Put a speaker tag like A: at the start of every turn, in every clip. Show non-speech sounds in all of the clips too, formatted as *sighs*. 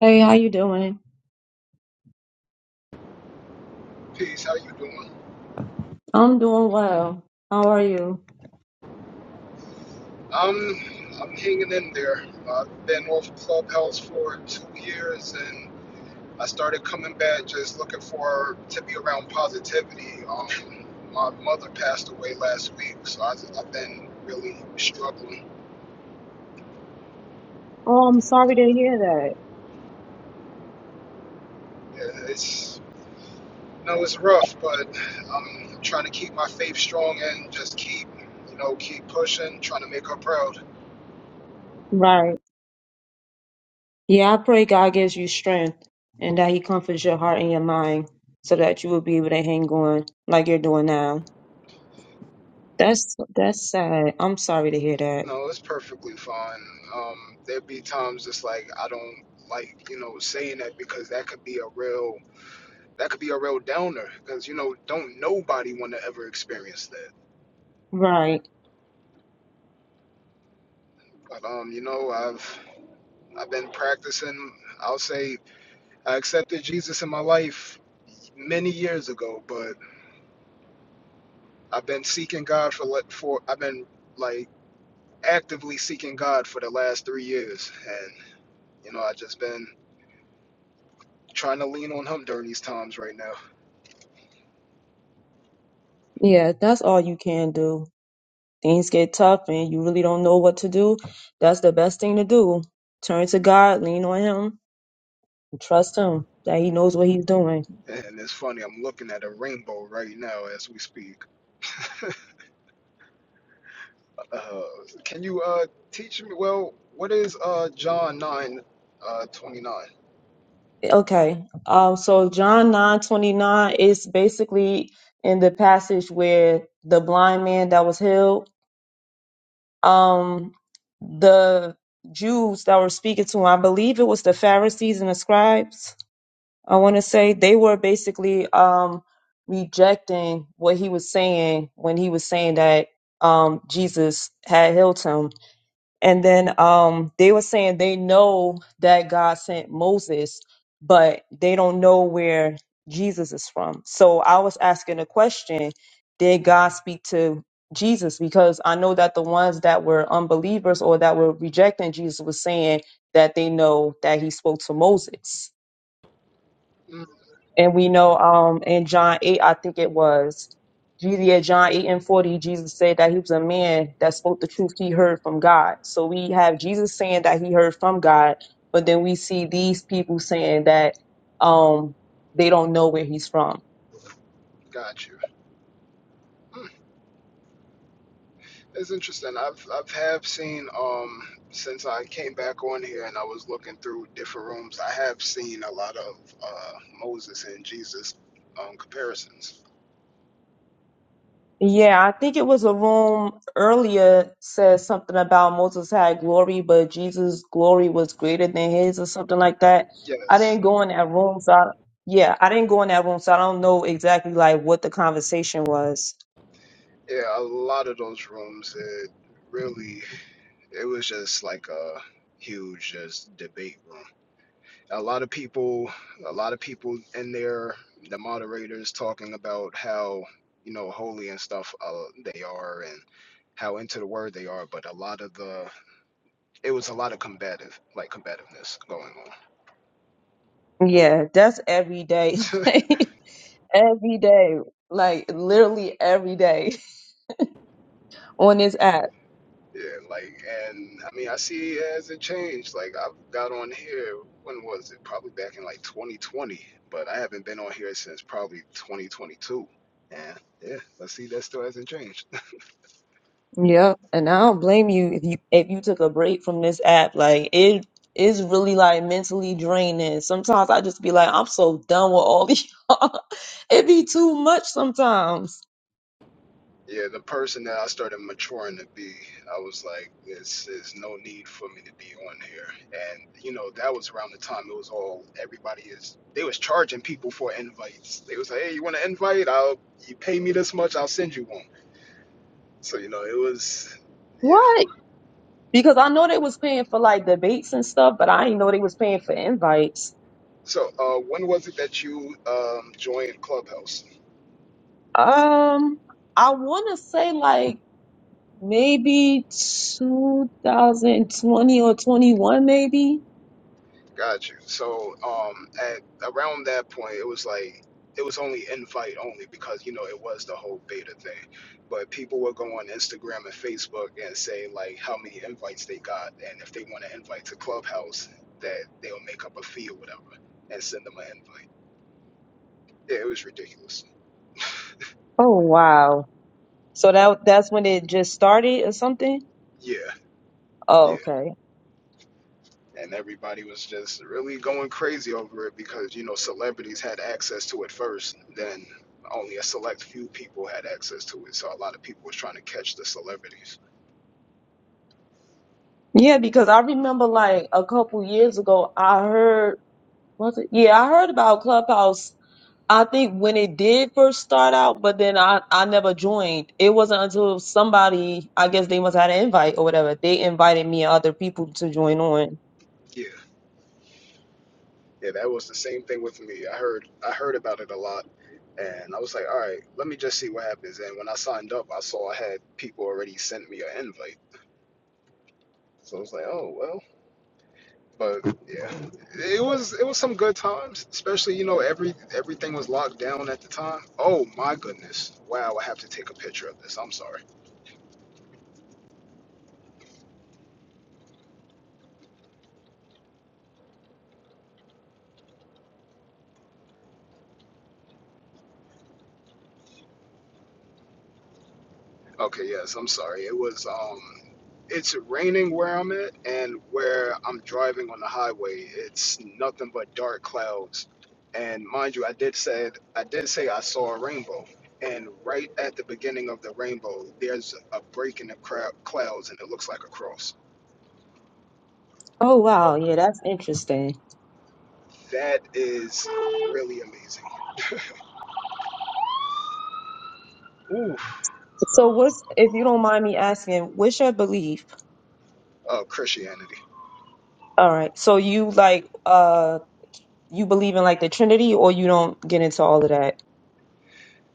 A: Hey, how you doing?
B: Peace. How you doing?
A: I'm doing well. How are you?
B: Um, I'm hanging in there. I've been off Clubhouse for two years, and I started coming back just looking for to be around positivity. Um, my mother passed away last week, so I, I've been really struggling.
A: Oh, I'm sorry to hear that.
B: Yeah, It's no, it's rough, but um, I'm trying to keep my faith strong and just keep you know keep pushing, trying to make her proud.
A: Right. Yeah, I pray God gives you strength and that He comforts your heart and your mind so that you will be able to hang on like you're doing now. That's that's sad. I'm sorry to hear that.
B: No, it's perfectly fine. Um, there'd be times it's like I don't like, you know, saying that because that could be a real that could be a real downer because you know don't nobody want to ever experience that.
A: Right.
B: But um, you know, I've I've been practicing. I'll say I accepted Jesus in my life many years ago, but I've been seeking God for like for I've been like actively seeking God for the last three years, and you know I just been trying to lean on Him during these times right now.
A: Yeah, that's all you can do. Things get tough and you really don't know what to do. That's the best thing to do. Turn to God, lean on Him, and trust Him that He knows what He's doing.
B: And it's funny, I'm looking at a rainbow right now as we speak. *laughs* Uh, can you uh, teach me? Well, what is uh, John 9 uh, 29?
A: Okay. Um, so John nine twenty nine is basically in the passage where the blind man that was healed, um, the Jews that were speaking to him, I believe it was the Pharisees and the scribes, I want to say, they were basically um, rejecting what he was saying when he was saying that um, Jesus had healed him and then um, they were saying they know that God sent Moses, but they don't know where Jesus is from. So I was asking a question Did God speak to Jesus? Because I know that the ones that were unbelievers or that were rejecting Jesus was saying that they know that he spoke to Moses.
B: Mm,
A: And we know um in John 8, I think it was Jesus yeah, John 8 and 40, Jesus said that he was a man that spoke the truth he heard from God. So we have Jesus saying that he heard from God, but then we see these people saying that um they don't know where he's from.
B: got you. Mm, it's interesting. I've, I've have seen, um, since I came back on here and I was looking through different rooms, I have seen a lot of uh, Moses and Jesus um, comparisons.
A: Yeah, I think it was a room earlier said something about Moses had glory, but Jesus' glory was greater than his or something like that. I
B: Yes.
A: didn't go in that room, so I, yeah, I didn't go in that room, so I don't know exactly like what the conversation was.
B: Yeah, a lot of those rooms, it really. it was just like a huge just debate room. A lot of people, a lot of people in there, the moderators talking about how you know holy and stuff uh, they are and how into the word they are, but a lot of the it was a lot of combative like combativeness going on.
A: Yeah, that's every day.
B: *laughs*
A: *laughs* every day. Like literally every day *laughs* on this app.
B: Yeah, like, and I mean, I see it as it changed. Like, I've got on here, when was it? Probably back in like 2020, but I haven't been on here since probably 2022. And yeah, I see that still hasn't changed.
A: Yeah, and I don't blame you if you if you took a break from this app. Like it is really like mentally draining. Sometimes I just be like, I'm so done with all these. *laughs* it be too much sometimes.
B: *laughs* yeah, the person that I started maturing to be, I was like, this is no need for me to be on here. And, you know, that was around the time it was all, everybody is, they was charging people for invites. They was like, hey, you want an invite? I'll, you pay me this much, I'll send you one. So, you know, it was. Yeah.
A: What? Because I know they was paying for like debates and stuff, but I didn't know they was paying for invites.
B: So, uh, when was it that you um, joined Clubhouse?
A: Um, I want to say like maybe 2020 or 21, maybe.
B: Got you. So, um, at around that point, it was like it was only invite only because you know it was the whole beta thing. But people would go on Instagram and Facebook and say like how many invites they got, and if they want to invite to Clubhouse, that they'll make up a fee or whatever and send them an invite. Yeah, it was ridiculous.
A: Oh wow! So that that's when it just started or something.
B: Yeah,
A: Oh,
B: yeah.
A: okay.
B: and everybody was just really going crazy over it because you know celebrities had access to it first then only a select few people had access to it so a lot of people was trying to catch the celebrities
A: Yeah, because I remember like a couple years ago, I heard, was it? Yeah, I heard about Clubhouse. I think when it did first start out, but then I, I never joined. It wasn't until somebody, I guess they must have had an invite or whatever. They invited me and other people to join on.
B: Yeah. yeah that was the same thing with me i heard i heard about it a lot and i was like all right let me just see what happens and when i signed up i saw i had people already sent me an invite so i was like oh well But yeah, it was it was some good times. Especially you know every everything was locked down at the time. Oh my goodness! Wow, I have to take a picture of this. I'm sorry. Okay, yes, I'm sorry. It was um, it's raining where I'm at, and where I'm driving on the highway, it's nothing but dark clouds. And mind you, I did said I did say I saw a rainbow. And right at the beginning of the rainbow, there's a break in the crowd, clouds, and it looks like a cross.
A: Oh, wow. Yeah, that's interesting.
B: That is really amazing. Oof,
A: So what's, if you don't mind me asking, what's your belief?
B: of Christianity.
A: All right. So you like, You believe in like the Trinity, or you don't get into all of that?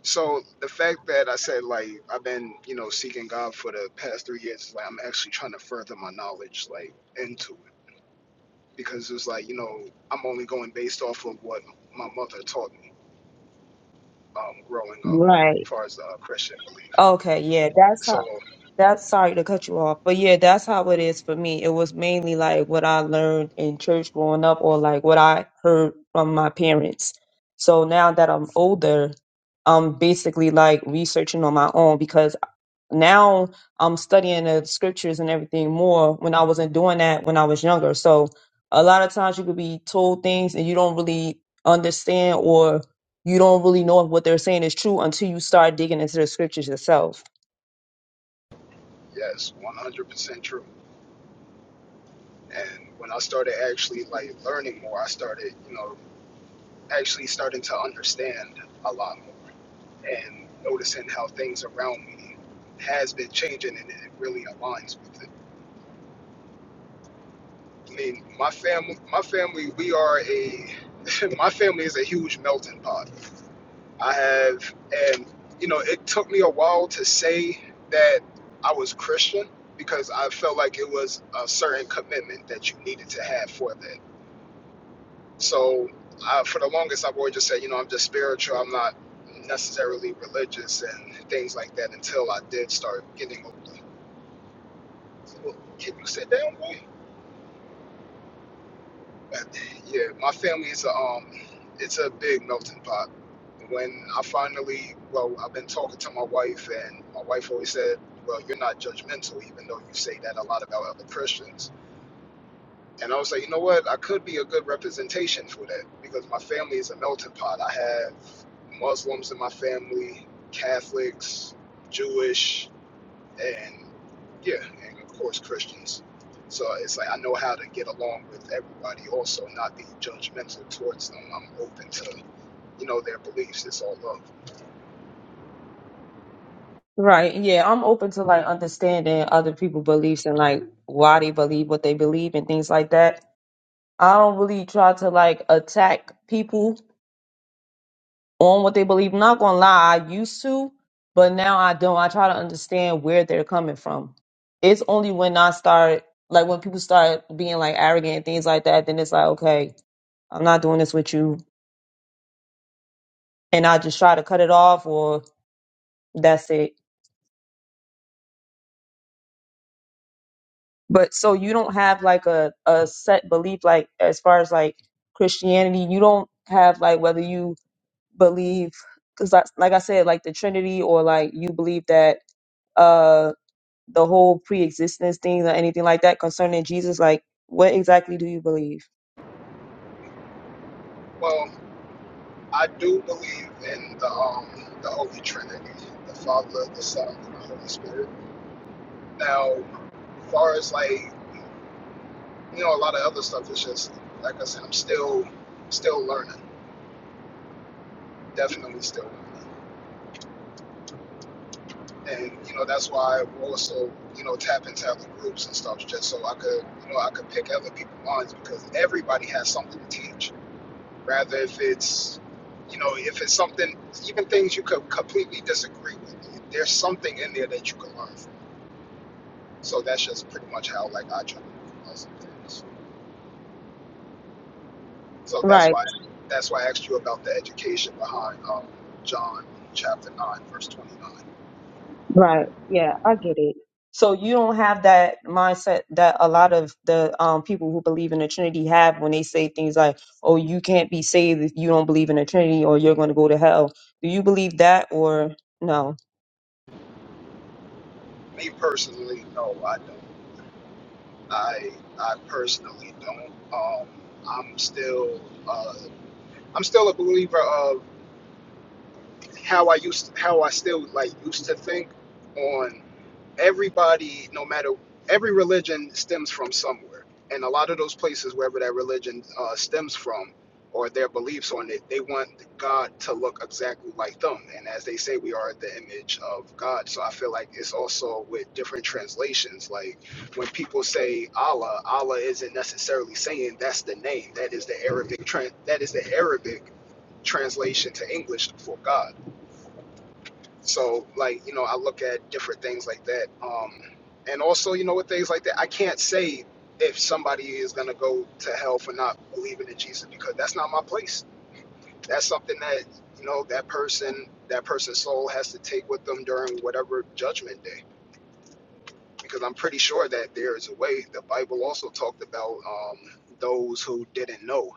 B: So the fact that I said like I've been you know seeking God for the past three years, is like I'm actually trying to further my knowledge like into it because it's like you know I'm only going based off of what my mother taught me um, growing up, as
A: Right.
B: far as uh, Christian belief.
A: Okay. Yeah. That's
B: So
A: how. That's sorry to cut you off, but yeah, that's how it is for me. It was mainly like what I learned in church growing up, or like what I heard from my parents. So now that I'm older, I'm basically like researching on my own because now I'm studying the scriptures and everything more when I wasn't doing that when I was younger. So a lot of times you could be told things and you don't really understand or you don't really know if what they're saying is true until you start digging into the scriptures yourself.
B: yes, 100% true. And when I started actually like learning more, I started you know actually starting to understand a lot more. and noticing how things around me has been changing and it really aligns with it. I mean, my family, my family, we are a, *laughs* my family is a huge melting pot. I have, and you know, it took me a while to say that I was Christian because I felt like it was a certain commitment that you needed to have for that. So, I, for the longest, I've always just said, you know, I'm just spiritual. I'm not necessarily religious and things like that until I did start getting Well, Can you sit down, boy? But, yeah, my family is a um, it's a big melting pot. When I finally, well, I've been talking to my wife, and my wife always said, "Well, you're not judgmental, even though you say that a lot about other Christians." And I was like, you know what? I could be a good representation for that because my family is a melting pot. I have Muslims in my family, Catholics, Jewish, and yeah, and of course Christians. So it's like I know how to get along with everybody, also not be judgmental towards them. I'm open to you know their beliefs. It's all love.
A: Right. Yeah. I'm open to like understanding other people's beliefs and like why they believe what they believe and things like that. I don't really try to like attack people on what they believe. I'm Not gonna lie, I used to, but now I don't. I try to understand where they're coming from. It's only when I start, like when people start being like arrogant and things like that, then it's like, okay, I'm not doing this with you, and I just try to cut it off, or that's it. But so you don't have like a a set belief, like as far as like Christianity, you don't have like whether you believe, because like like I said, like the Trinity, or like you believe that. uh, the whole pre-existence thing or anything like that concerning Jesus? Like, what exactly do you believe?
B: Well, I do believe in the um the Holy Trinity, the Father, the Son, and the Holy Spirit. Now, as far as like you know, a lot of other stuff is just like I said, I'm still still learning. Definitely still learning. and you know that's why I also you know tap into other groups and stuff just so I could you know I could pick other people's minds because everybody has something to teach. Rather if it's you know if it's something even things you could completely disagree with, there's something in there that you can learn. From. So that's just pretty much how like I try to learn some things. So that's
A: Right,
B: why that's why I asked you about the education behind um, John chapter nine verse twenty nine.
A: right. Yeah, I get it. So you don't have that mindset that a lot of the um, people who believe in the Trinity have when they say things like, "Oh, you can't be saved if you don't believe in the Trinity, or you're going to go to hell." Do you believe that, or no?
B: Me personally, no, I don't. I I personally don't. Um, I'm still uh, I'm still a believer of how I used how I still like used to think on everybody, no matter every religion, stems from somewhere, and a lot of those places, wherever that religion uh, stems from, or their beliefs on it, they want God to look exactly like them. And as they say, we are the image of God. So I feel like it's also with different translations. Like when people say Allah, Allah isn't necessarily saying that's the name. That is the Arabic tran that is the Arabic translation to English for God. So, like, you know, I look at different things like that. Um, and also, you know, with things like that, I can't say if somebody is going to go to hell for not believing in Jesus because that's not my place. That's something that, you know, that person, that person's soul has to take with them during whatever judgment day. Because I'm pretty sure that there is a way. The Bible also talked about um, those who didn't know.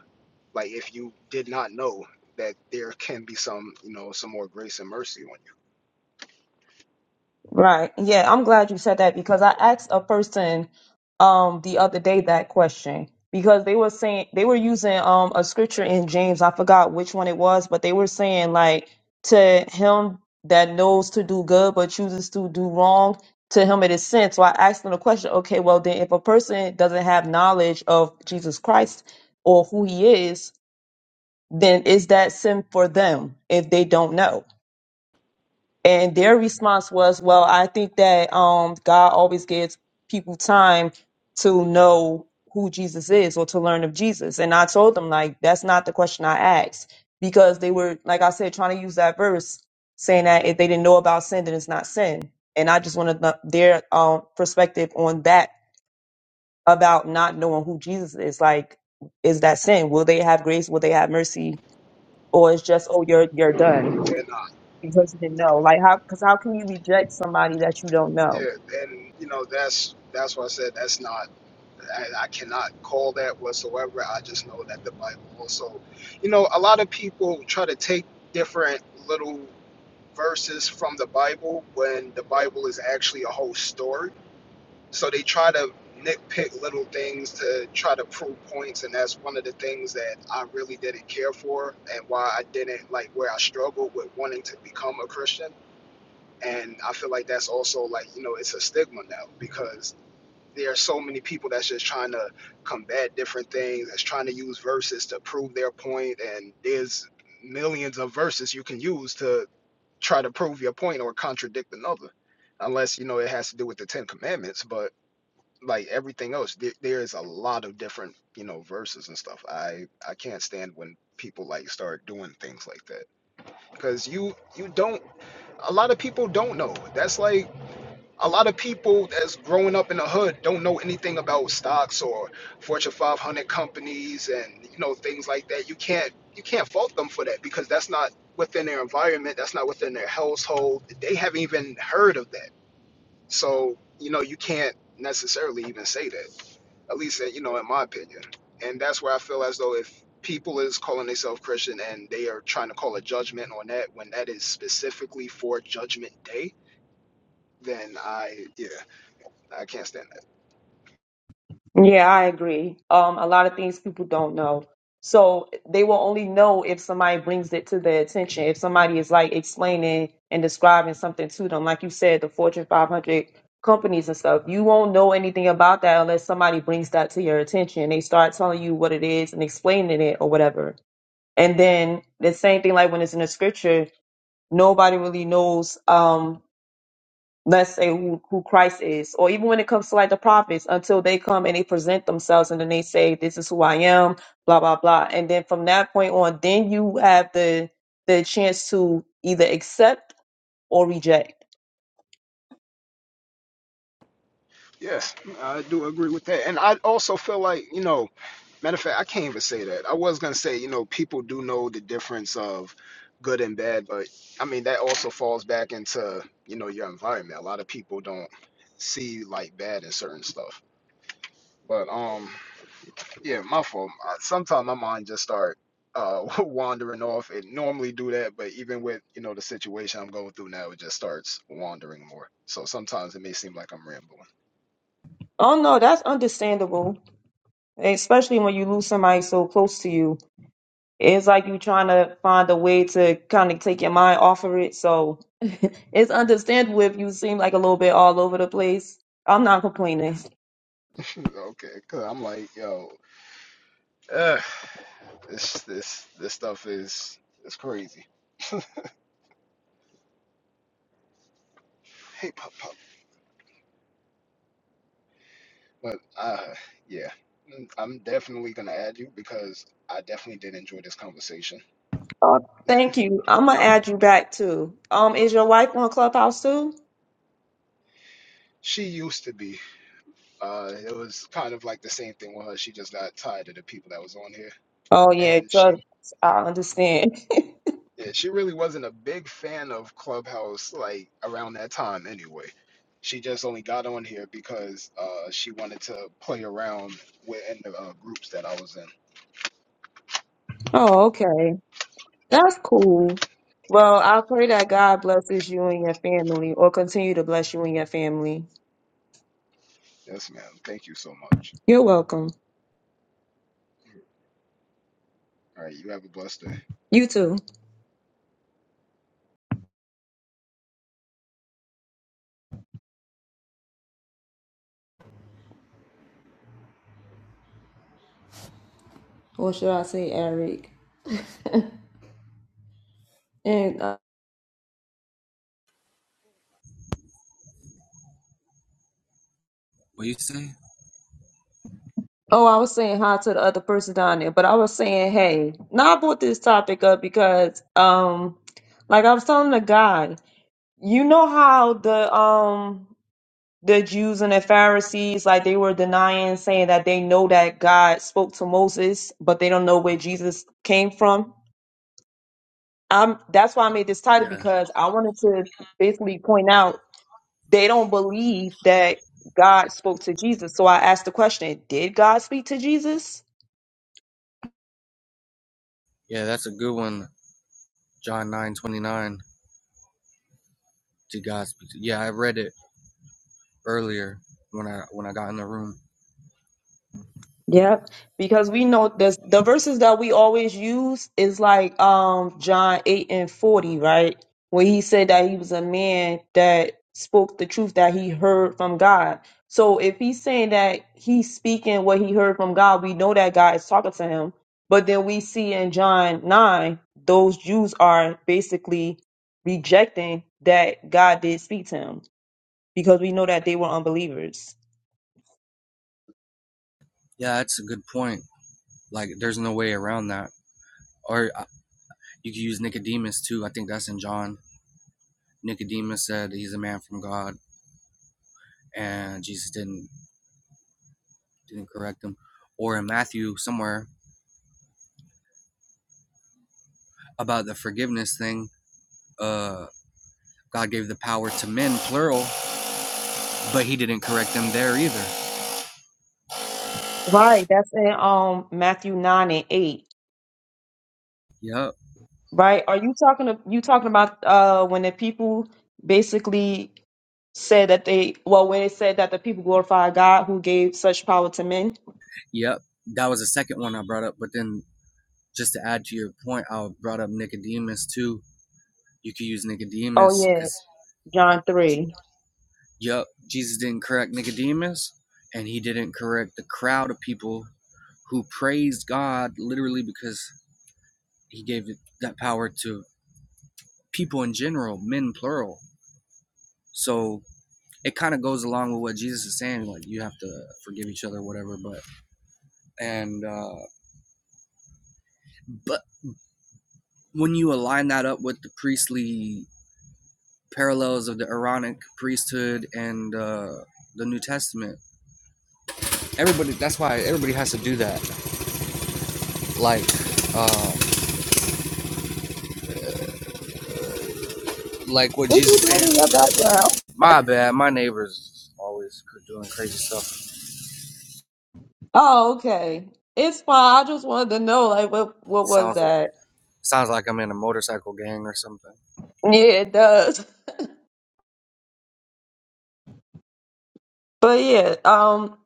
B: Like, if you did not know, that there can be some, you know, some more grace and mercy on
A: Right. Yeah, I'm glad you said that because I asked a person um the other day that question because they were saying they were using um a scripture in James. I forgot which one it was, but they were saying like to him that knows to do good but chooses to do wrong, to him it is sin. So I asked them the question, okay, well then if a person doesn't have knowledge of Jesus Christ or who he is, then is that sin for them if they don't know? And their response was, well, I think that um, God always gives people time to know who Jesus is or to learn of Jesus. And I told them, like, that's not the question I asked because they were, like I said, trying to use that verse saying that if they didn't know about sin, then it's not sin. And I just wanted the- their um, perspective on that about not knowing who Jesus is. Like, is that sin? Will they have grace? Will they have mercy? Or it's just, oh, you're you're done
B: you. And
A: because you didn't know. Like how because how can you reject somebody that you don't know?
B: Yeah, and you know that's that's why I said that's not I, I cannot call that whatsoever. I just know that the Bible also, you know, a lot of people try to take different little verses from the Bible when the Bible is actually a whole story. So they try to nitpick little things to try to prove points, and that's one of the things that I really didn't care for, and why I didn't like where I struggled with wanting to become a Christian. And I feel like that's also like you know it's a stigma now because there are so many people that's just trying to combat different things, that's trying to use verses to prove their point, and there's millions of verses you can use to try to prove your point or contradict another, unless you know it has to do with the Ten Commandments. But like everything else, there, there is a lot of different you know verses and stuff. I I can't stand when people like start doing things like that because you you don't a lot of people don't know. That's like a lot of people that's growing up in the hood don't know anything about stocks or Fortune 500 companies and you know things like that. You can't you can't fault them for that because that's not within their environment. That's not within their household. They haven't even heard of that. So you know you can't necessarily even say that. At least uh, you know in my opinion. And that's where I feel as though if people is calling themselves Christian and they are trying to call a judgment on that when that is specifically for Judgment Day, then I yeah I can't stand that.
A: Yeah, I agree. Um, a lot of things people don't know. So they will only know if somebody brings it to their attention. If somebody is like explaining and describing something to them, like you said, the Fortune 500 companies and stuff, you won't know anything about that unless somebody brings that to your attention. They start telling you what it is and explaining it or whatever. And then the same thing, like when it's in the scripture, nobody really knows. Um, let's say who, who Christ is, or even when it comes to like the prophets, until they come and they present themselves and then they say, This is who I am, blah, blah, blah. And then from that point on, then you have the the chance to either accept or reject.
B: Yes, I do agree with that. And I also feel like, you know, matter of fact, I can't even say that. I was gonna say, you know, people do know the difference of good and bad, but I mean that also falls back into, you know, your environment. A lot of people don't see like bad in certain stuff. But um yeah, my fault. Sometimes my mind just start uh *laughs* wandering off. It normally do that, but even with, you know, the situation I'm going through now, it just starts wandering more. So sometimes it may seem like I'm rambling.
A: Oh no, that's understandable. Especially when you lose somebody so close to you. It's like you trying to find a way to kind of take your mind off of it. So *laughs* it's understandable if you seem like a little bit all over the place. I'm not complaining.
B: Okay, cause I'm like, yo, ugh, this this this stuff is it's crazy. Hey, pop pop, but uh, yeah, Mm, I'm definitely gonna add you because I definitely did enjoy this conversation.
A: Uh, thank you. I'm gonna add you back too. Um, is your wife on Clubhouse too?
B: She used to be, uh, it was kind of like the same thing with her. She just got tired of the people that was on here,
A: Oh yeah,
B: and.
A: drugs. I understand. *laughs*
B: Yeah, she really wasn't a big fan of Clubhouse like around that time anyway. She just only got on here because uh, she wanted to play around with in the uh, groups that I was in.
A: oh, okay. That's cool. Well, I pray that God blesses you and your family, or continue to bless you and your family.
B: Yes, ma'am. Thank you so much.
A: You're welcome.
B: All right, you have a blessed day.
A: You too. Or should I say Eric? And uh,
C: What do you say?
A: Oh, I was saying hi to the other person down there, but I was saying, hey, now I brought this topic up because, um, like I was telling the guy, you know how the um the Jews and the Pharisees, like they were denying, saying that they know that God spoke to Moses, but they don't know where Jesus came from. Um, that's why I made this title
C: Yeah,
A: because I wanted to basically point out they don't believe that God spoke to Jesus. So I asked the question, did God speak to Jesus?
C: yeah, that's a good one. John nine twenty nine. To God speak. Yeah, I read it earlier when I when I got in the room.
A: Yeah, because we know this the verses that we always use is like um John 8 and 40, right? Where he said that he was a man that spoke the truth that he heard from God. So if he's saying that he's speaking what he heard from God, we know that God is talking to him. But then we see in John 9, those Jews are basically rejecting that God did speak to him because we know that they were unbelievers.
C: Yeah, that's a good point. Like, there's no way around that. Or uh, you could use Nicodemus too. I think that's in John. Nicodemus said he's a man from God, and Jesus didn't didn't correct him. Or in Matthew somewhere about the forgiveness thing. Uh, God gave the power to men, plural, but he didn't correct them there either.
A: Right, that's in um Matthew nine and eight.
C: Yep.
A: Right? Are you talking to, you talking about uh when the people basically said that they well when it said that the people glorify God who gave such power to men?
C: Yep. That was the second one I brought up. But then just to add to your point, I brought up Nicodemus too. You could use
A: Oh
C: Nicodemus
A: yeah,
C: because,
A: John three.
C: yep, Jesus didn't correct Nicodemus and he didn't correct the crowd of people who praised God literally because he gave that power to people in general, men plural. So it kind of goes along with what Jesus is saying, like you have to forgive each other, whatever. But and uh, but when you align that up with the priestly parallels of the Aaronic priesthood and uh, the New Testament. Everybody, that's why everybody has to do that. Like, um, like what
A: What
C: Jesus
A: you doing in your
C: said.
A: background?
C: My bad. My neighbors always doing crazy stuff.
A: Oh, okay. It's fine. I just wanted to know, like, what what was
C: Sounds
A: that?
C: sounds like I'm in a motorcycle gang or something.
A: Yeah, it does. *laughs* But yeah, um,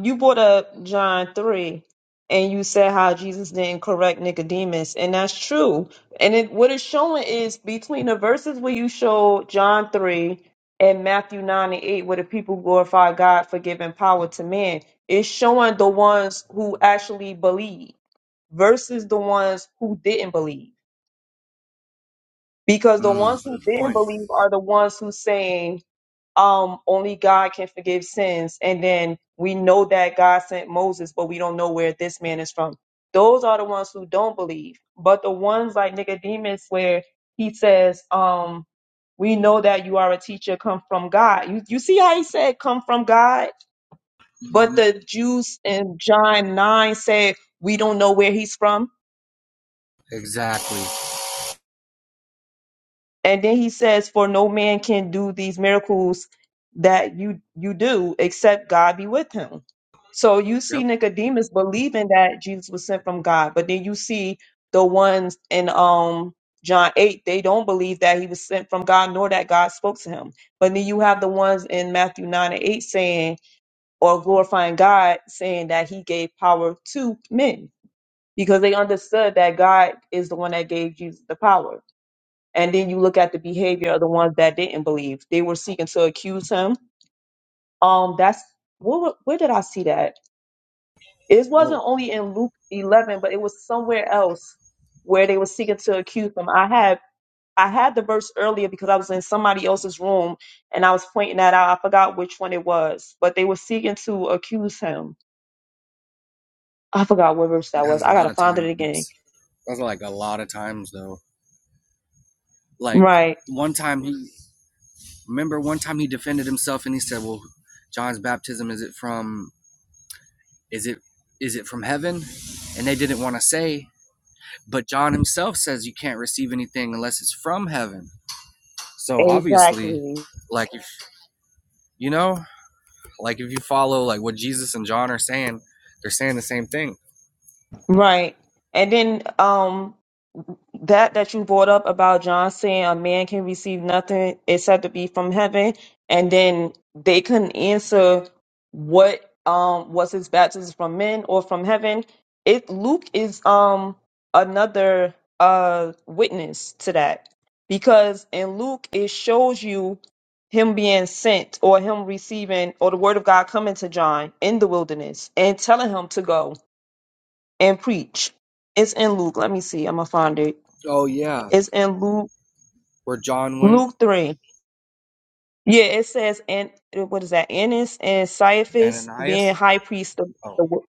A: you brought up John three, and you said how Jesus didn't correct Nicodemus, and that's true. And it what it's showing is between the verses where you show John three and Matthew nine and eight, where the people glorify God for giving power to man. It's showing the ones who actually believe versus the ones who didn't believe. because the ones
C: Mm,
A: who
C: good
A: didn't
C: point.
A: believe are the ones who saying um only god can forgive sins and then we know that god sent moses but we don't know where this man is from those are the ones who don't believe but the ones like nicodemus where he says um we know that you are a teacher come from god you, you see how he said come from god but
C: hmm
A: the jews in john 9 said we don't know where he's from
C: Exactly.
A: And then he says, For no man can do these miracles that you you do except God be with him. So you see
C: Yep.
A: Nicodemus believing that Jesus was sent from God, but then you see the ones in um John 8, they don't believe that he was sent from God nor that God spoke to him. But then you have the ones in Matthew 9 and 8 saying or glorifying God saying that he gave power to men because they understood that God is the one that gave Jesus the power and then you look at the behavior of the ones that didn't believe they were seeking to accuse him um that's where, wa- where did i see that it wasn't
C: Well,
A: only in luke 11 but it was somewhere else where they were seeking to accuse him i had i had the verse earlier because i was in somebody else's room and i was pointing that out i forgot which one it was but they were seeking to accuse him i forgot what verse that was
C: that's a
A: i
C: lot
A: gotta
C: of
A: find it again
C: times. That's like a lot of times though. Like
A: right
C: one time he remember one time he defended himself and he said, "Well, John's baptism is it from Is it is it from heaven? And they didn't want to say, but John himself says you can't receive anything unless it's from heaven. So obviously,
A: exactly
C: like if you know, like if you follow like what Jesus and John are saying, they're saying the same thing.
A: right and then um that that you brought up about John saying a man can receive nothing except to be from heaven, and then they couldn't answer what um was his baptism from men or from heaven. It Luke is um another uh witness to that because in Luke it shows you him being sent or him receiving or the word of God coming to John in the wilderness and telling him to go and preach. It's in Luke. Let me see. I'm gonna find it.
C: Oh yeah,
A: It's in Luke
C: where John went,
A: Luke three. Yeah, it says and what is that? Annas and Caiaphas
C: Ananias.
A: being high priest. Of
C: Oh,
A: the, wo-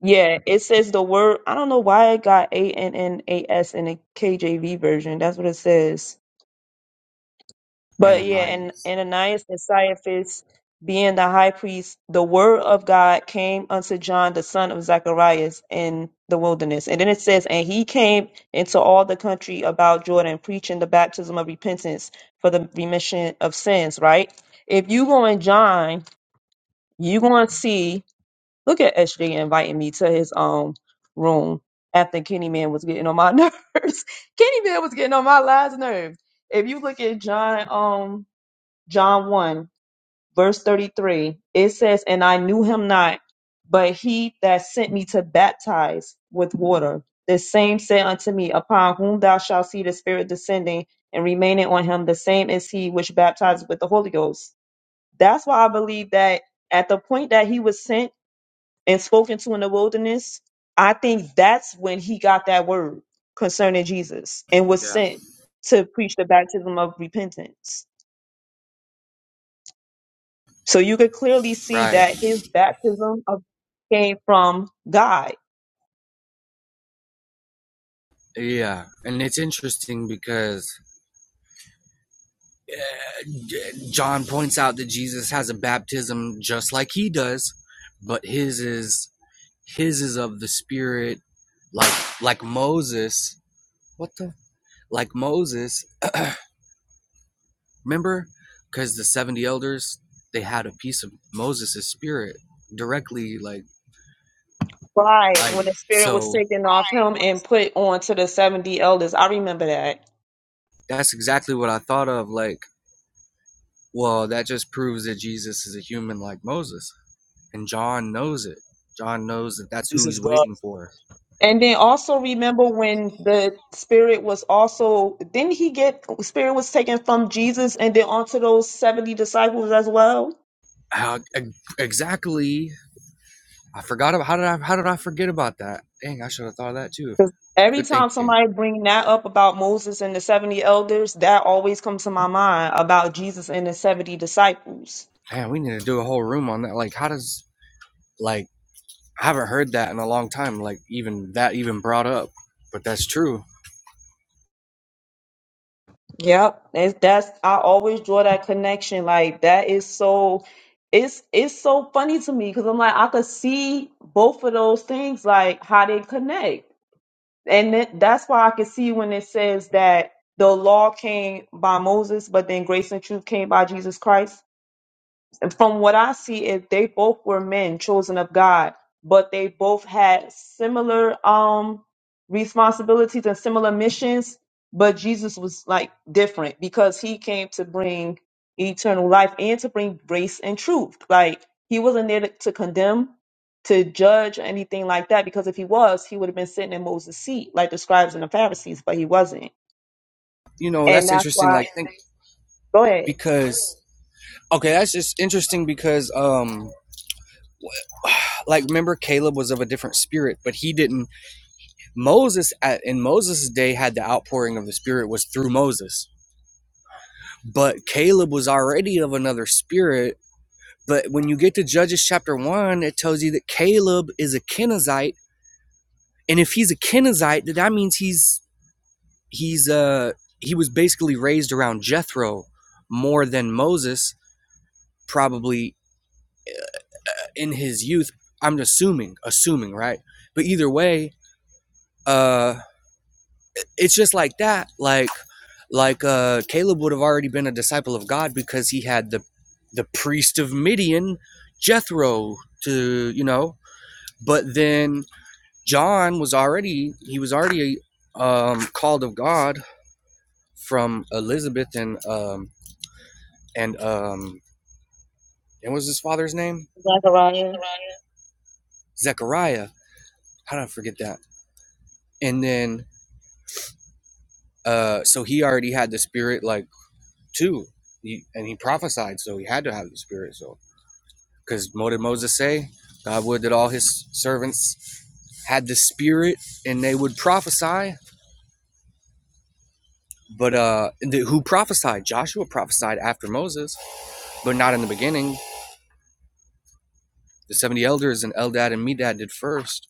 A: yeah, it says the word. I don't know why it got A N N A S in the KJV version. That's what it says. But yeah, and
C: Ananias.
A: Ananias and Caiaphas, being the high priest, the word of God came unto John, the son of Zacharias, in the wilderness. And then it says, And he came into all the country about Jordan, preaching the baptism of repentance for the remission of sins, right? If you go in John, you going to see, look at SJ inviting me to his um room after Kenny Man was getting on my *laughs* nerves. Kenny Man was getting on my last nerve. If you look at John, um, John 1, verse 33, it says, And I knew him not, but he that sent me to baptize with water, the same said unto me, Upon whom thou shalt see the Spirit descending and remaining on him, the same is he which baptizes with the Holy Ghost. That's why I believe that at the point that he was sent and spoken to in the wilderness, I think that's when he got that word concerning Jesus and was
C: Yeah,
A: sent to preach the baptism of repentance. So you could clearly see
C: right.
A: that his baptism of, came from God.
C: Yeah, and it's interesting because uh, John points out that Jesus has a baptism just like he does, but his is His is of the spirit, like like Moses. What the? Like Moses. *clears throat* Remember, because the seventy elders they had a piece of Moses' spirit directly, like
A: Right.
C: like
A: When the spirit was
C: so.
A: taken off him and put onto the 70 elders. I remember that.
C: That's exactly what I thought of. Like, well, that just proves that Jesus is a human like Moses, and John knows it. John knows that that's
D: This
C: who
D: is
C: he's
D: God.
C: waiting for.
A: And then also remember when the spirit was also didn't he get spirit was taken from Jesus and then onto those 70 disciples as well?
C: How e- exactly? I forgot about how did I how did I forget about that? Dang, I should have thought of that too.
A: 'Cause Every
C: Good
A: time
C: thinking.
A: somebody bring that up about Moses and the 70 elders, that always comes to my mind about Jesus and the 70 disciples.
C: Man, we need to do a whole room on that. Like, how does like I haven't heard that in a long time. Like, even that even brought up, but that's true.
A: Yep, it's, that's I always draw that connection. Like that is so, it's it's so funny to me because I'm like I could see both of those things like how they connect, and that, that's why I could see when it says that the law came by Moses, but then grace and truth came by Jesus Christ. And from what I see, it they both were men chosen of God, but they both had similar um responsibilities and similar missions. But Jesus was like different because he came to bring eternal life and to bring grace and truth. Like he wasn't there to, to condemn, to judge, or anything like that. Because if he was, he would have been sitting in Moses' seat, like the scribes and the Pharisees. But he wasn't,
C: You know,
A: and
C: that's
A: that's
C: interesting.
A: why.
C: Like, think
A: Go ahead,
C: because okay, that's just interesting because um, *sighs* like remember Caleb was of a different spirit, but he didn't. Moses at in Moses' day had the outpouring of the Spirit was through Moses, but Caleb was already of another spirit. But when you get to Judges chapter one, it tells you that Caleb is a Kenizzite And if he's a Kenizzite, that means he's he's uh he was basically raised around Jethro more than Moses, probably in his youth. I'm assuming, assuming, right? But either way, uh, it's just like that. Like, like uh, Caleb would have already been a disciple of God because he had the the priest of Midian, Jethro, to you know. But then John was already he was already um, called of God from Elizabeth and um and um and what's his father's name?
A: Zachariah.
C: Zechariah. Zechariah. How did I forget that? And then uh so he already had the spirit like too. He, and he prophesied, so he had to have the spirit. So because what did Moses say? God would that all his servants had the spirit and they would prophesy. But uh the, who prophesied? Joshua prophesied after Moses, but not in the beginning. The seventy elders and Eldad and Medad did first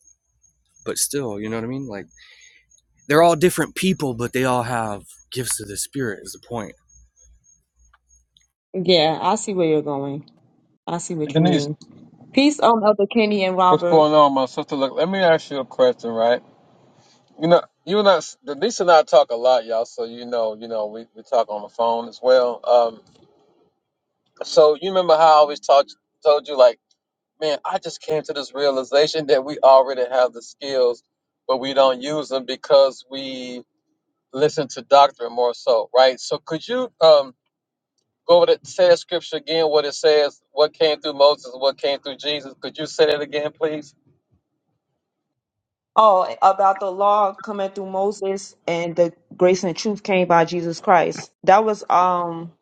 C: but still, you know what I mean? Like they're all different people, but they all have gifts of the spirit is the point.
A: Yeah, I see where you're going. I see what you
E: Denise,
A: mean. Peace on Elder Kenny and
E: what's
A: Robert.
E: going on, my sister? Look, let me ask you a question, right? You know, you and I, Denise and I talk a lot, y'all. So you know, you know, we, we talk on the phone as well. Um, so you remember how I always talked, told you, like, man, I just came to this realization that we already have the skills, but we don't use them because we listen to doctrine more so, right? So could you um go over that say that scripture again? What it says, what came through Moses, what came through Jesus? Could you say that again, please?
A: Oh, about the law coming through Moses and the grace and truth came by Jesus Christ. That was um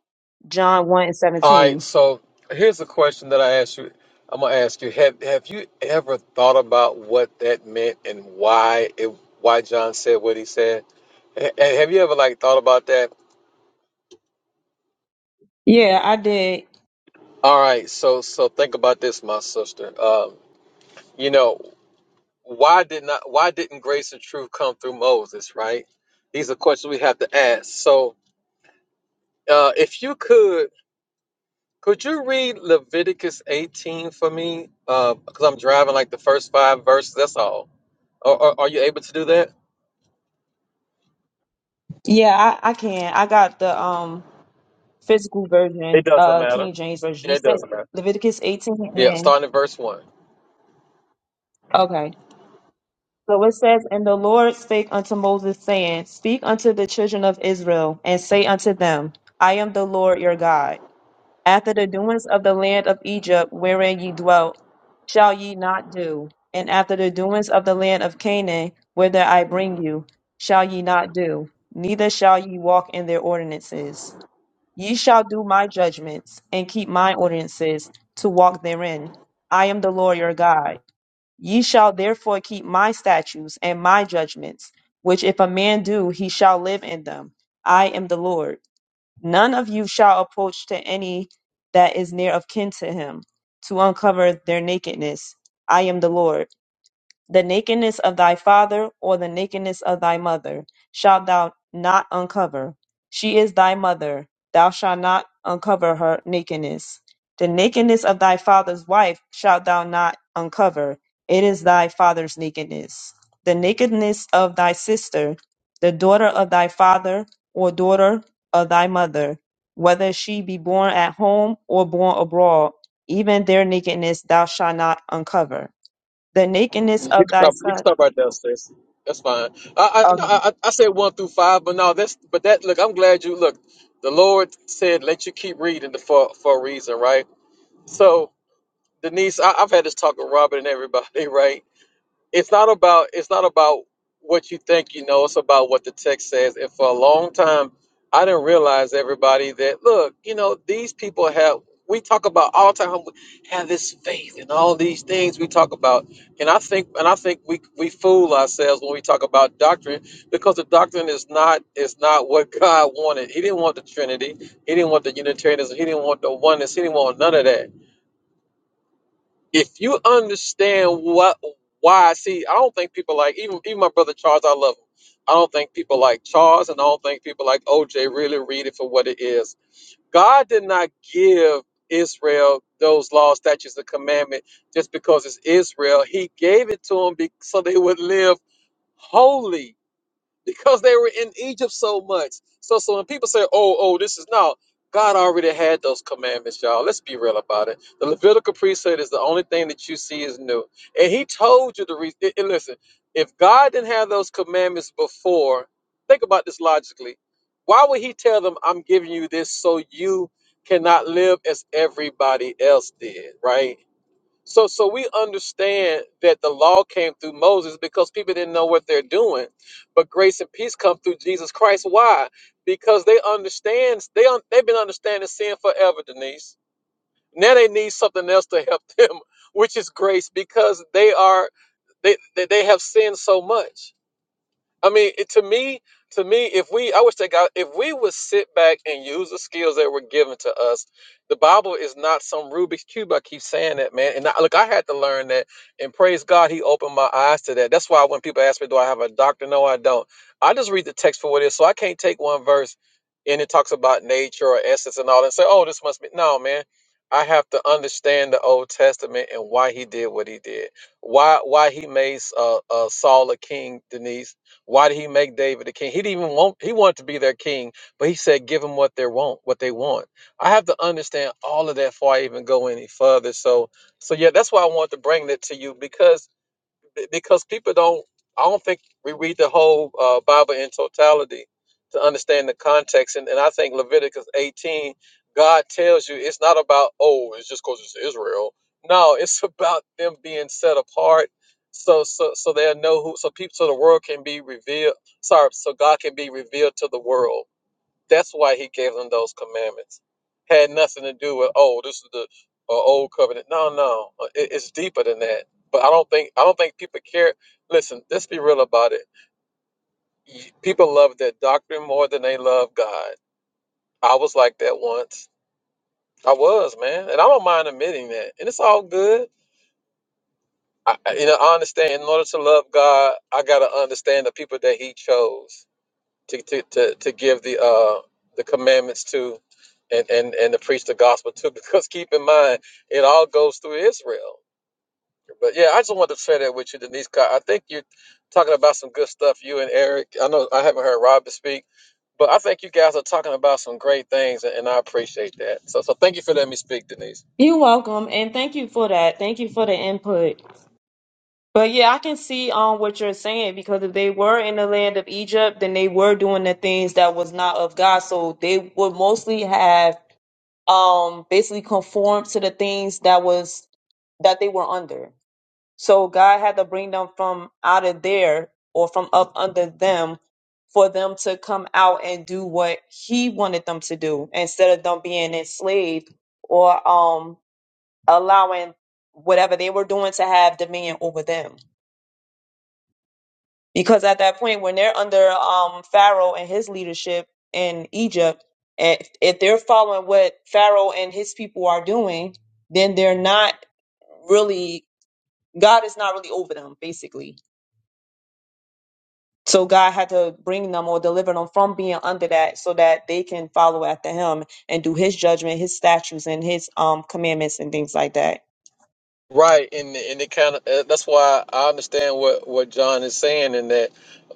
A: John one and
E: All right,
A: seventeen.
E: so here's a question that I asked you. I'm gonna ask you: Have Have you ever thought about what that meant and why it why John said what he said? Ha- have you ever like thought about that?
A: Yeah, I did.
E: All right, so so think about this, my sister. Um, you know why did not why didn't grace and truth come through Moses? Right? These are questions we have to ask. So uh, if you could. Could you read Leviticus 18 for me? Because I'm driving like the first five verses. That's all. Are, are, are you able to do that?
A: Yeah, I, I can. I got the um physical version, uh King James version.
E: Yeah,
A: You
E: it does.
A: said Leviticus eighteen
E: yeah.
A: and
E: Starting at verse one.
A: okay. So it says, And the Lord spake unto Moses, saying, Speak unto the children of Israel, and say unto them, I am the Lord your God. After the doings of the land of Egypt wherein ye dwelt, shall ye not do, and after the doings of the land of Canaan, whither I bring you, shall ye not do, neither shall ye walk in their ordinances. Ye shall do my judgments, and keep my ordinances, to walk therein. I am the Lord your God. Ye shall therefore keep my statutes and my judgments, which if a man do, he shall live in them. I am the Lord. None of you shall approach to any that is near of kin to him, to uncover their nakedness. I am the Lord. The nakedness of thy father or the nakedness of thy mother shalt thou not uncover. She is thy mother. Thou shalt not uncover her nakedness. The nakedness of thy father's wife shalt thou not uncover. It is thy father's nakedness. The nakedness of thy sister, the daughter of thy father or daughter of thy mother, whether she be born at home or born abroad, even their nakedness thou shalt not uncover the nakedness
E: You
A: of
E: can
A: thy
E: stop. You can
A: son.
E: stop right there, Stacy. That's fine. I I, no,
A: Okay.
E: I I said one through five, but no, that's but that look. I'm glad you look. The Lord said, "Let you keep reading for for a reason," right? So Denise, I, I've had this talk with Robert and everybody, *laughs* right? it's not about it's not about what you think you know it's about what the text says and for a long time i didn't realize everybody that look you know these people have we talk about all the time have this faith and all these things we talk about and i think and i think we we fool ourselves when we talk about doctrine because the doctrine is not is not what god wanted he didn't want the trinity he didn't want the unitarianism he didn't want the oneness he didn't want none of that if you understand what why see i don't think people like even even my brother charles i love him i don't think people like charles and i don't think people like oj really read it for what it is god did not give israel those laws statutes and commandment just because it's israel he gave it to them be, so they would live holy *laughs* because they were in Egypt so much. So, so when people say, "Oh, oh, this is now," God already had those commandments, y'all. Let's be real about it. The Levitical priesthood is the only thing that you see is new, and He told you the reason. and listen, if God didn't have those commandments before, think about this logically. Why would He tell them, "I'm giving you this so you"? Cannot live as everybody else did, right? So so we understand that the law came through Moses because people didn't know what they're doing. But grace and peace come through Jesus Christ. Why? Because they understand they un- they've been understanding sin forever, Denise. Now they need something else to help *laughs* them, which is grace because they are they they, they have sinned so much. I mean, it, to me, to me, if we, I wish that God, if we would sit back and use the skills that were given to us, the Bible is not some Rubik's cube. I keep saying that, man. And I, look, I had to learn that, and praise God, He opened my eyes to that. That's why when people ask me, "Do I have a doctor?" No, I don't. I just read the text for what it is. So I can't take one verse and it talks about nature or essence and all, and say, "Oh, this must be." No, man. I have to understand the Old Testament and why He did what He did. Why, why He made uh, uh, Saul a king, Denise why did he make David the king? He didn't even want he wanted to be their king, but he said, give them what they want, what they want. I have to understand all of that before I even go any further. So so yeah, that's why I want to bring that to you because b- because people don't i don't think we read the whole uh, bible in totality to understand the context and, and i think leviticus 18 god tells you it's not about oh it's just because it's israel no it's *laughs* about them being set apart so so so they'll know who so people so the world can be revealed sorry so god can be revealed to the world that's why he gave them those commandments. Had nothing to do with oh, this is the uh, old covenant. No, no, uh, it, it's deeper than that. But I don't think I don't think people care. Listen, let's be real about it. Y- People love their doctrine more than they love God. I was like that once. I was man, and I don't mind admitting that. And it's all good. I, I- you know, I understand. In order to love God, I gotta understand the people that He chose to to to, to give the uh the commandments to and and and to preach the gospel to *laughs* because keep in mind it all goes through Israel. But yeah, I just wanted to share that with you, Denise. 'cause I think you're talking about some good stuff. You and Eric. I know I haven't heard Robert speak, but I think you guys are talking about some great things, and and I appreciate that. So so thank you for letting me speak, Denise.
A: You're welcome, and thank you for that. Thank you for the input. But yeah, I can see um what you're saying because if they were in the land of Egypt, then they were doing the things that was not of God. So they would mostly have um basically conformed to the things that was that they were under. So God had to bring them from out of there or from up under them for them to come out and do what he wanted them to do instead of them being enslaved or um allowing whatever they were doing to have dominion over them. Because at that point when they're under um Pharaoh and his leadership in Egypt, if, if they're following what Pharaoh and his people are doing, then they're not really God is not really over them, basically So God had to bring them or deliver them from being under that so that they can follow after him and do his judgment, his statutes and his um commandments and things like that.
E: Right, and and it kind of uh, that's why I understand what what John is saying, in that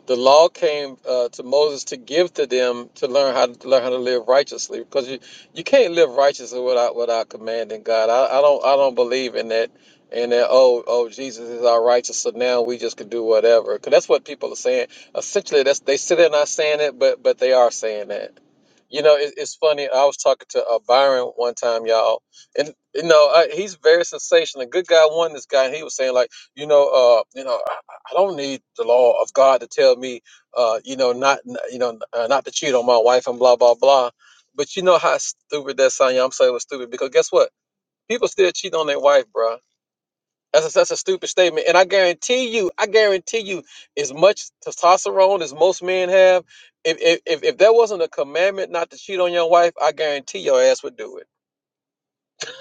E: the law came uh, to Moses to give to them to learn how to, to learn how to live righteously, because you you can't live righteously without without commanding God. I, I don't I don't believe in that, and that oh oh Jesus is our righteous, so now we just can do whatever, because that's what people are saying. Essentially, that's they sit there not saying it, but but they are saying that. You know, it, it's funny. I was talking to uh, Byron one time, y'all and you know I, he's very sensational. A good guy won this guy, and he was saying like, you know, uh, you know, I, I don't need the law of God to tell me, uh, you know, not you know, uh, not to cheat on my wife and blah blah blah. But you know how stupid that sound? Yeah, I'm saying it was stupid because guess what? People still cheat on their wife, bruh. That's a, that's a stupid statement, and I guarantee you, I guarantee you, as much testosterone as most men have, if if if, if there wasn't a commandment not to cheat on your wife, I guarantee your ass would do it.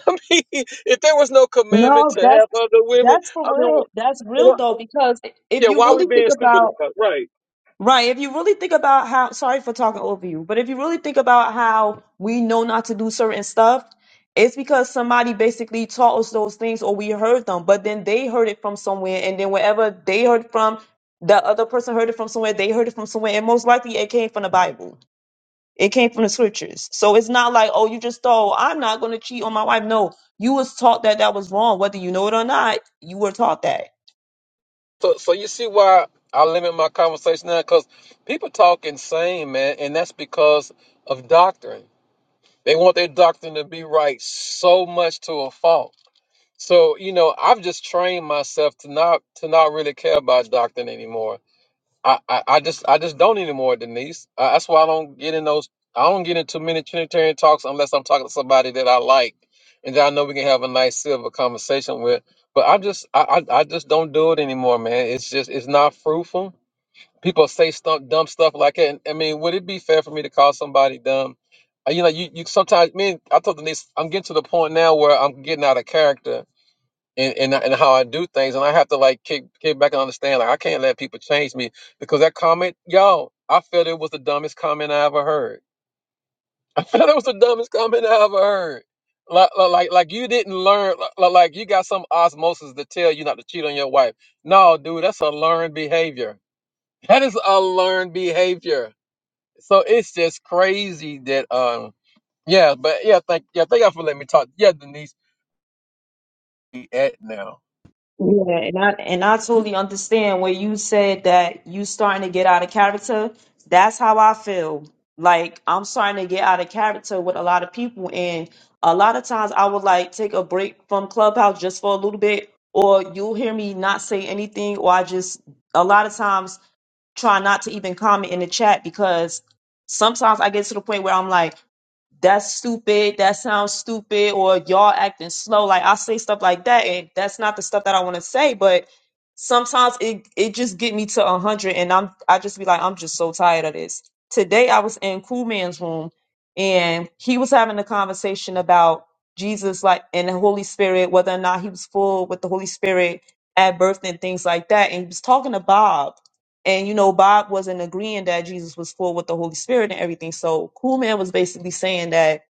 E: I mean, *laughs* if there was no commandment
A: No,
E: to
A: that's
E: have other women,
A: that's for
E: I mean,
A: real. That's
E: wh-
A: real
E: wh-
A: though, because if
E: yeah,
A: you
E: why we
A: really think
E: being stupid
A: about
E: about it? Right.
A: Right. If you really think about how, sorry for talking over you, but if you really think about how we know not to do certain stuff, it's because somebody basically taught us those things or we heard them, but then they heard it from somewhere. And then wherever they heard from, the other person heard it from somewhere, they heard it from somewhere. And most likely it came from the Bible, it came from the scriptures. So it's not like, oh, you just thought, I'm not going to cheat on my wife. No, you was taught that that was wrong. Whether you know it or not, you were taught that.
E: So, so you see why I limit my conversation now? Because people talk insane, man, and that's because of doctrine. They want their doctrine to be right so much to a fault. So, you know, I've just trained myself to not to not really care about doctrine anymore I, I, I just I just don't anymore, Denise. Uh, that's why I don't get in those. I don't get into many Trinitarian talks unless I'm talking to somebody that I like and that I know we can have a nice civil conversation with. But I just I, I, I just don't do it anymore, man. It's just it's not fruitful. People say stump, dumb stuff like that. And, I mean, would it be fair for me to call somebody dumb? Uh, You know, you, you sometimes me. and- I told Denise I'm getting to the point now where I'm getting out of character and and, and how I do things, and I have to like kick kick back and understand. Like I can't let people change me because that comment, y'all, I felt it was the dumbest comment I ever heard. *laughs* I felt it was the dumbest comment I ever heard. Like like like, like you didn't learn. Like, like like you got some osmosis to tell you not to cheat on your wife. No, dude, that's a learned behavior. That is a learned behavior. So it's just crazy that um yeah, but yeah, thank yeah, thank y'all for letting me talk. Yeah, Denise, be at now.
A: Yeah, and I and I totally understand where you said that you starting to get out of character. That's how I feel. Like I'm starting to get out of character with a lot of people, and a lot of times I would like take a break from Clubhouse just for a little bit, or you'll hear me not say anything, or I just a lot of times try not to even comment in the chat because sometimes I get to the point where I'm like that's stupid, that sounds stupid, or y'all acting slow. Like I say stuff like that, and that's not the stuff that I want to say, but sometimes it it just get me to a hundred and I'm I just be like, I'm just so tired of this. Today I was in Cool Man's room and he was having a conversation about Jesus like and the Holy Spirit, whether or not he was full with the Holy Spirit at birth and things like that. And he was talking to Bob. And you know, Bob wasn't agreeing that Jesus was full with the Holy Spirit and everything. So Coolman was basically saying that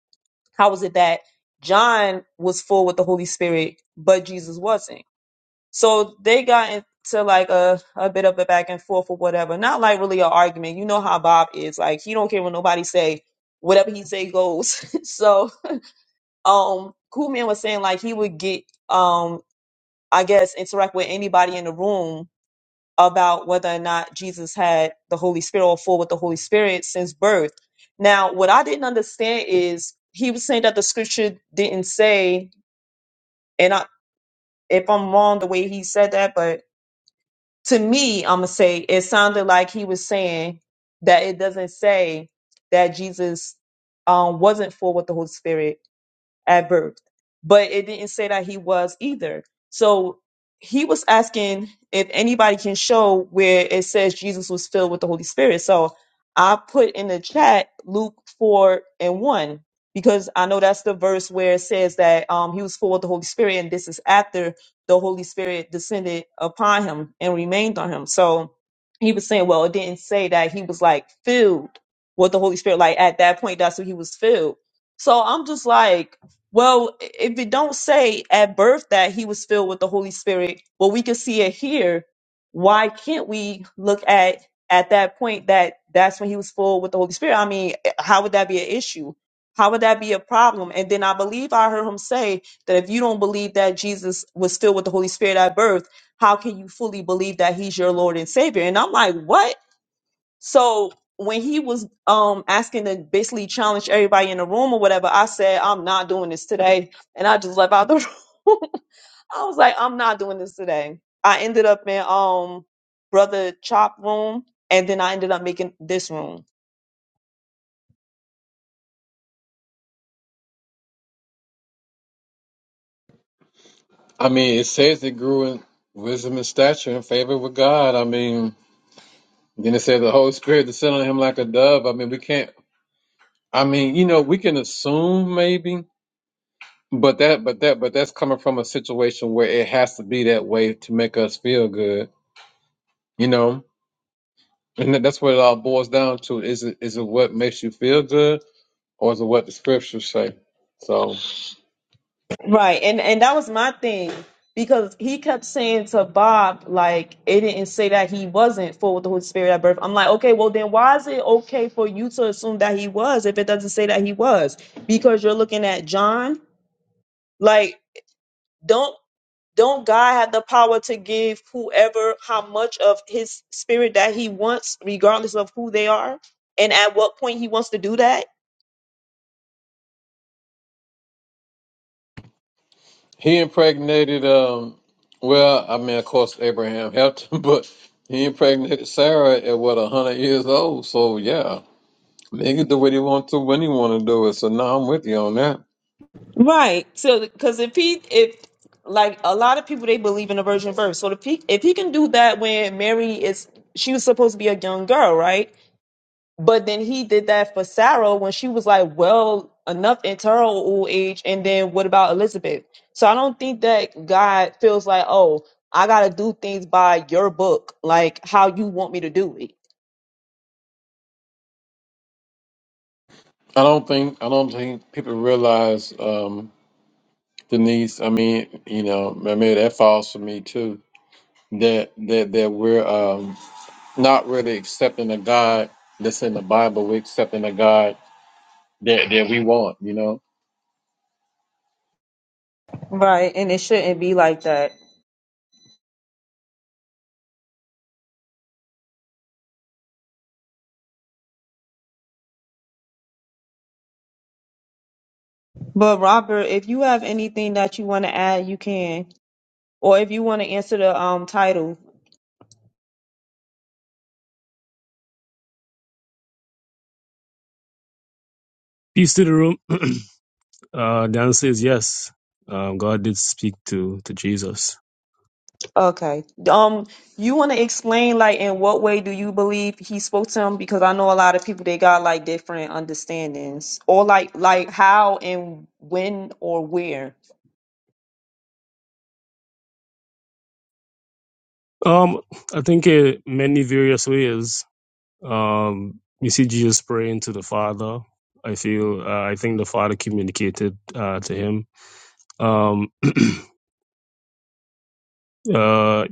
A: how was it that John was full with the Holy Spirit, but Jesus wasn't? So they got into like a, a bit of a back and forth or whatever. Not like really an argument. You know how Bob is. Like he don't care what nobody say. Whatever he say goes. *laughs* so um Coolman was saying like he would get um I guess interact with anybody in the room about whether or not Jesus had the Holy Spirit or full with the Holy Spirit since birth. Now, what I didn't understand is he was saying that the scripture didn't say, and I, if I'm wrong the way he said that, but to me, I'm gonna say it sounded like he was saying that it doesn't say that Jesus um, wasn't full with the Holy Spirit at birth. But it didn't say that he was either. So he was asking if anybody can show where it says Jesus was filled with the Holy Spirit. So I put in the chat Luke 4 and 1 because I know that's the verse where it says that um, he was full of the Holy Spirit, and this is after the Holy Spirit descended upon him and remained on him. So he was saying, well, it didn't say that he was like filled with the Holy Spirit. Like at that point, that's what he was filled. So I'm just like, well, if it don't say at birth that he was filled with the Holy Spirit, well, we can see it here. Why can't we look at at that point that that's when he was full with the Holy Spirit? I mean, how would that be an issue? How would that be a problem? And then I believe I heard him say that if you don't believe that Jesus was filled with the Holy Spirit at birth, how can you fully believe that he's your Lord and Savior? And I'm like, what? So when he was um asking to basically challenge everybody in the room or whatever, I said, I'm not doing this today. And I just left out the *laughs* room. I was like, I'm not doing this today. I ended up in um brother chop room and then I ended up making this room.
E: I mean, it says it grew in wisdom and stature and favor with God. I mean, then it says the Holy Spirit descended on him like a dove. I mean, we can't. I mean, you know, we can assume maybe, but that, but that, but that's coming from a situation where it has to be that way to make us feel good. You know, and that- that's what it all boils down to. Is it is it what makes you feel good, or is it what the scriptures say? So.
A: Right. And and that was my thing. Because he kept saying to Bob, like, it didn't say that he wasn't full with the Holy Spirit at birth. I'm like, okay, well, then why is it okay for you to assume that he was if it doesn't say that he was? Because you're looking at John Like, don't don't God have the power to give whoever how much of his spirit that he wants, regardless of who they are, and at what point he wants to do that?
E: He impregnated, um, well, I mean, of course, Abraham helped him, *laughs* but he impregnated Sarah at what, 100 years old. So, yeah, he can do what he want to when he want to do it. So, now I'm with you on that.
A: Right. So because if he if like a lot of people they believe in the virgin birth. So if he if he can do that when Mary is she was supposed to be a young girl, right? But then he did that for Sarah when she was like well enough in her old age. And then what about Elizabeth? So I don't think that God feels like, oh, I got to do things by your book, like how you want me to do it.
E: I don't think, I don't think people realize, um, Denise, I mean, you know, maybe that falls for me too, that, that, that we're, um, not really accepting a God that's in the Bible. We're accepting a God that, that we want, you know?
A: Right, and it shouldn't be like that. But Robert, if you have anything that you want to add, you can. Or if you want to answer the um title,
D: Peace to the room. *clears throat* uh, Dan says yes. Um, God did speak to to Jesus.
A: Okay. Um, you want to explain like in what way do you believe he spoke to him? Because I know a lot of people they got like different understandings, or like like how and when or where.
D: Um, I think in many various ways. Um, you see Jesus praying to the Father. I feel. Uh, I think the Father communicated uh, to him. Um, uh,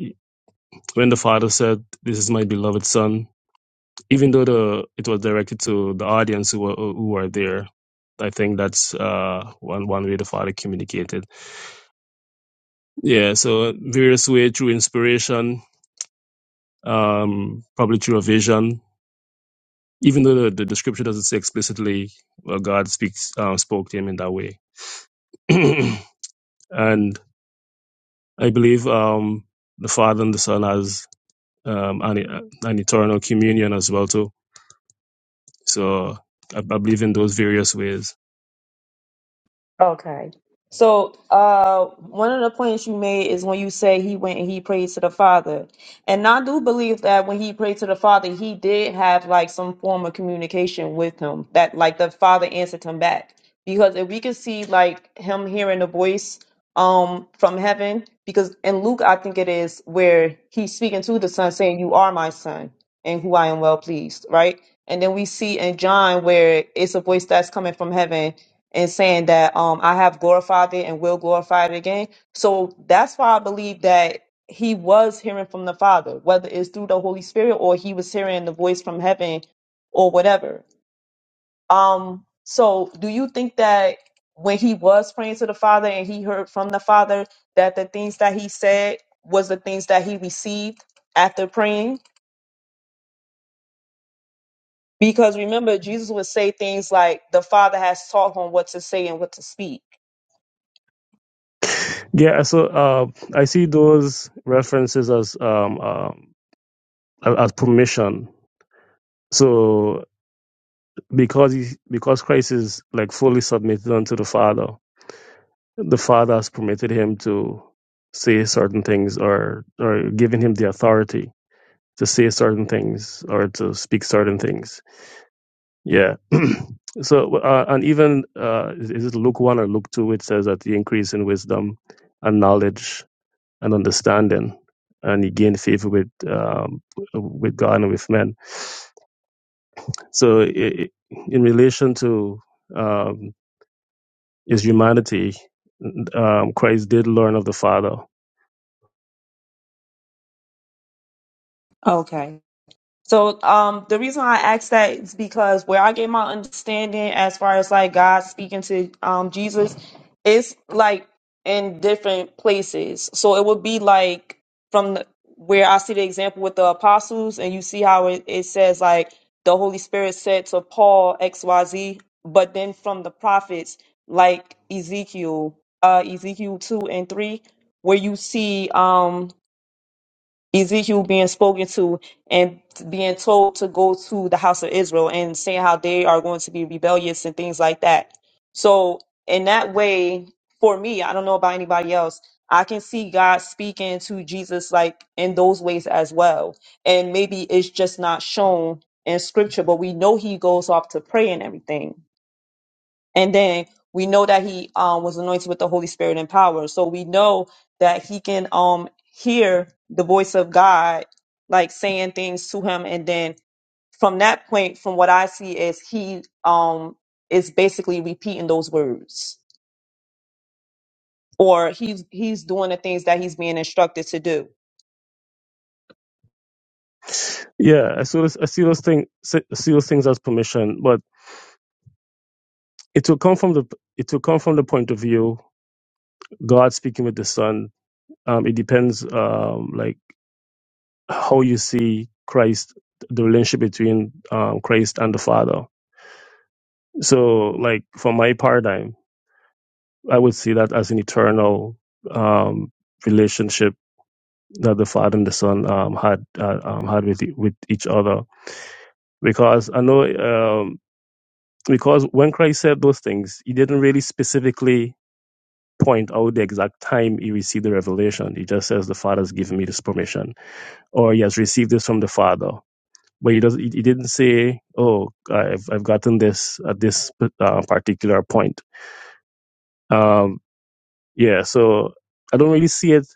D: when the Father said, "This is my beloved Son," even though the it was directed to the audience who were who were there, I think that's uh, one one way the Father communicated. Yeah, so various way through inspiration, um, probably through a vision. Even though the, the, the scripture doesn't say explicitly, well, God speaks um, spoke to him in that way. *clears throat* and I believe um, the Father and the Son has um, an, an eternal communion as well too. So I, I believe in those various ways.
A: Okay. So, uh, one of the points you made is when you say he went and he prayed to the Father. And I do believe that when he prayed to the Father, he did have like some form of communication with him that like the Father answered him back. Because if we could see like him hearing a voice um from heaven, because in Luke, I think it is where he's speaking to the Son saying, You are my son and who I am well pleased, right? And then we see in John where it's a voice that's coming from heaven and saying that um I have glorified it and will glorify it again. So that's why I believe that he was hearing from the Father, whether it's through the Holy Spirit or he was hearing the voice from heaven or whatever. Um so do you think that when he was praying to the Father and he heard from the Father that the things that he said was the things that he received after praying? Because remember Jesus would say things like the Father has taught him what to say and what to speak.
D: Yeah, so uh, I see those references as um, um as as permission. So because he, because Christ is like fully submitted unto the Father, the Father has permitted him to say certain things or or given him the authority to say certain things or to speak certain things. Yeah. *clears throat* so uh, and even uh, is is it Luke one or Luke two? It says that he increased in wisdom and knowledge and understanding, and he gained favor with um, with God and with men. So i i in relation to um, is humanity. Um, Christ did learn of the Father.
A: Okay. So um, the reason why I asked that is because where I get my understanding as far as like God speaking to um, Jesus, it's like in different places. So it would be like from the, where I see the example with the apostles, and you see how it, it says like the Holy Spirit said to Paul X Y Z, but then from the prophets like Ezekiel, uh, Ezekiel two and three, where you see um Ezekiel being spoken to and being told to go to the house of Israel and saying how they are going to be rebellious and things like that. So, in that way, for me, I don't know about anybody else, I can see God speaking to Jesus like in those ways as well. And maybe it's just not shown in scripture, but we know he goes off to pray and everything. And then we know that he um, was anointed with the Holy Spirit and power. So we know that he can um, hear the voice of God, like saying things to him. And then from that point, from what I see, is he um, is basically repeating those words, or he's he's doing the things that he's being instructed to do.
D: Yeah, I see those, I see those things, I see those things as permission, but it will come from the, it will come from the point of view God speaking with the Son. Um, it depends, um, like how you see Christ, the relationship between um, Christ and the Father. So, like for my paradigm, I would see that as an eternal um, relationship that the father and the son um, had uh, um, had with e- with each other. Because I know, um, because when Christ said those things, he didn't really specifically point out the exact time he received the revelation. He just says the father's given me this permission, or he has received this from the father. But he doesn't. He he didn't say, "Oh, I've I've gotten this at this uh, particular point." Um, Yeah, so I don't really see it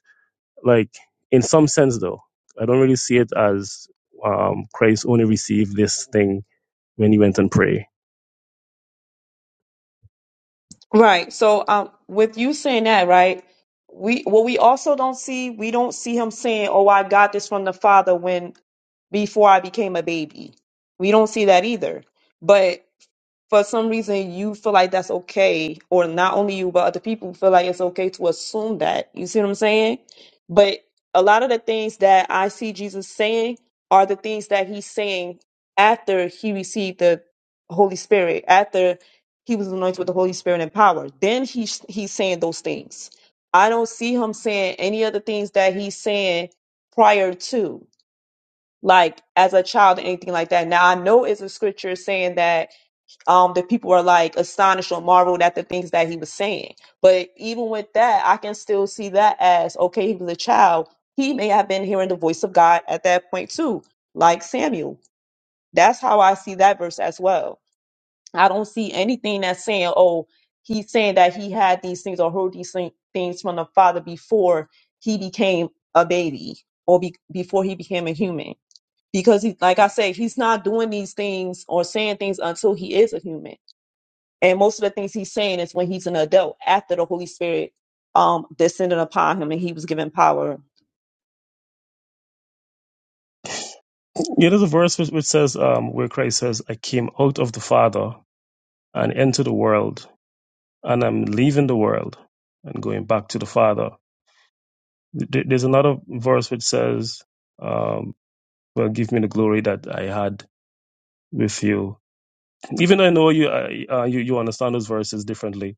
D: like in some sense though. I don't really see it as um, Christ only received this thing when he went and prayed.
A: Right. So, um, with you saying that, right, we what we also don't see, we don't see him saying, "Oh, I got this from the Father when before I became a baby." We don't see that either. But for some reason you feel like that's okay, or not only you, but other people feel like it's okay to assume that. You see what I'm saying? But a lot of the things that I see Jesus saying are the things that he's saying after he received the Holy Spirit, after he was anointed with the Holy Spirit and power. Then he he's saying those things. I don't see him saying any of the things that he's saying prior to, like as a child or anything like that. Now I know it's a scripture saying that um, that people are like astonished or marveled at the things that he was saying. But even with that, I can still see that as okay, he was a child. He may have been hearing the voice of God at that point too, like Samuel. That's how I see that verse as well. I don't see anything that's saying, oh, he's saying that he had these things or heard these thing- things from the father before he became a baby or be- before he became a human. Because he, like I said, he's not doing these things or saying things until he is a human and most of the things he's saying is when he's an adult, after the Holy Spirit um descended upon him and he was given power.
D: Yeah, there's a verse which, which says um, where Christ says, "I came out of the Father and into the world, and I'm leaving the world and going back to the Father." Th- There's another verse which says, um, "Well, give me the glory that I had with you." Even though I know you, I, uh, you you understand those verses differently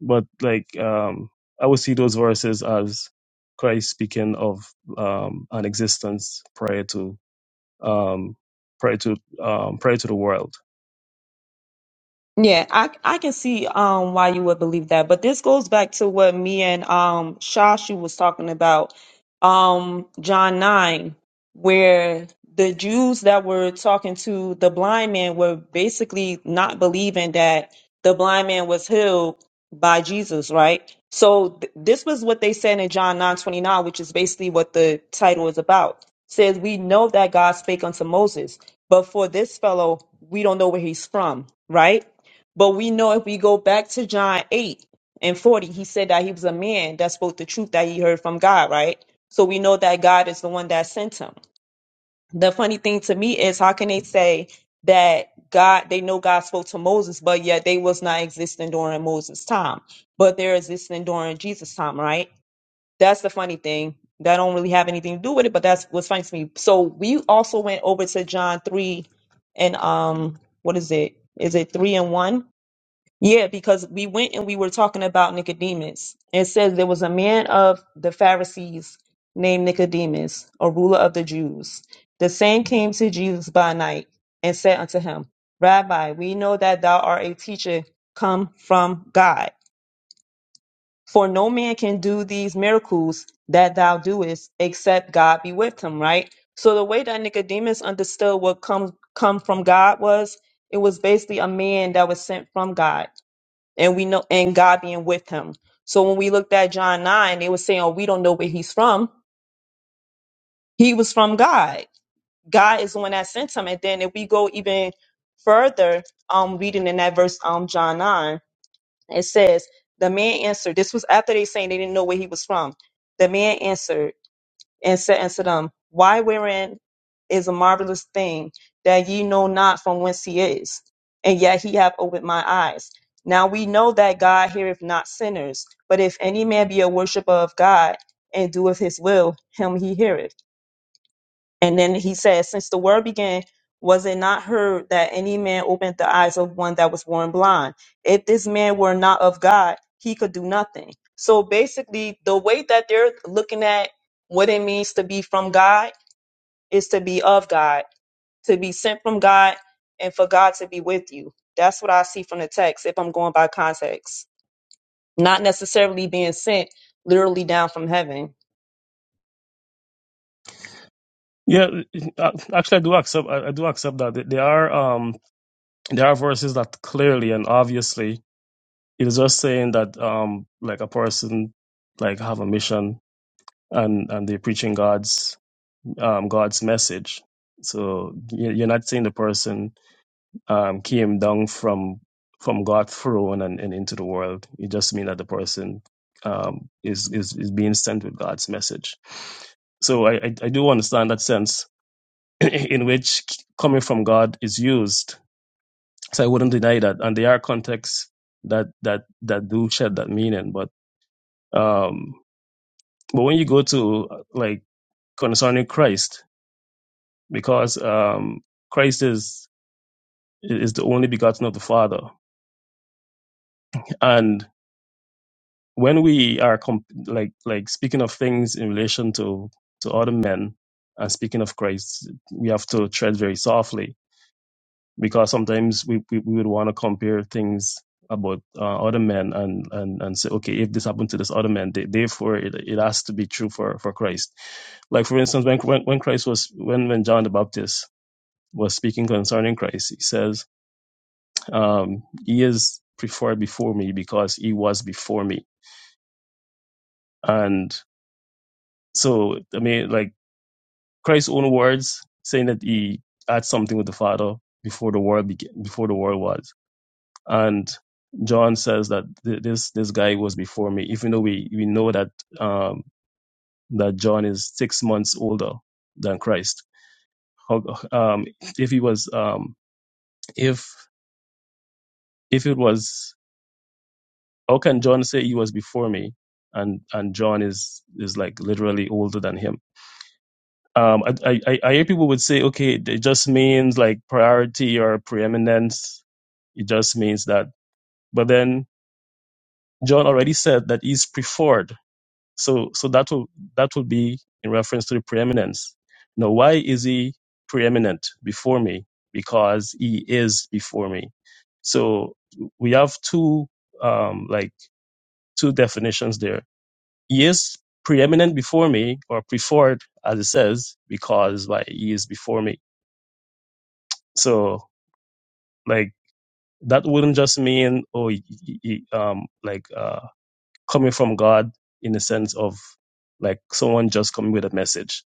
D: but like um I would see those verses as Christ speaking of um an existence prior to um prior to um prior to the world.
A: Yeah, I I can see um why you would believe that, but this goes back to what me and um Shashu was talking about, um John nine, where the Jews that were talking to the blind man were basically not believing that the blind man was healed by Jesus, right? So th- this was what they said in John nine twenty nine, which is basically what the title is about. Says we know that God spake unto Moses, but for this fellow we don't know where he's from, right? But we know if we go back to John 8 and 40, he said that he was a man that spoke the truth that he heard from God, right? So we know that God is the one that sent him. The funny thing to me is how can they say that God they know God spoke to Moses, but yet they was not existing during Moses' time, but they're existing during Jesus' time, right? That's the funny thing. That don't really have anything to do with it, but that's what's funny to me. So we also went over to John 3 and um what is it? Is it 3 and 1? Yeah, because we went and we were talking about Nicodemus. It says there was a man of the Pharisees named Nicodemus, a ruler of the Jews. The same came to Jesus by night and said unto him, Rabbi, we know that thou art a teacher come from God. For no man can do these miracles that thou doest except God be with him, right? So the way that Nicodemus understood what comes come from God was it was basically a man that was sent from God and we know and God being with him. So when we looked at John 9, they were saying, Oh, we don't know where he's from. He was from God. God is the one that sent him. And then if we go even further, um, reading in that verse, um, John 9, it says, The man answered, this was after they saying they didn't know where he was from. The man answered, and said unto them, Why wherein is a marvelous thing that ye know not from whence he is, and yet he hath opened my eyes. Now we know that God heareth not sinners, but if any man be a worshipper of God and doeth his will, him he heareth. And then he says, Since the world began, was it not heard that any man opened the eyes of one that was born blind? If this man were not of God, he could do nothing. So basically, the way that they're looking at what it means to be from God is to be of God, to be sent from God, and for God to be with you. That's what I see from the text if I'm going by context. Not necessarily being sent literally down from heaven.
D: Yeah, uh, actually, I do accept. I I do accept that there are um there are verses that clearly and obviously it is just saying that um like a person like have a mission and and they're preaching God's um God's message. So you- you're not saying the person um, came down from from God's throne and, and into the world. It just means that the person um, is, is is being sent with God's message. So I, I, I do understand that sense *clears throat* in which coming from God is used. So I wouldn't deny that, and there are contexts that that that do shed that meaning. But um, but when you go to uh, like concerning Christ, because um, Christ is is the only begotten of the Father, and. when we are comp- like like speaking of things in relation to to other men and speaking of Christ, we have to tread very softly because sometimes we we, we would want to compare things about uh, other men and and and say okay if this happened to this other man th- therefore it, it has to be true for for Christ like for instance when when, when Christ was when when John the Baptist was speaking concerning Christ he says um he is preferred before me because he was before me and. So I mean, like Christ's own words saying that he had something with the Father before the world began, before the world was, and John says that th- this this guy was before me, even though we we know that um, that John is six months older than Christ. How, um, if he was um, if if it was how can John say he was before me and and John is is like literally older than him? Um, I, I, I hear people would say, okay, it just means like priority or preeminence. It just means that. But then John already said that he's preferred. So, so that will, that will be in reference to the preeminence. Now, why is he preeminent before me? Because he is before me. So we have two, um, like two definitions there. He is preeminent before me or preferred, as it says, because why he is before me So like that wouldn't just mean oh y- y- y- um like uh coming from God in the sense of like someone just coming with a message.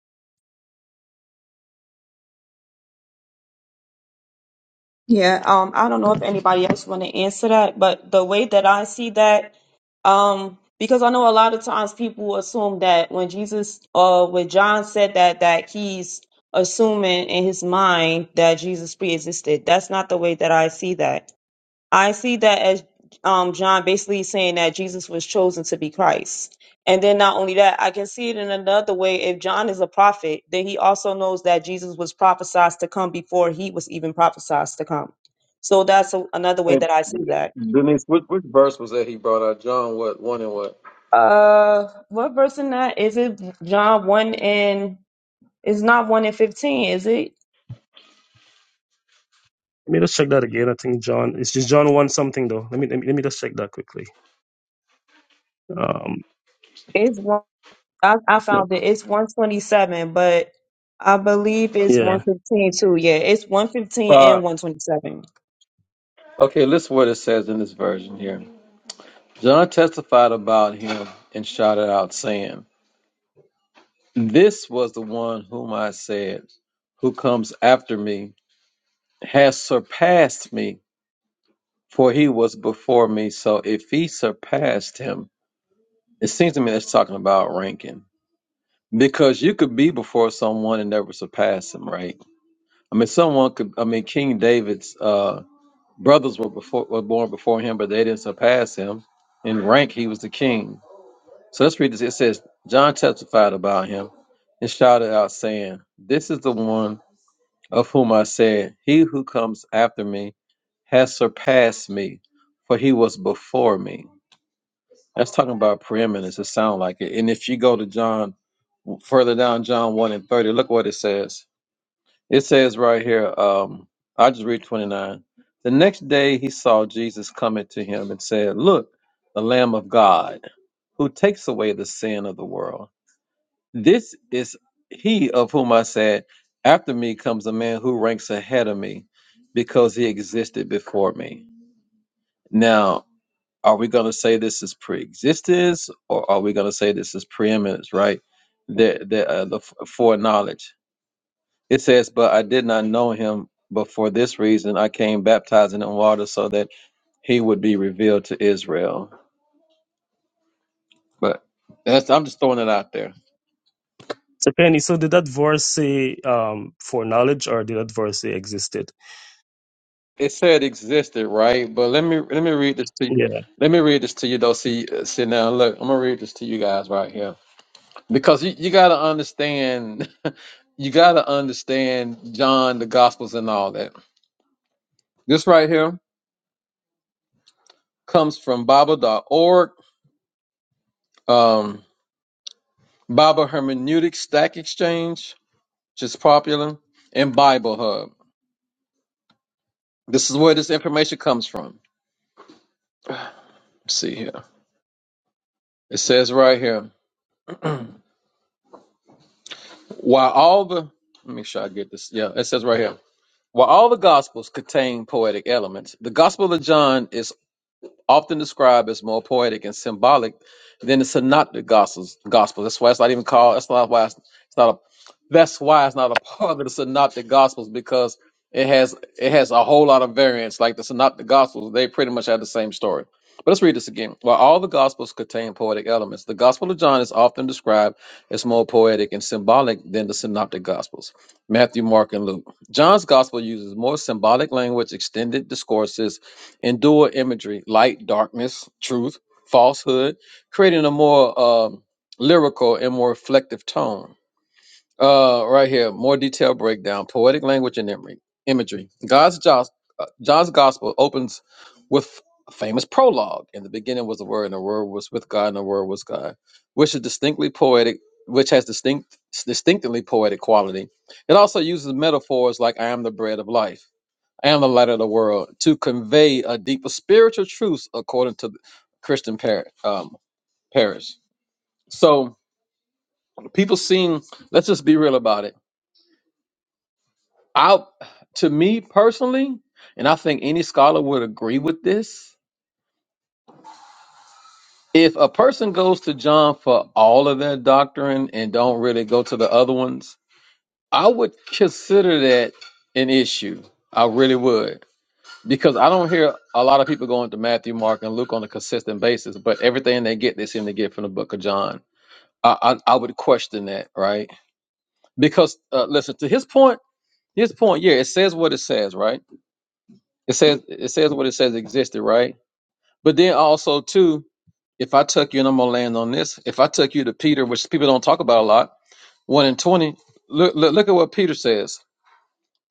A: Yeah, um, I don't know if anybody else want to answer that, but the way that I see that, um, because I know a lot of times people assume that when Jesus, uh, when John said that, that he's assuming in his mind that Jesus pre-existed. That's not the way that I see that. I see that as um, John basically saying that Jesus was chosen to be Christ. And then not only that, I can see it in another way. If John is a prophet, then he also knows that Jesus was prophesied to come before he was even prophesied to come. So that's a, another way that I see that.
E: Denise, which, which verse was that he brought out? John, what, one and what?
A: Uh, what verse in that is it? John one and it's not one and fifteen, is it?
D: Let me just check that again. I think John it's just John one something though. Let me let me, let me just check that quickly. Um
A: It's one. I, I
D: yeah.
A: found it. It's 127, but I believe it's
D: yeah.
A: 115 too. Yeah, it's 115
E: Uh,
A: and 127.
E: okay, listen what it says in this version here. John testified about him and shouted out, saying, This was the one whom I said, who comes after me, has surpassed me, for he was before me. So if he surpassed him, it seems to me that's talking about ranking. Because you could be before someone and never surpass him, right? I mean, someone could, I mean, King David's, uh, Brothers were before were born before him, but they didn't surpass him. In rank, he was the king. So let's read this. It says, John testified about him and shouted out, saying, This is the one of whom I said, He who comes after me has surpassed me, for he was before me. That's talking about preeminence. It sounds like it. And if you go to John further down, John 1 and 30, look what it says. It says right here, um, I just read 29. The next day he saw Jesus coming to him and said, Look, the Lamb of God, who takes away the sin of the world. This is he of whom I said, After me comes a man who ranks ahead of me because he existed before me. Now, are we going to say this is pre existence or are we going to say this is preeminence, right? The, the, uh, the f- foreknowledge. It says, But I did not know him, but for this reason I came baptizing in water so that he would be revealed to Israel. But that's I'm just throwing it out there.
D: So Penny, so did that verse say um for knowledge or did that verse say existed?
E: It said existed, right? But let me let me read this to you.
D: Yeah.
E: Let me read this to you though. See, uh, see now, look, I'm gonna read this to you guys right here because you, you gotta understand, *laughs* you gotta understand John, the Gospels, and all that. This right here comes from Bible.org, um, Bible Hermeneutic Stack Exchange just popular, and Bible Hub. This is where this information comes from. Let's see here. It says right here, while all the let me make sure I get this. Yeah, it says right here. While all the gospels contain poetic elements, the Gospel of John is often described as more poetic and symbolic than the synoptic gospels. Gospels. That's why it's not even called. That's not why it's, it's not a. That's why it's not a *laughs* part of the synoptic gospels because it has it has a whole lot of variants. Like the synoptic gospels, they pretty much have the same story. But let's read this again. While all the gospels contain poetic elements, the Gospel of John is often described as more poetic and symbolic than the synoptic gospels. Matthew, Mark, and Luke. John's gospel uses more symbolic language, extended discourses, and dual imagery light darkness truth falsehood creating a more um, lyrical and more reflective tone uh, right here more detailed breakdown poetic language and imagery imagery god's Jos- uh, john's gospel opens with a famous prologue in the beginning was the word and the word was with god and the word was god which is distinctly poetic which has distinct distinctly poetic quality it also uses metaphors like i am the bread of life and the light of the world to convey a deeper spiritual truth according to the Christian par- um, parish. So people seem, let's just be real about it. I, to me personally, and I think any scholar would agree with this. If a person goes to John for all of their doctrine and don't really go to the other ones, I would consider that an issue. I really would Because I don't hear a lot of people going to Matthew, Mark, and Luke on a consistent basis, but everything they get, they seem to get from the book of John. I, I, I would question that, right? Because uh, listen to his point. His point, yeah, it says what it says, right? It says it says what it says existed, right? But then also too, if I took you and I'm gonna land on this, if I took you to Peter, which people don't talk about a lot, one in twenty, look look, look at what Peter says.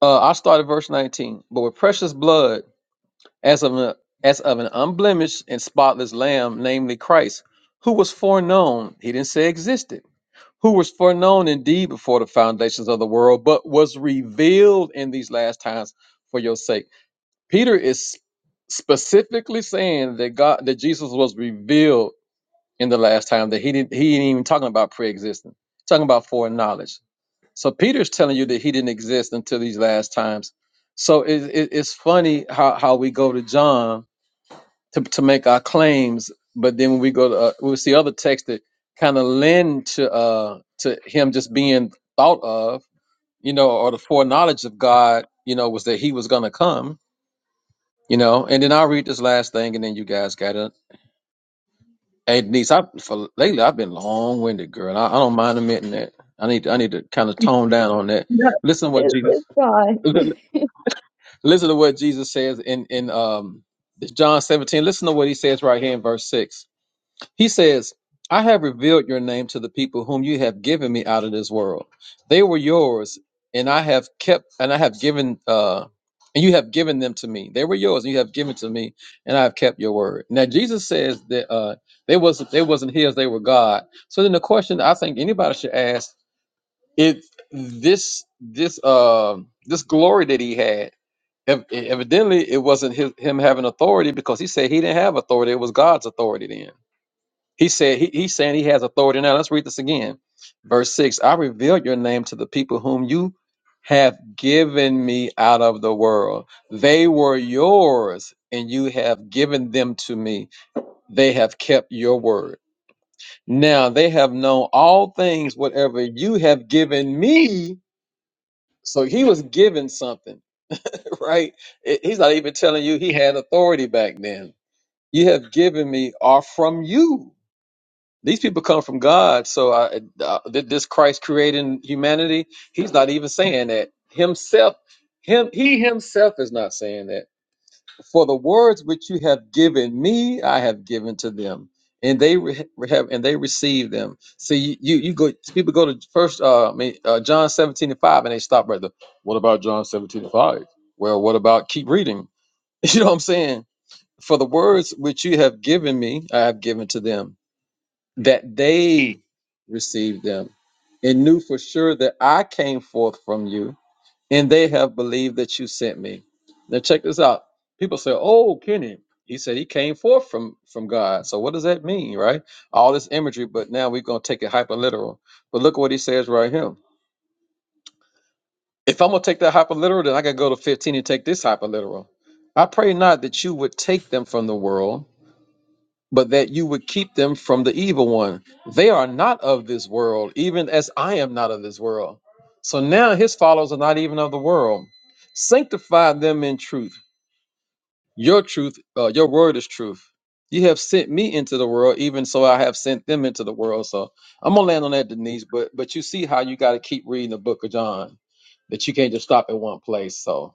E: Uh, I started verse nineteen, but with precious blood. as of, a, as of an unblemished and spotless lamb, namely Christ, who was foreknown, he didn't say existed, who was foreknown indeed before the foundations of the world, but was revealed in these last times for your sake. Peter is specifically saying that God, that Jesus was revealed in the last time, that he didn't, he ain't even talking about pre-existing, talking about foreknowledge. So Peter's telling you that he didn't exist until these last times. So it, it, it's funny how, how we go to John to, to make our claims. But then when we go to uh, we'll see other texts that kind of lend to uh to him just being thought of, you know, or the foreknowledge of God, you know, was that he was gonna come, you know. And then I'll read this last thing, and then you guys got it. Hey Denise, I for lately I've been long winded, girl. And I, I don't mind admitting that. I need I need to kind of tone down on that.
A: No,
E: Listen to what
A: it,
E: Jesus
A: it's
E: *laughs*
A: fine.
E: listen to what Jesus says in in um John 17. Listen to what he says right here in verse 6 He says, I have revealed your name to the people whom you have given me out of this world. They were yours, and I have kept, and I have given, uh, and you have given them to me. They were yours, and you have given to me, and I have kept your word. Now Jesus says that uh, they wasn't they wasn't his, they were God. So then the question I think anybody should ask if this this uh, this glory that he had. ev- Evidently, it wasn't his, him having authority because he said he didn't have authority. It was God's authority then. He said he, he's saying he has authority now. Let's read this again. Verse 6 I revealed your name to the people whom you have given me out of the world. They were yours, and you have given them to me. They have kept your word. Now they have known all things, whatever you have given me. So he was given something, *laughs* right? It- He's not even telling you he had authority back then. You have given me are from you These people come from God. So I, uh, th- this Christ creating humanity, he's not even saying that himself. Him, he himself is not saying that. For the words which you have given me, I have given to them, and they re- have and they receive them. See, you you, you go. People go to first, uh, I mean, uh, John seventeen and five, and they stop right there. What about John seventeen and five? Well, what about keep reading? *laughs* You know what I'm saying? For the words which you have given me, I have given to them, that they received them and knew for sure that I came forth from you, and they have believed that you sent me. Now check this out. People say, "Oh, Kenny, he said he came forth from from God." So what does that mean, right? All this imagery, but now we're gonna take it hyper literal. But look what he says right here. If I'm gonna take that hyper literal, then I gotta go to 15 and take this hyper literal. I pray not that you would take them from the world, but that you would keep them from the evil one. They are not of this world, even as I am not of this world. So now his followers are not even of the world. Sanctify them in truth. Your truth, uh, your word is truth. You have sent me into the world, even so I have sent them into the world. So I'm gonna land on that, Denise. But but you see how you got to keep reading the Book of John, that you can't just stop at one place. So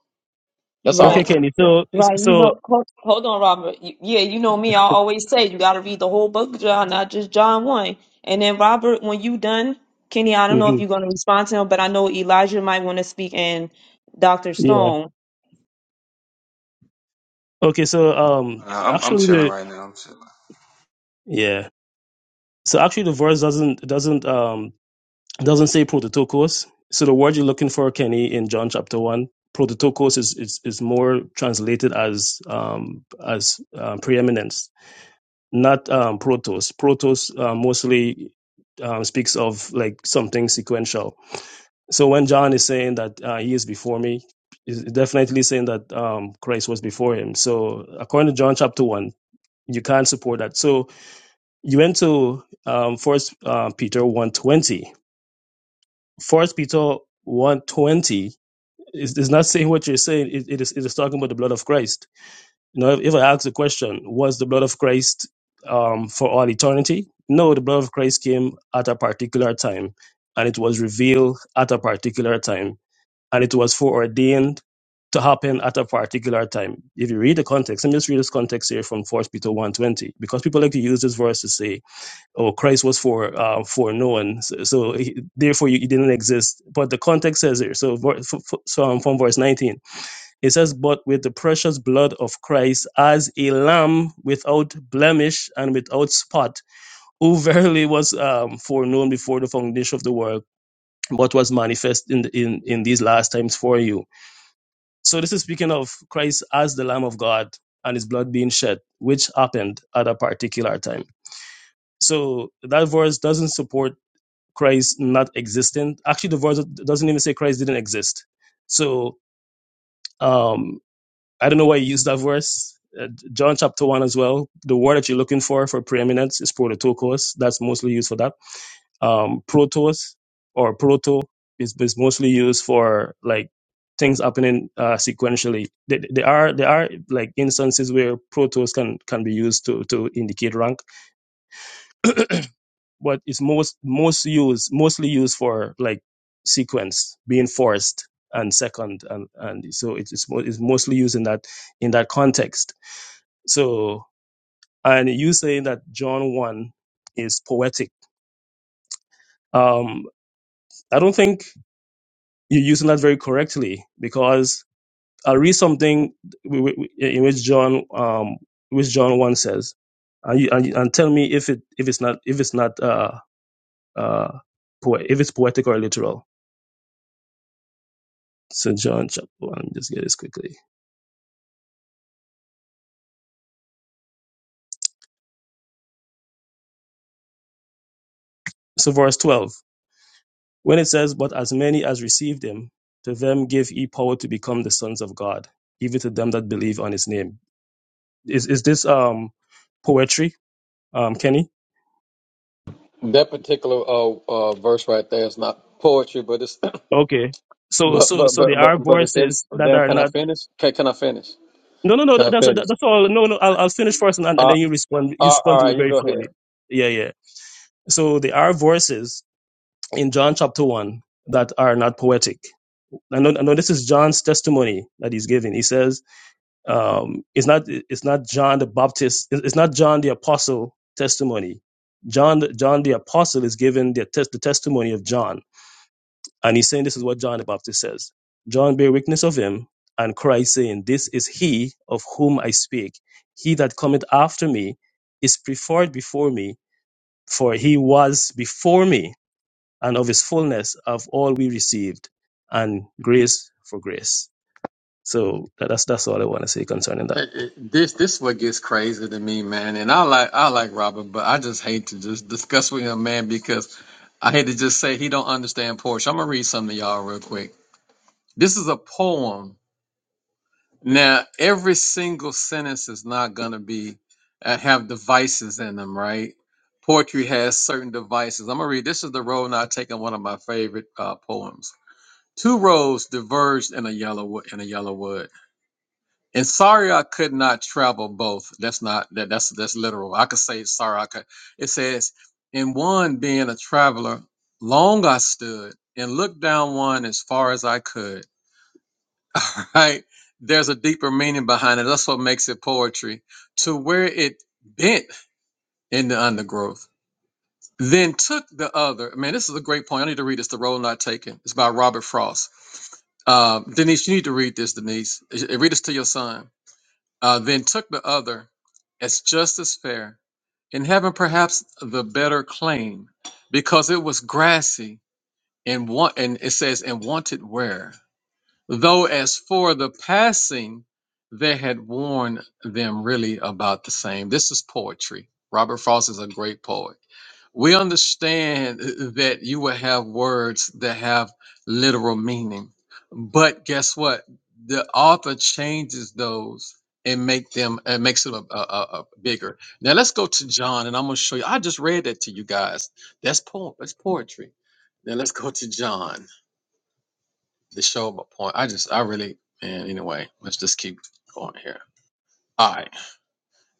E: that's all I
D: Okay,
A: Right,
E: want. to
D: Kenny.
E: say.
D: So
A: right. You
D: so
A: know, hold, hold on, Robert. Y- Yeah, you know me. I always say you got to read the whole book of John, not just John 1. And then, Robert, when you done, Kenny, I don't know if
D: mhm.
A: you're going to respond to him, but I know Elijah might want to speak and Dr.
D: yeah.
A: Stone.
D: Okay, so um
F: Uh, I'm I'm
D: actually
F: chilling
D: the
F: right now. I'm chilling.
D: yeah. So actually the verse doesn't doesn't um It doesn't say prototokos. So the word you're looking for, Kenny, in John chapter one, prototokos is is, is more translated as um, as uh, preeminence, not um, protos. Protos uh, mostly um, speaks of like something sequential. So when John is saying that uh, he is before me, is definitely saying that um, Christ was before him. So according to John chapter one, you can't support that. So you went to um, First uh, Peter one twenty four Peter 120 is, is not saying what you're saying. It, it, is, it is talking about the blood of Christ. You know, if, if I ask the question, was the blood of Christ um, for all eternity? No, the blood of Christ came at a particular time and it was revealed at a particular time and it was foreordained to happen at a particular time. If you read the context, let me just read this context here from First Peter one twenty, because people like to use this verse to say or Christ was for uh, foreknown. So, so he, therefore, you, you didn't exist. But the context says here. So, ver- f- f- so um, from verse 19, it says, "But with the precious blood of Christ, as a lamb without blemish and without spot, who verily was um, foreknown before the foundation of the world, but was manifest in, the, in in these last times for you." So, this is speaking of Christ as the Lamb of God and His blood being shed, which happened at a particular time. So that verse doesn't support Christ not existent. Actually, the verse doesn't even say Christ didn't exist. So um, I don't know why you use that verse. Uh, John chapter 1 as well. The word that you're looking for for preeminence is prototokos. That's mostly used for that. Um, protos or proto is, is mostly used for like things happening uh, sequentially. There, there are there are like instances where protos can can be used to to indicate rank but it's most most used mostly used for like sequence being forced and second and and so it's it's, mo- it's mostly used in that in that context so and you saying that john 1 is poetic um i don't think you're using that very correctly because i'll read something wi- wi- in which john um which john 1 says and you, and, you- and tell me if it if it's not if it's not uh uh poe- if it's poetic or literal So John chapter one, let me just get this quickly. So verse twelve, when it says, "But as many as received him, to them give he power to become the sons of God, even to them that believe on his name." Is is this um poetry, um Kenny?
E: That particular uh, uh, verse right there is not poetry, but it's *clears throat*
D: Okay. So
E: But
D: so
E: but
D: so
E: but
D: there are
E: but but it's in.
D: verses that
E: Damn,
D: are
E: can I
D: not.
E: finish? Can can I finish?
D: No no no
E: Can
D: that-
E: I
D: that's that-
E: finish?
D: that's all. No no I'll I'll finish first and and and
E: Uh,
D: then you respond you
E: all
D: respond
E: all
D: to me
E: right, you
D: very
E: go ahead.
D: fully. Yeah yeah. So there are verses in John chapter one that are not poetic I know, I know this is John's testimony that he's giving. He says, um, it's not, it's not John the Baptist, it's not John the apostle testimony. John, John the apostle is giving the, tes- the testimony of John. And he's saying this is what John the Baptist says. John bear witness of him and Christ saying, this is he of whom I speak. He that cometh after me is preferred before me, for he was before me and of his fullness of all we received and grace for grace. So that, that's that's all I want to say concerning that.
E: Hey, hey, This this what gets crazy to me, man. And I like I like Robert, but I just hate to just discuss with him, man, because I hate to just say he don't understand Porsche. I'm gonna read something to y'all real quick. This is a poem. Now, every single sentence is not gonna be uh, have devices in them, right? Poetry has certain devices. I'm gonna read. This is the road not taken. One of my favorite uh, poems. Two roads diverged in a yellow wo- in a yellow wood. And sorry I could not travel both. That's not that that's that's literal. I could say sorry I could. It says, in one being a traveler, long I stood and looked down one as far as I could. *laughs* All right. There's a deeper meaning behind it. That's what makes it poetry. To where it bent in the undergrowth then took the other. Man, this is a great point. I need to read this. The Role Not Taken. It's by Robert Frost. Uh, Denise, you need to read this. Denise, Eh, read this to your son. Uh, then took the other as just as fair, and having perhaps the better claim, because it was grassy and want, and it says and wanted wear. Though as for the passing, they had worn them really about the same. This is poetry. Robert Frost is a great poet. We understand that you will have words that have literal meaning. But guess what? The author changes those and make them and makes them a, a, a- a bigger. Now let's go to John and I'm going to show you. I just read that to you guys. That's poem. That's poetry. Now let's go to John to show my point. I just I really man. Anyway, let's just keep going here. All right.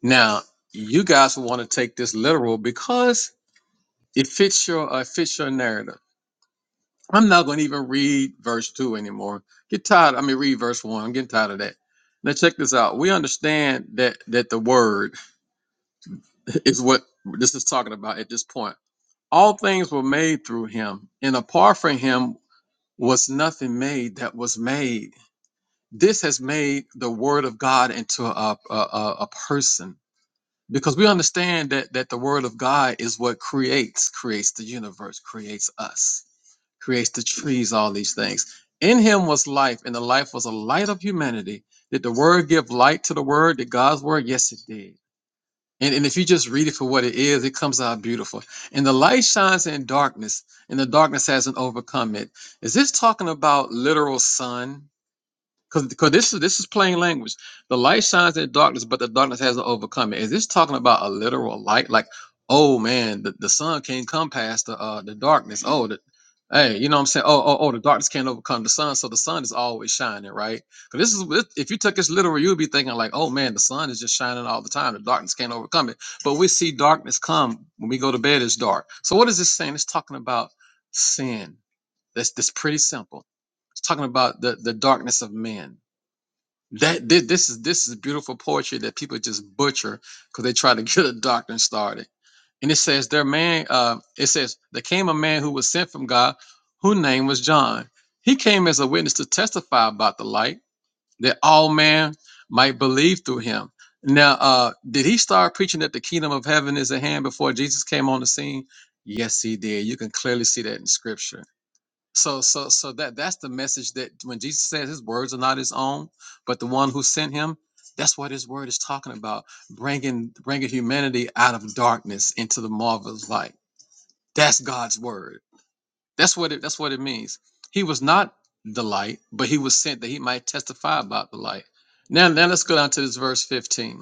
E: Now you guys will want to take this literal because it fits your uh, fits your narrative. I'm not going to even read verse two anymore. Get tired. I mean, read verse one. I'm getting tired of that. Now check this out. We understand that that the word *laughs* is what this is talking about at this point. All things were made through him, and apart from him was nothing made that was made. This has made the word of God into a a, a, a person because we understand that that the word of God is what creates creates the universe, creates us creates the trees, all these things. In him was life, and the life was a light of humanity. Did the word give light to the word? Did God's word? Yes, it did. And, and if you just read it for what it is, it comes out beautiful. And the light shines in darkness, and the darkness hasn't overcome it. Is this talking about literal sun? because because this is this is plain language. The light shines in the darkness, but the darkness hasn't overcome it. Is this talking about a literal light? Like, oh man, the, the sun can't come past the uh the darkness. Oh, the, hey, you know what I'm saying? Oh, oh, oh, the darkness can't overcome the sun, so the sun is always shining, right? Because this is this- if you took this literal, you'd be thinking like, oh man, the sun is just shining all the time. The darkness can't overcome it. But we see darkness come when we go to bed. It's dark. So what is this saying? It's talking about sin. That's that's pretty simple. It's talking about the the darkness of men that thi- this is this is beautiful poetry that people just butcher because they try to *laughs* get a doctrine started. And it says their man. Uh, it says there came a man who was sent from God, whose name was John. He came as a witness to testify about the light that all man might believe through him. Now, uh, did he start preaching that the kingdom of heaven is at hand before Jesus came on the scene? Yes, he did. You can clearly see that in scripture. So so so that that's the message that when Jesus says his words are not his own, but the one who sent him, that's what his word is talking about, bringing bringing humanity out of darkness into the marvelous light. That's God's word. That's what it that's what it means. He was not the light, but he was sent that he might testify about the light. Now now let's go down to this verse 15,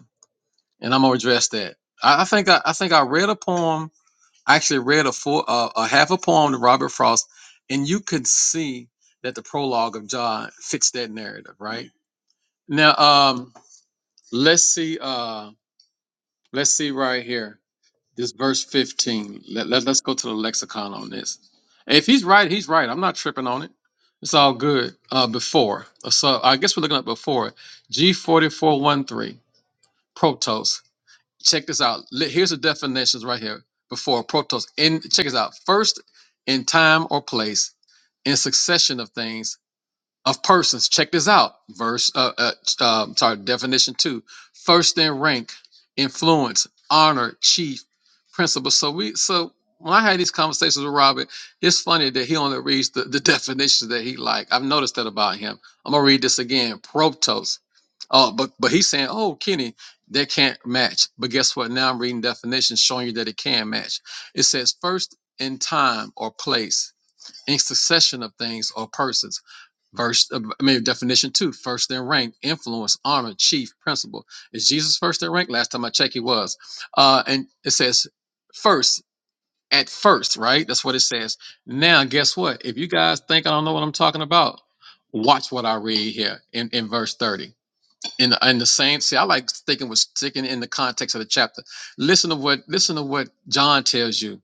E: and I'm gonna address that. I, I think I, I think I read a poem I actually read a full, uh, a half a poem to Robert Frost, and you could see that the prologue of John fits that narrative, right? Now, um, let's see, uh, let's see right here, this verse fifteen. Let, let us go to the lexicon on this. If he's right, he's right. I'm not tripping on it. It's all good. Uh, before, so I guess we're looking at before G4413 protos check this out. Li- Here's the definitions right here before protos. In check this out. First, in time or place, in succession of things of persons. Check this out. Verse, uh, uh, um, sorry, definition two. First in rank, influence, honor, chief, principal. So we, so when I had these conversations with Robert, it's funny that he only reads the, the *laughs* definitions that he like. I've noticed that about him. I'm gonna read this again. Protos. Oh, but but he's saying, oh, Kenny, that can't match. But guess what? Now I'm reading definitions showing you that it can match. It says first in time or place, in succession of things or persons First, uh, I mean, definition two, first in rank, influence, honor, chief, principal. Is Jesus first in rank? Last time I checked, he was. Uh, and it says first, at first, right? That's what it says. Now, guess what? If you guys think I don't know what I'm talking about, watch what I read here in, in verse 30. In the, in the same, see, I like sticking with sticking in the context of the chapter. Listen to what, listen to what John tells you.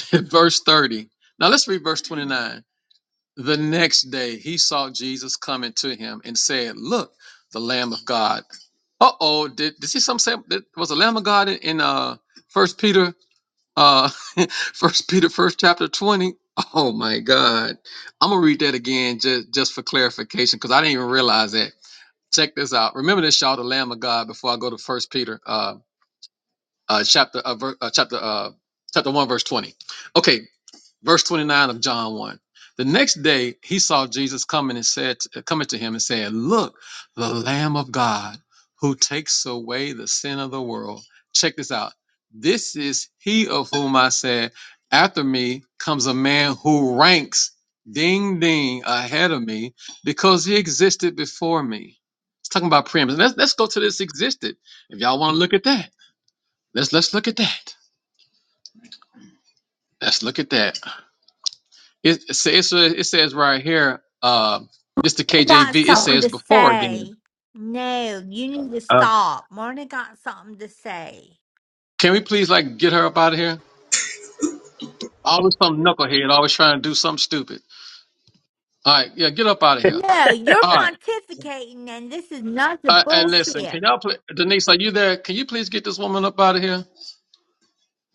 E: *laughs* verse 30. Now let's read verse 29. The next day, he saw Jesus coming to him and said, Look, the Lamb of God. Uh oh, did, did see some say that was the Lamb of God in, in uh First Peter uh *laughs* First Peter first chapter twenty? Oh my God, I'm gonna read that again just just for clarification because I didn't even realize that. Check this out. Remember this, y'all, the Lamb of God. Before I go to First Peter uh uh chapter uh, ver- uh chapter uh chapter one verse twenty. Okay, verse 29 of John 1. The next day he saw Jesus coming and said coming to him and said, "Look, the lamb of God who takes away the sin of the world." Check this out. This is he of whom I said, after me comes a man who ranks ding ding ahead of me because he existed before me. It's talking about preeminence. Let's let's go to this existed. If y'all want to look at that. Let's let's look at that. Let's look at that. It, it sa- it's a- it says right here, uh, this the
G: I
E: KJV.
G: got
E: It
G: something
E: says
G: to
E: before again.
G: say. No, you need to
E: Uh,
G: stop. Marna got something to say.
E: can we please like get her up out of here? Always some knucklehead, always trying to do something stupid. All right, yeah, get up out of here.
G: No, you're
E: All right,
G: pontificating, and this is not the
E: uh, and listen,
G: bullshit,
E: can y'all play Denise? Are you there? Can you please get this woman up out of here?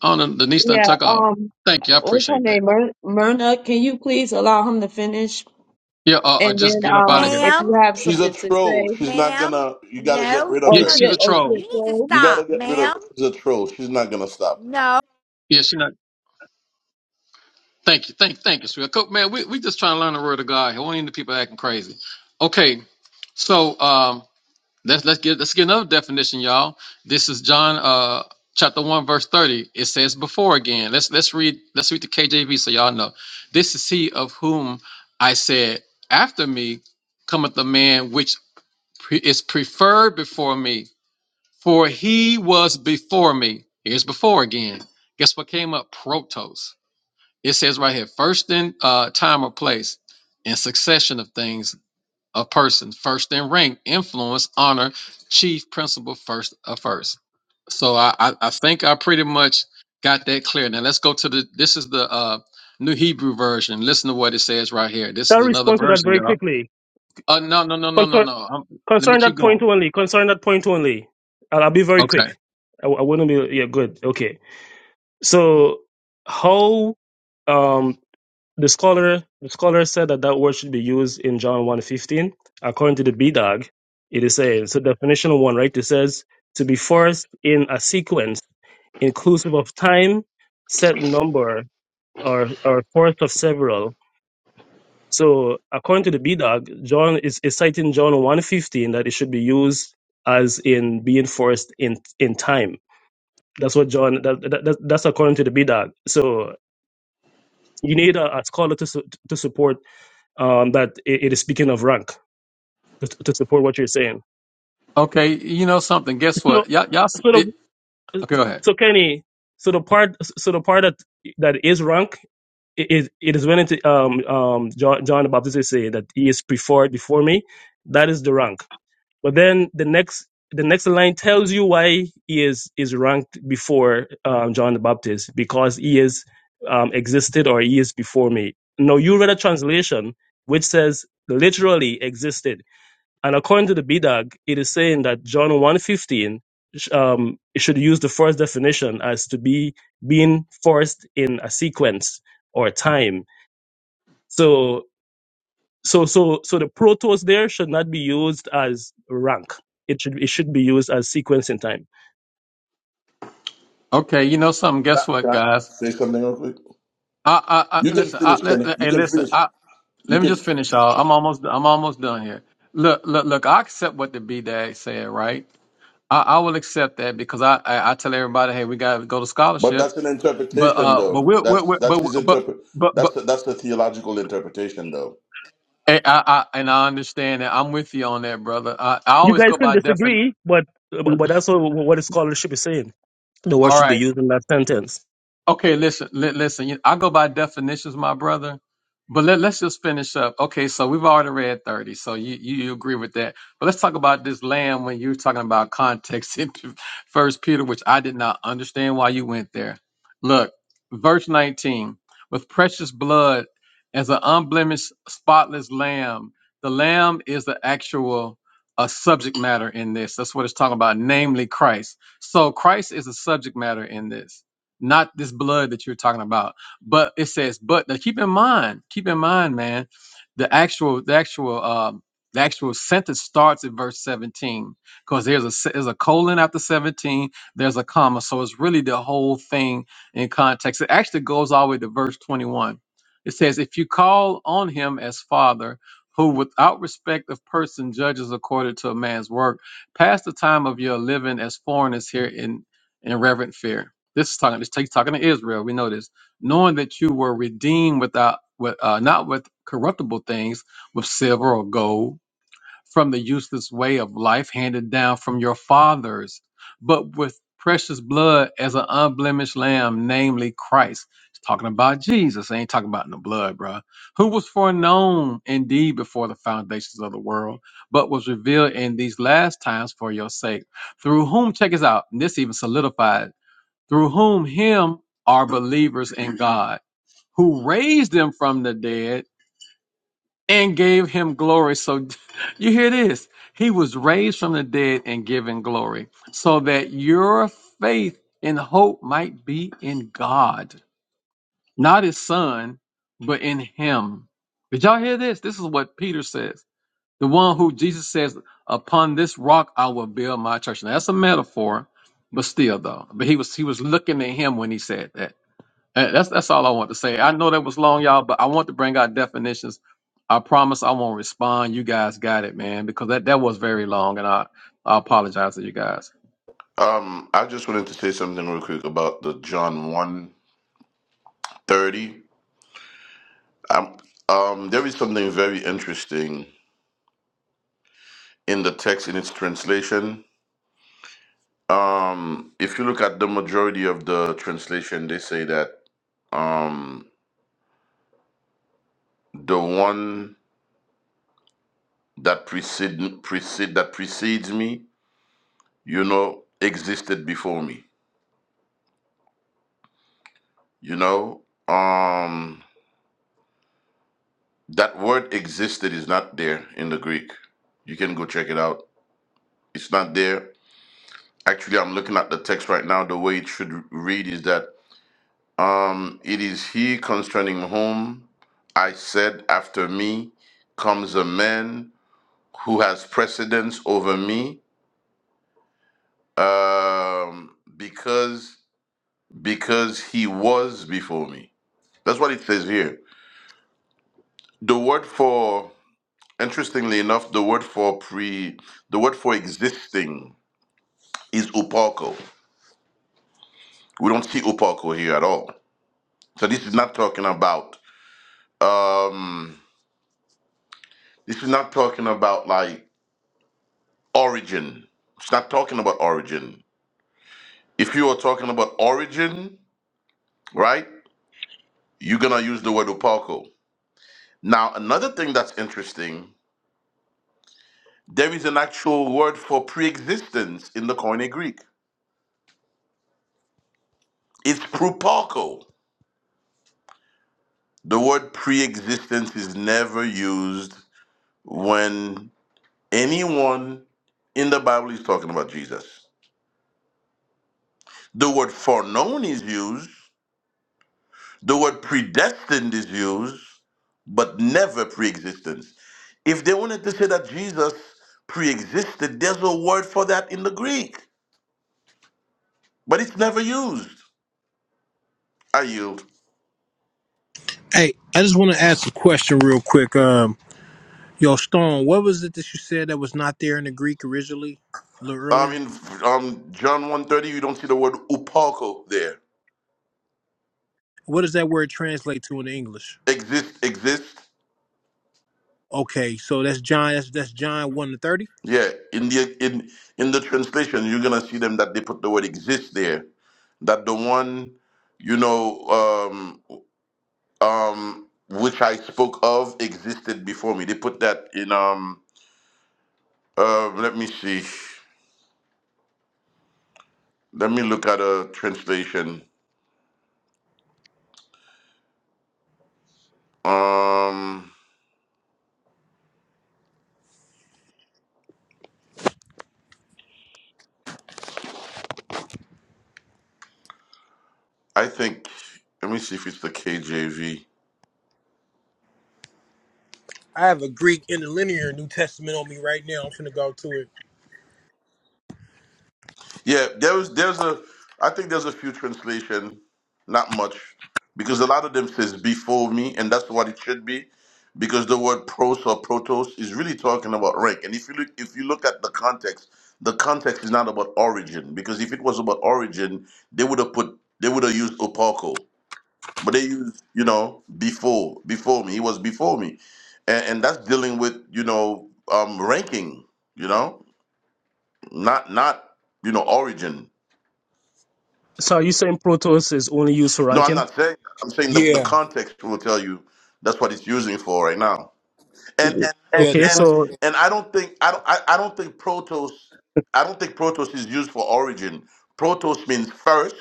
E: Oh, no, Denise done
A: Yeah,
E: took off.
A: um,
E: Thank you, I
A: what's her
E: appreciate that.
A: name? Myr- Myrna, can you please allow him to finish?
E: Yeah, uh, uh,
A: And
E: just
A: then,
E: get up out of
A: um,
E: here.
A: if you
G: ma'am,
A: have
H: She's a
A: something to
H: troll.
A: say,
H: She's not
G: ma'am.
H: gonna. You gotta get
G: No,
H: rid of
E: Yeah,
A: oh,
G: no,
H: her.
A: she,
E: she's a
G: you
A: oh,
G: should.
A: she,
E: troll.
G: You need to
A: okay.
H: You gotta
G: stop,
H: get rid of
G: ma'am.
H: her. She's a troll. She's not gonna stop.
G: No.
E: Yeah, she not. Thank you, thank, thank you, sweetheart. Co- Man, we we just trying to learn the word of God. here. We ain't the people acting crazy. Okay, so um. Let's let's get let's get another definition, y'all. This is John uh chapter one verse thirty. It says before again. Let's let's read let's read the KJV so y'all know. This is he of whom I said, After me cometh the man which pre- is preferred before me, for he was before me. Here's before again. Guess what came up? Protos. It says right here, first in uh, time or place, in succession of things a person first in rank influence honor chief principal first of first so I, I i think i pretty much got that clear now let's go to the this is the uh new hebrew version listen to what it says right here this
D: I'll
E: is another
D: respond to that
E: version
D: very
E: y'all
D: quickly.
E: uh no no no no no
D: Concern,
E: no um let me
D: concerning
E: keep
D: that point
E: going
D: only. Concerning that point only. I'll, I'll be very
E: okay
D: quick. I, I wouldn't be. Yeah, good. Okay. So how um, the scholar the scholar said that that word should be used in John one fifteen According to the B dog, it is saying so. Definition one, right? It says to be forced in a sequence inclusive of time, set number, or or force of several. So according to the B dog, John is, is citing John one fifteen that it should be used as in being forced in in time. That's what John that, that that- that's according to the B dog. So you need a, a scholar to su- to support um, that it, it is speaking of rank to, to support what you're saying.
E: okay you know something guess
D: So
E: what y'all y'all s-
D: so
E: it,
D: the,
E: okay, go ahead
D: so Kenny, so the part so the part that that is rank i- is it is when it, um um John, John the Baptist is saying that he is preferred before me. That is the rank But then the next the next line tells you why he is is ranked before um, John the Baptist because he is um, existed or he is before me. Now you read a translation which says literally existed, and according to the BDAG, it is saying that John one fifteen um, it should use the first definition as to be being first in a sequence or time. So so so so the protos there should not be used as rank it should it should be used as sequence in time
E: okay you know something
H: Can I,
E: guess what
H: can I
E: guys
H: say something real quick?
E: I, I, I
H: You can
E: listen. I,
H: finish,
E: li-
H: Kenny.
E: li-
H: You
E: hey,
H: can finish.
E: listen.
H: You
E: Let me just
H: can.
E: finish out. I'm almost I'm almost done here. Look, look, look, I accept what the B Dag said, right? I, I will accept that because I, I, I tell everybody, hey, we gotta go to
H: But
E: scholarship.
H: that's an
E: But
H: interpretation,
E: uh but
H: though.
E: we'll, we'll,
H: That's
E: we'll
H: that's
E: but
H: his
E: but
H: interpret.
E: but
H: That's
E: but
H: the, that's the theological interpretation, though.
E: and I, I and I understand that I'm with you on that, brother. I, I
D: you
E: always
D: guys
E: go
D: can
E: by definition.
D: disagree but but that's what, what the scholarship is saying the word
E: All
D: should
E: right.
D: be used in that sentence
E: Okay, listen, li- listen. you- I go by definitions, my brother. But let, let's just finish up. Okay, so we've already read thirty, so you, you you agree with that. But let's talk about this lamb when you're talking about context *laughs* in First Peter, which I did not understand why you went there. Look, verse nineteen: with precious blood as an unblemished, spotless lamb. The lamb is the actual uh, subject matter in this. That's what it's talking about, namely Christ. So Christ is the subject matter in this not this blood that you're talking about. But it says, but now keep in mind, keep in mind, man, the actual, the actual, um, the actual sentence starts at verse 17 because there's a se- there's a colon after 17, there's a comma, so it's really the whole thing in context. It actually goes all the way to verse 21. It says, if you call on him as father. Who without respect of person judges according to a man's work, pass the time of your living as foreigners here in, in reverent fear. This is talking. This takes talking to Israel. We know this, knowing that you were redeemed without, with, uh, not with corruptible things, with silver or gold, from the useless way of life handed down from your fathers, but with precious blood as an unblemished lamb, namely Christ. It's talking about Jesus. It ain't talking about no blood, bruh. Who was foreknown indeed before the foundations of the world, but was revealed in these last times for your sake through whom check us out and this even solidifies through whom him are believers in God, who raised him from the dead and gave him glory. So *laughs* you hear this. He was raised from the dead and given glory, so that your faith and hope might be in God, not his son, but in him. Did y'all hear this? This is what Peter says. The one who Jesus says, Upon this rock I will build my church. Now that's a metaphor, but still though. But he was he was looking at him when he said that. And that's that's all I want to say. I know that was long, y'all, but I want to bring out definitions. I promise I won't respond. You guys got it, man, because that, that was very long, and I I apologize to you guys.
H: Um, I just wanted to say something real quick about the John one thirty. Um, um, there is something very interesting in the text in its translation. Um, if you look at the majority of the translation, they say that um, the one that precede, precede that precedes me, you know, existed before me. You know, um, that word existed is not there in the Greek. You can go check it out. It's not there. Actually, I'm looking at the text right now. The way it should read is that um, it is he concerning whom I said, after me comes a man who has precedence over me um, because because he was before me. That's what it says here. The word for interestingly enough, the word for pre the word for existing is upako. We don't see upako here at all. So this is not talking about um, this is not talking about like origin. It's not talking about origin. If you are talking about origin, right, you're gonna use the word upako Now, another thing that's interesting, there is an actual word for pre-existence in the Koine Greek. It's proparco. The word pre-existence is never used when anyone in the Bible is talking about Jesus. The word foreknown is used, the word predestined is used, but never pre-existence. If they wanted to say that Jesus pre-existed, there's a word for that in the Greek, but it's never used. I yield.
I: Hey, I just want to ask a question real quick. Um, yo, Stone, what was it that you said that was not there in the Greek originally, a little
H: Um,
I: earlier?
H: in um John one thirty, you don't see the word upako there.
I: What does that word translate to in English?
H: Exist, exist.
I: Okay, so that's John. That's, that's John one to thirty.
H: Yeah, in the in in the translation, you're gonna see them that they put the word exist there. That the one, you know, um, um, which I spoke of existed before me. They put that in. Um, uh, let me see. Let me look at a translation. Um, I think. Let me see if it's the KJV.
I: I have a Greek interlinear New Testament on me right now. I'm finna go to it.
H: Yeah, there was there's a I think there's a few translation, not much, because a lot of them says before me, and that's what it should be, because the word pros or protos is really talking about rank. And if you look if you look at the context, the context is not about origin, because if it was about origin, they would have put they would have used opako, but they used you know before before me. He was before me, and, and that's dealing with you know um ranking, you know, not not you know origin.
D: so are you saying protos is only used for
H: No, I'm
D: ranking
H: not saying that. I'm saying the, the
I: Yeah,
H: context will tell you that's what it's using for right now. And and and
I: yeah.
D: okay
H: and,
I: The,
D: so
H: and I don't think I don't I, I don't think protos I don't think protos is used for origin. Protos means first,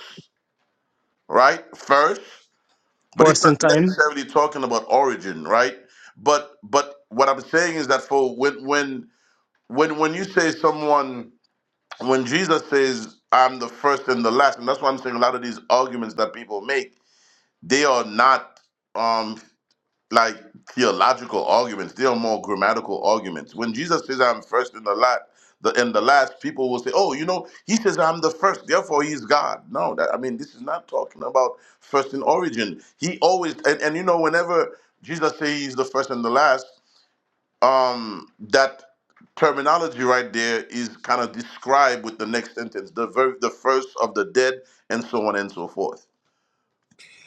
H: right? First, but it's
D: first in
H: not
D: time
H: necessarily talking about origin, right? But but what I'm saying is that for when when when when you say someone when Jesus says I'm the first and the last, and that's why I'm saying a lot of these arguments that people make, they are not um. like theological arguments. They are more grammatical arguments. When Jesus says, "I'm first in the lot," the in the last, people will say, "Oh, you know, he says I'm the first, therefore he's God." No, that, I mean, this is not talking about first in origin. He always and, and you know, whenever Jesus says he's the first and the last, um, that terminology right there is kind of described with the next sentence, the ver- the first of the dead, and so on and so forth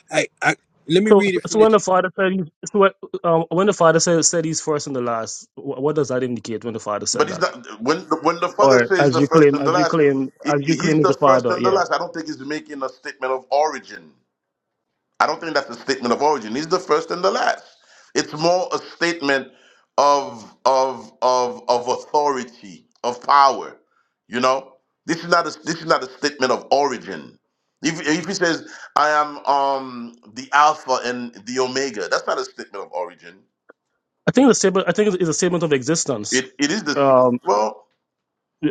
I: I, I, let me
D: so
I: read it from
D: so when
I: this.
D: the father said he's- so what, um, when the father said, said he's first and the last wh- what does that indicate when the father
H: But
D: said
H: he's
D: that
H: not. When when the father
D: or
H: says
D: as
H: the
D: you
H: first
D: claim
H: and
D: as
H: the
D: you
H: last,
D: claim as
H: he-
D: you claim
H: he's
D: is
H: the
D: the
H: first
D: father
H: and the
D: yeah
H: last. I don't think he's making a statement of origin. I don't think that's a statement of origin. He's the first and the last. It's more a statement of of of of authority, of power. You know, this is not a this is not a statement of origin. If if he says I am um the alpha and the omega, that's not a statement of origin.
D: i think the statement i think it's it's a statement of existence
H: It it is this.
D: Um,
H: Well,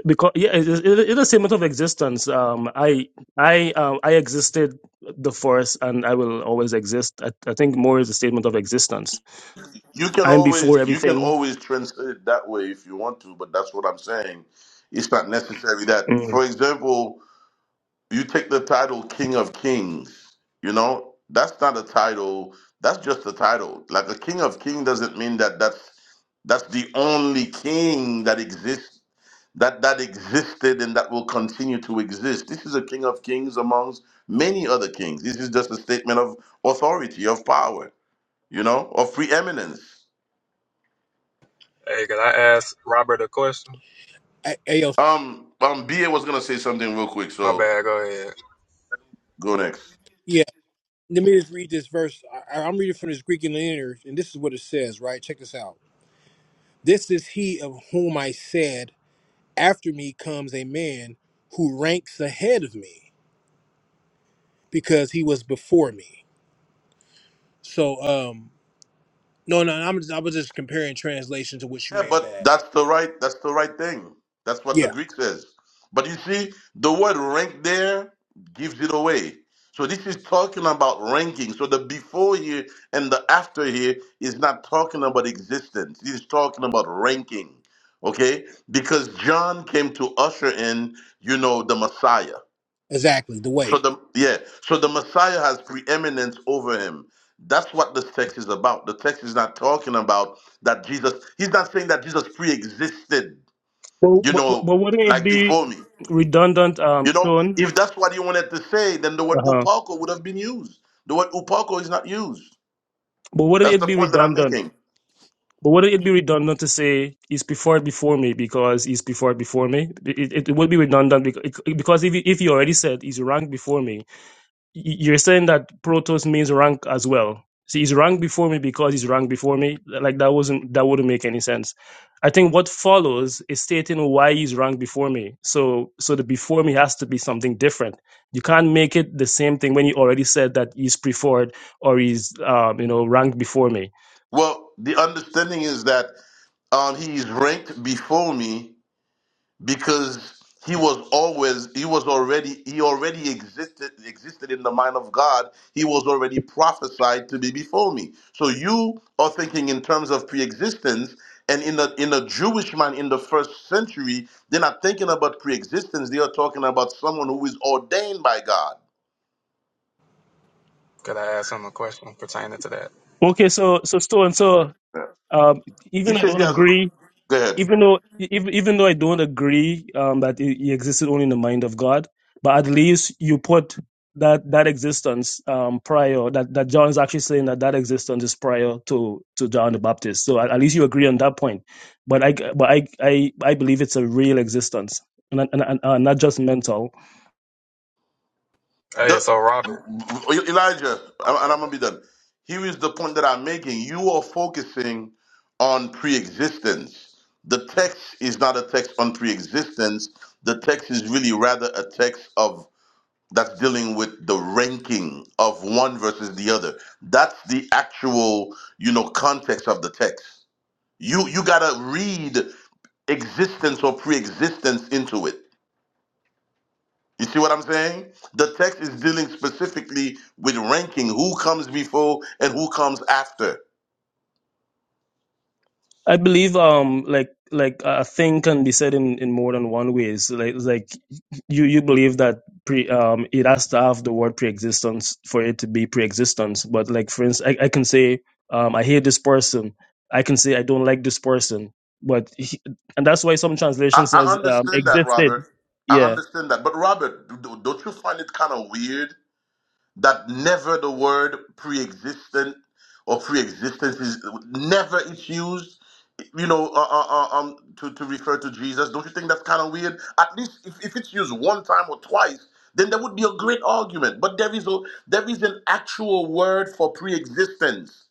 D: because yeah, it is, it is a statement of existence. Um, I I um, I existed the first, and I will always exist. I, I think more is a statement of existence.
H: You can
D: I'm before
H: always you can
D: everything.
H: always translate it that way if you want to, but that's what I'm saying. It's not necessary that,
D: Mm.
H: for example, you take the title King of Kings. You know, that's not a title. That's just a title. Like a King of King doesn't mean that that's that's the only king that exists that that existed and that will continue to exist. This is a King of Kings amongst many other kings. This is just a statement of authority, of power, you know, of preeminence.
F: Hey, could I ask Robert a question?
I: I, I- yo,
H: Um, um, BA was gonna say something real quick,
F: My
H: so
F: bad, go ahead.
H: go next.
I: yeah, let me just read this verse. I, I'm reading from this Greek interlinear, and this is what it says. Right, check this out. This is he of whom I said. After me comes a man who ranks ahead of me because he was before me. So, um, no, no, I'm I was just comparing translation to what you
H: Yeah,
I: may have
H: but
I: had.
H: that's the right that's the right thing. That's what the
I: Yeah,
H: Greek says. But you see, the word rank there gives it away. So this is talking about ranking. So the before here and the after here is not talking about existence. It is talking about ranking. Okay? Because John came to usher in, you know, the Messiah.
I: exactly. The
H: So
I: way
H: the yeah, so the Messiah has preeminence over him. That's what this text is about. The text is not talking about that Jesus. He's not saying that Jesus pre-existed.
D: But,
H: You
D: but, but
H: know,
D: wouldn't it
H: like
D: be
H: before me.
D: redundant, um,
H: You know,
D: Sean?
H: if that's what he wanted to say, then the word
D: Uh-huh.
H: upako would have been used. The word upako is not used.
D: But wouldn't
H: That's
D: it
H: the
D: be
H: point that I'm
D: redundant?
H: making.
D: But wouldn't it be redundant to say he's before before me because he's before before me? It, it, it would be redundant because, because if you, if you already said he's ranked before me, you're saying that protos means rank as well. See, he's ranked before me because he's ranked before me. Like that wasn't that wouldn't make any sense. I think what follows is stating why he's ranked before me. So so the before me has to be something different. You can't make it the same thing when you already said that he's preferred or he's um, you know ranked before me.
H: Well, the understanding is that um, he is ranked before me because he was always he was already he already existed existed in the mind of God. He was already prophesied to be before me. So you are thinking in terms of pre-existence, and in the in a Jewish mind in the first century, they're not thinking about pre-existence. They are talking about someone who is ordained by God.
F: Could I ask him a question pertaining to that?
D: Okay, so so stone. so
H: Yeah.
D: um,
H: He
D: even I
H: says he
D: don't
H: has a
D: agree
H: go ahead.
D: even though even, even though I don't agree um, that he he existed only in the mind of God, but at least you put that that existence um, prior that that John is actually saying that that existence is prior to to John the Baptist. So at, at least you agree on that point. But I but I I, I believe it's a real existence and, and, and, and not just mental.
H: The,
F: Hey, so Robert,
H: E-, Elijah, and I'm gonna be done. Here is the point that I'm making. You are focusing on pre-existence. The text is not a text on pre-existence. The text is really rather a text of that's dealing with the ranking of one versus the other. That's the actual, you know, context of the text. You you gotta read existence or pre-existence into it. You see what I'm saying? The text is dealing specifically with ranking who comes before and who comes after.
D: I believe um like like a thing can be said in, in more than one ways. Like like you you believe that pre um it has to have the word pre-existence for it to be pre-existence. But like for instance, I, I can say um I hate this person. I can say I don't like this person. But he, and that's why some translation
H: I, I
D: says um
H: understand that,
D: existed.
H: Robert. I
D: Yeah,
H: understand that. But, Robert, d- don't you find it kind of weird that never the word pre-existent or pre-existence is never it's used you know uh, uh, uh, um to, to refer to jesus don't you think that's kind of weird at least if, if it's used one time or twice then there would be a great argument but there is a there is an actual word for pre-existence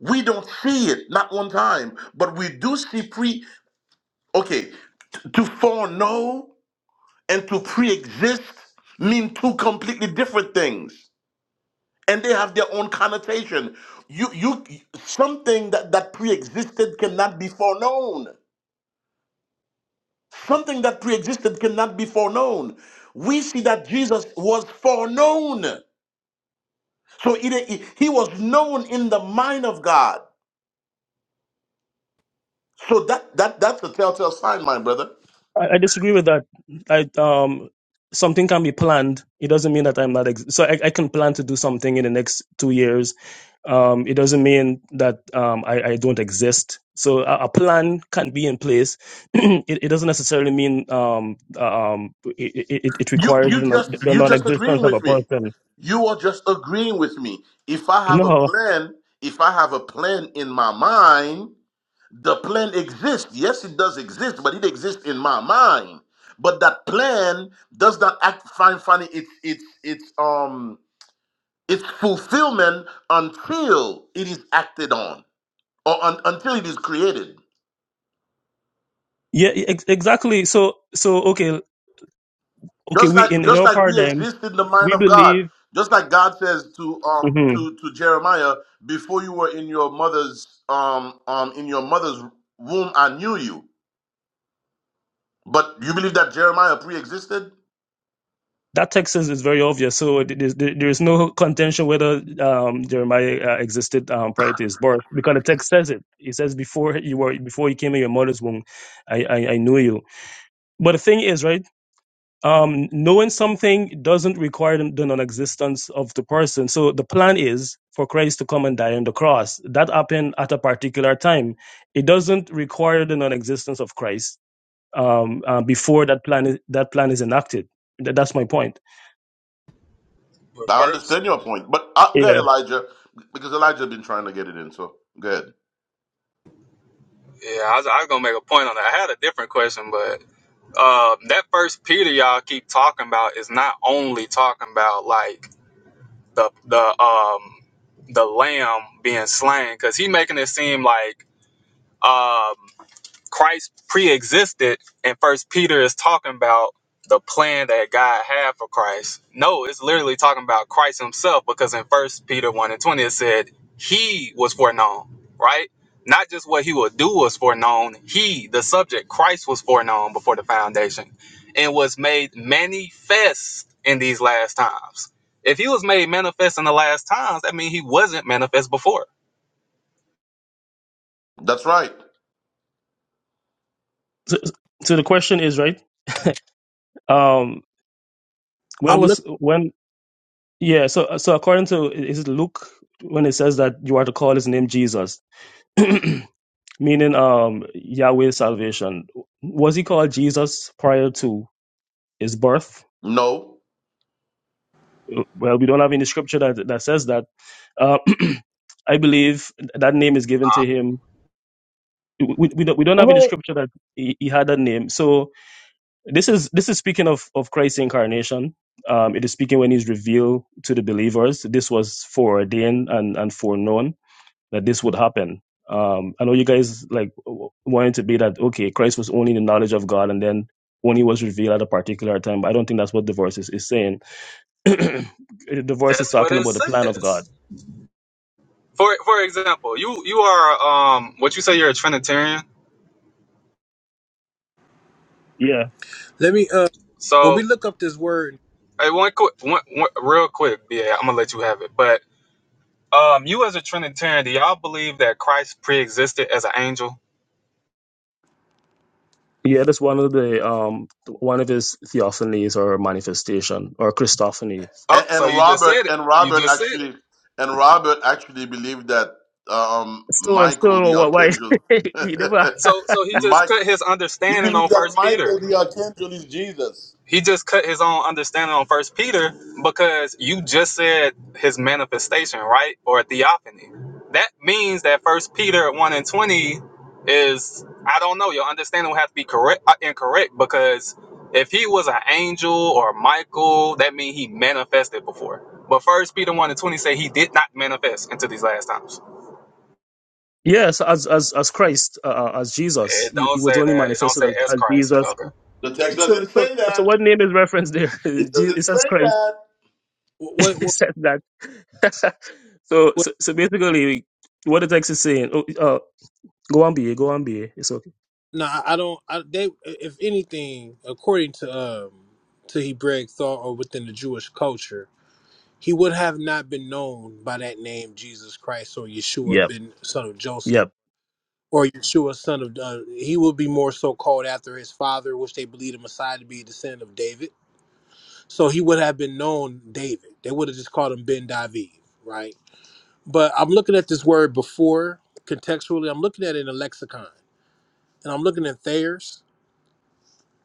H: we don't see it not one time but we do see pre okay t- to foreknow and to pre-exist mean two completely different things and they have their own connotation. You, you, something that, that pre-existed cannot be foreknown. Something that pre-existed cannot be foreknown. We see that Jesus was foreknown, so he, he was known in the mind of God. So that that that's a telltale sign, my brother.
D: I, I disagree with that. I um something can be planned. It doesn't mean that I'm not ex- so I, I can plan to do something in the next two years um, it doesn't mean that um, I, I don't exist. So a, a plan can be in place. *clears throat* it, it doesn't necessarily mean um, um, it, it, it
H: You
D: requires the
H: you
D: non-
H: just
D: the
H: you just
D: non-existence
H: agreeing
D: of a
H: with me.
D: person.
H: You are just agreeing with me. If I have a
D: No,
H: plan, if I have a plan in my mind, The plan exists. Yes, it does exist, but it exists in my mind. But that plan does not act find finding its its its um its fulfillment until it is acted on or un, until it is created.
D: yeah, e, ex- exactly. So so okay, okay.
H: Just
D: We
H: like
D: in, in
H: just
D: our
H: like we
D: paradigm,
H: exist in the mind
D: we
H: of God.
D: believe.
H: Just like God says to um
D: mm-hmm,
H: to to Jeremiah, before you were in your mother's um um in your mother's womb, I knew you. But you believe that Jeremiah pre-existed?
D: that text is, is very obvious. So it is, there is no contention whether um, Jeremiah uh, existed um, prior to his birth because the text says it. It says before you were before you came in your mother's womb, I I, I knew you. But the thing is, right? Um, knowing something doesn't require the the non-existence of the person. So the plan is for Christ to come and die on the cross. That happened at a particular time. It doesn't require the non-existence of Christ um, uh, before that plan is, that plan is enacted. That, that's my point.
F: but
H: I
F: first,
H: understand your point, but uh, good, Elijah, because Elijah been trying to get it in. So good.
F: yeah, I was, I was gonna make a point on that. I had a different question, but uh, that first Peter y'all keep talking about is not only talking about like the the um the lamb being slain, because he making it seem like um Christ pre-existed, and First Peter is talking about the plan that God had for Christ. No, it's literally talking about Christ Himself, because in First Peter one and twenty it said He was foreknown, right? Not just what He would do was foreknown. He, the subject, Christ was foreknown before the foundation, and was made manifest in these last times. If He was made manifest in the last times, that means He wasn't manifest before.
H: That's right.
D: so, so the question is right um when
I: I'm
D: was
I: look.
D: when yeah so so according to is it luke when it says that you are to call his name jesus *clears throat* meaning um yahweh's salvation was he called jesus prior to his birth
H: No,
D: well we don't have any scripture that that says that uh, *clears throat* i believe that name is given to him we, we, we don't, we don't have any
A: Wait,
D: scripture that he, he had that name so This is this is speaking of of Christ's incarnation. Um, it is speaking when he's revealed to the believers. This was foreordained and and foreknown that this would happen. Um, I know you guys like w- wanted to be that okay. Christ was only in the knowledge of God, and then when he was revealed at a particular time. But I don't think that's what the verse is, is saying. *clears throat* the verse is
F: That's what
D: talking
F: it
D: about the plan of
F: says.
D: God.
F: For for example, you you are um what you say you're a Trinitarian.
D: Yeah,
I: Let me. Uh, when we
F: So
I: look up this word,
F: hey, one quick one, one real quick, yeah, I'm gonna let you have it. But um, you as a Trinitarian, do y'all believe that Christ pre-existed as an angel?
D: yeah. That's one of the um one of his theophanies or manifestation or Christophany.
F: Oh,
H: and, and
F: so you just
H: Robert
F: said it.
H: and
F: You
H: Robert
F: just said it.
H: actually and Robert actually believed that um,
D: Still, I'm
H: Michael the
D: still why
H: archangel,
D: *laughs* he never.
F: So so
H: *laughs*
F: he just
H: Mike,
F: put his
H: he
F: understanding on
H: believes that
F: First
H: Michael
F: Peter.
H: the archangel is Jesus.
F: he just cut his own understanding on first peter because you just said his manifestation right or theophany that means that first peter 1 and 20 is i don't know your understanding would have to be correct uh, incorrect because if he was an angel or michael that means he manifested before but first peter 1 and 20 say he did not manifest until these last times
D: Yes, as as as Christ, uh, uh, as Jesus,
F: it
D: you,
F: don't
D: he was
F: say
D: only
F: that it don't
D: manifested
F: say
D: as,
F: as
D: as
F: christ but
D: Jesus.
F: okay
H: The text
D: So
H: doesn't
D: so
H: say
D: so,
H: that.
D: what name is referenced there? *laughs*
H: It
D: Je- It
H: doesn't
D: says
H: say
D: Christ.
H: that.
D: *laughs*
I: what,
D: It
I: what,
D: says that. *laughs* so,
I: what?
D: so so basically, what the text is saying. Oh, uh, go on, be go on, be it's okay.
I: No, I I don't. I, they, if anything, according to um, to Hebraic thought or within the Jewish culture, he would have not been known by that name, Jesus Christ or Yeshua,
D: Yep,
I: been son of Joseph
D: yep.
I: or Yeshua, son of uh, he would be more so called after his father, which they believe the Messiah to be a descendant of David. So he would have been known David. They would have just called him Ben David, right? But I'm looking at this word before contextually. I'm looking at it in a lexicon, and I'm looking at Thayer's,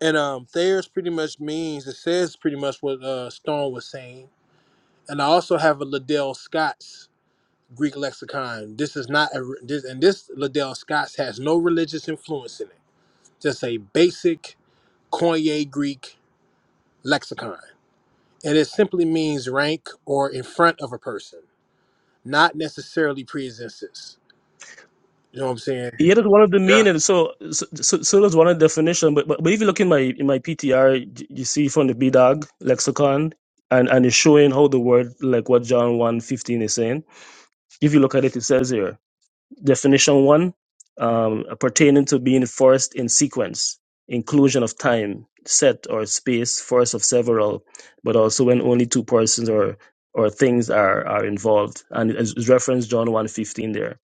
I: and um, Thayer's pretty much means it says pretty much what uh, Stone was saying. And I also have a Liddell Scott's Greek lexicon. This is not a this, and this Liddell Scott's has no religious influence in it. Just a basic Koine Greek lexicon, and it simply means rank or in front of a person, not necessarily preexistence. You know what I'm saying?
D: Yeah, that's one of the
F: yeah
D: meanings. So so so, so that's one of the definition. But, but but if you look in my in my PTR, you see from the B Dog lexicon, and and it's showing how the word like what John one fifteen is saying. If you look at it, it says here. Definition one, um, pertaining to being forced in sequence, inclusion of time, set or space, force of several, but also when only two persons or or things are are involved. And it's it's referenced John one fifteen there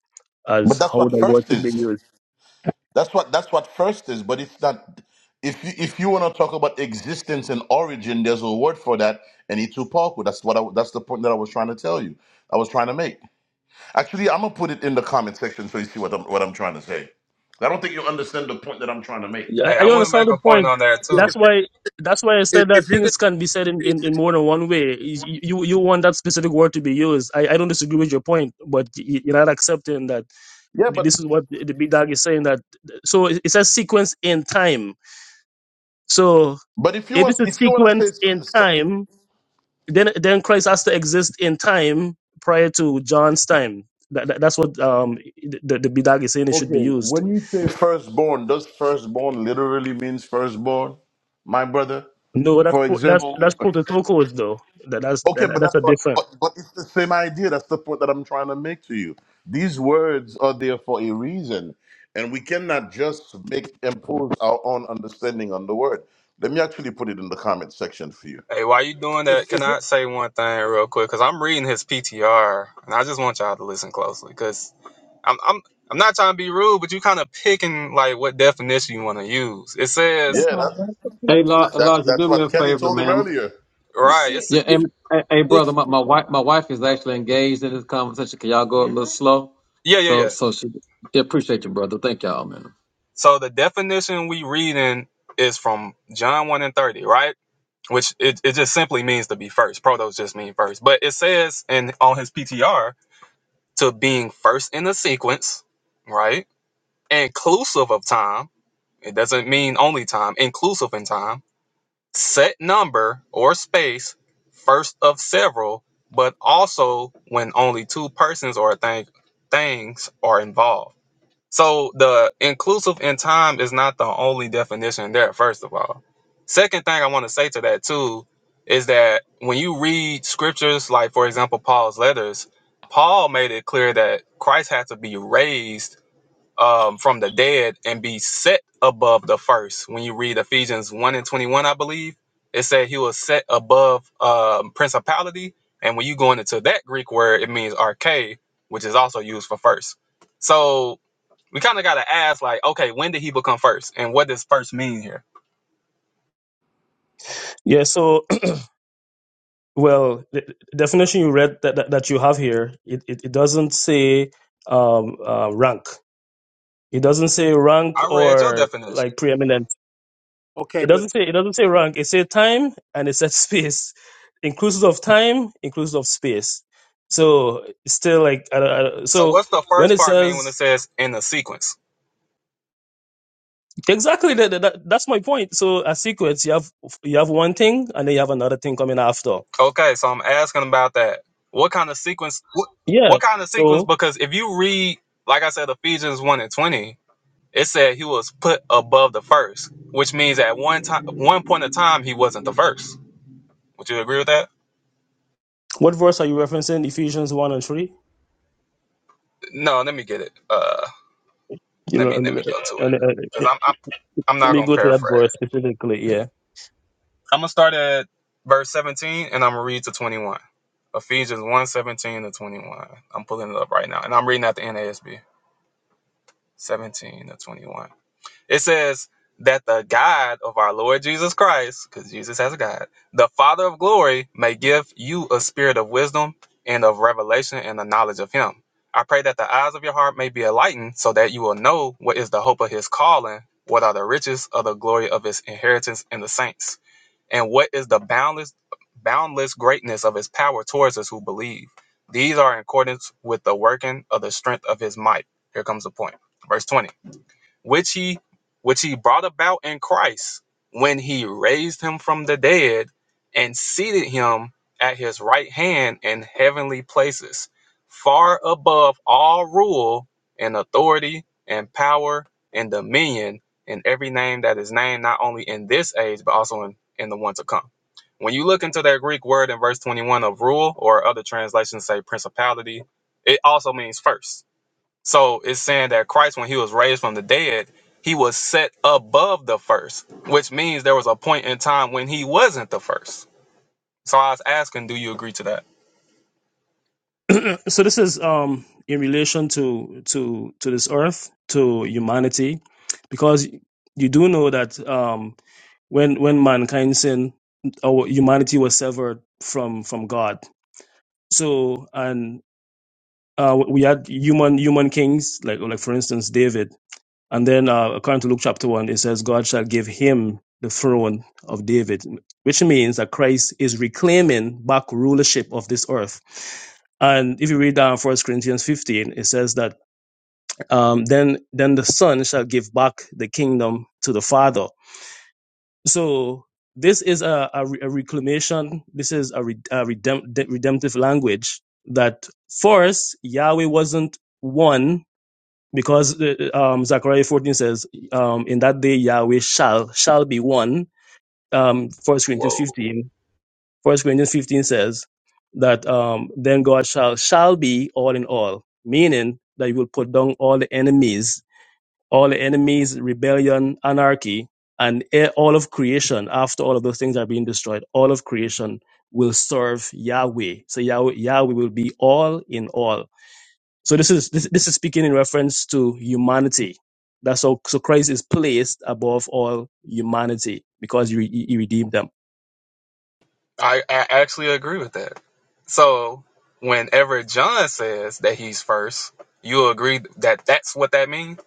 H: But
D: as
H: that's
D: how the
H: what
D: word
H: trust
D: should be
H: is.
D: used.
H: That's what that's what first is, but it's not. If you if you want to talk about existence and origin, there's a word for that, and itupaku. That's what I, that's the point that I was trying to tell you. I was trying to make. Actually, I'm gonna put it in the comment section so you see what I'm what I'm trying to say. I don't think you understand the point that I'm trying to make.
D: Yeah,
F: hey
D: I,
F: i
D: I
F: want to
D: understand
F: make
D: the
F: a point
D: point.
F: on that too
D: That's why that's why I
I: If,
D: said that
I: if you're gonna
D: things can be said in,
I: use
D: in, in
I: preexist,
D: more than one way. You you you want that specific word to be used. I, I don't disagree with your point, but you- you're not accepting that
H: Yeah,
D: Th-
H: but
D: This is what the the big dog is saying that. So it it says sequence in time. So
H: but if you
D: if
H: want
D: it's a
H: if you want to say
D: sequence in
H: s- so,
D: time, then then Christ has to exist in time prior to John's time. That, that- that's what um the the big dog is saying it should be
H: okay,
D: used.
H: when you say firstborn, does firstborn literally means firstborn, my brother?
D: No, that's
H: For
D: pro- that's
H: example,
D: that's prototokos though. That that's
H: Okay,
D: that,
H: but
D: that's
H: that's
D: a
H: what.
D: different.
H: But, but it's the same idea. That's the point that I'm trying to make to you. These words are there for a reason, and we cannot just make impose our own understanding on the word. Let me actually put it in the comment section for you.
F: Hey, while you doing that,
I: if,
F: can
I: if you're
F: I say one thing real quick? Because I'm reading his PTR, and I just want y'all to listen closely. Because I'm, I'm, I'm not trying to be rude, but you kind of picking like what definition you want to use. It says,
H: Yeah,
E: Hey,
H: that,
E: Lo-
H: that's
E: Elijah,
H: that's
E: do me
H: what
E: a
H: Kenny
E: favor,
H: told him
E: man.
H: earlier.
F: right? It's
E: Yeah,
I: it-
E: and, hey, hey,
I: this
E: brother, my, my wife, my wife is actually engaged in this conversation. Can y'all go a little slow?
F: yeah, yeah,
E: So,
F: yeah.
E: so she yeah, appreciate you, brother. Thank y'all, man.
F: So the definition we reading is from John one and thirty, right? Which it, it just simply means to be first. Protos just mean first, but it says in on his PTR to being first in the sequence, right? Inclusive of time It doesn't mean only time, inclusive in time, set number or space, first of several, but also when only two persons or thing, things are involved. So the inclusive in time is not the only definition there, first of all. Second thing I want to say to that too is that when you read scriptures, like for example, Paul's letters, Paul made it clear that Christ had to be raised um, from the dead and be set above the first. When you read Ephesians 1 and 21, I believe, it said he was set above um, principality. And when you go into that Greek word, it means arche, which is also used for first. So we kind of got to ask, like, okay, when did he become first? And what does first mean here?
D: Yeah. So *clears throat* well, the the definition you read that, that, that you have here, it, it, it doesn't say um, uh, rank. It doesn't say rank
F: I read your
D: or
F: definition.
D: like preeminence.
I: okay,
D: It
I: but
D: doesn't say it doesn't say rank. It says time and it says *laughs* space, inclusive of time, inclusive of space. So it's still like I, don't- I, don't-
F: So
D: so
F: what's the
D: when
F: first
D: it
F: part mean when it
D: says
F: says in the sequence?
D: exactly that, that that- that's my point. So a sequence you have you have one thing and then you have another thing coming after.
F: Okay, so I'm asking about that. What kind of sequence? What,
D: Yeah.
F: what kind of sequence?
D: So
F: Because if you read, like I said, Ephesians one and twenty, it said he was put above the first, which means at one time, one point of time, he wasn't the first. Would you agree with that?
D: what verse are you referencing? Ephesians one and three.
F: No, let me get it. Uh,
D: You
F: let
D: know,
F: me
D: I
F: let
D: mean,
F: me
D: uh,
F: go to it
D: and,
F: because
D: uh,
F: I'm, I'm I'm
D: let
F: not
D: me
F: gonna
D: go to that
F: paraphrase.
D: verse specifically. Yeah.
F: I'm gonna start at verse seventeen and I'm gonna read to twenty one. Ephesians one 17 to 21. I'm pulling it up right now. And I'm reading at the NASB. 17 to 21. It says that the God of our Lord Jesus Christ, because Jesus has a God, the Father of glory, may give you a spirit of wisdom and of revelation and the knowledge of Him. I pray that the eyes of your heart may be enlightened, so that you will know what is the hope of His calling, what are the riches of the glory of His inheritance in the saints, and what is the boundless, boundless greatness of His power towards us who believe. These are in accordance with the working of the strength of His might. Here comes the point. Verse 20 which he which he brought about in Christ when he raised him from the dead and seated him at his right hand in heavenly places far above all rule and authority and power and dominion and every name that is named not only in this age but also in, in the one to come when you look into that greek word in verse 21 of rule or other translations say principality it also means first so it's saying that Christ, when he was raised from the dead, he was set above the first, which means there was a point in time when he wasn't the first. So I was asking, do you agree to that?
D: *clears throat* so this is um in relation to to to this earth to humanity because you do know that um when when mankind sinned our humanity was severed from from god so and uh we had human human kings like like for instance david and then, uh, according to Luke chapter 1, it says, God shall give him the throne of David, which means that Christ is reclaiming back rulership of this earth. And if you read down First Corinthians 15, it says that um, then, then the Son shall give back the kingdom to the Father. So this is a, a, re- a reclamation. This is a, re, a redemp- de- redemptive language that first Yahweh wasn't one because the- um, Zechariah 14 says, um, in that day Yahweh shall, shall be one. Um, 1 Corinthians
F: Whoa.
D: 15, 1 Corinthians 15 says that um, then God shall, shall be all in all, meaning that he will put down all the enemies, all the enemies, rebellion, anarchy, and e- all of creation, after all of those things are being destroyed, all of creation will serve Yahweh. So Yahweh, Yahweh will be all in all so this is this, this is speaking in reference to humanity. That's so so Christ is placed above all humanity because you you redeemed them.
F: I, I actually agree with that. So whenever John says that he's first, you agree that that's what that means?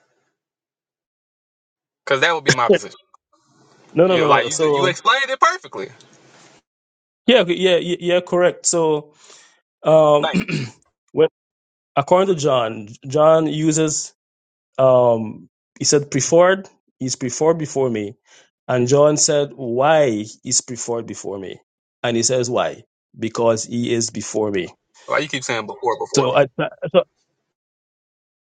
F: Because that would be my position.
D: No, no,
F: You,
D: no,
F: like
D: no.
F: you, you
D: So
F: explained it perfectly.
D: yeah, okay, yeah, yeah, yeah, correct. So um,
F: Thank.
D: *clears throat* when according to John, John uses um, he said preferred. He's preferred before me, and John said why is preferred before me, and he says why because he is before me.
F: You. Why you keep saying before,
D: So
F: before?
D: I, so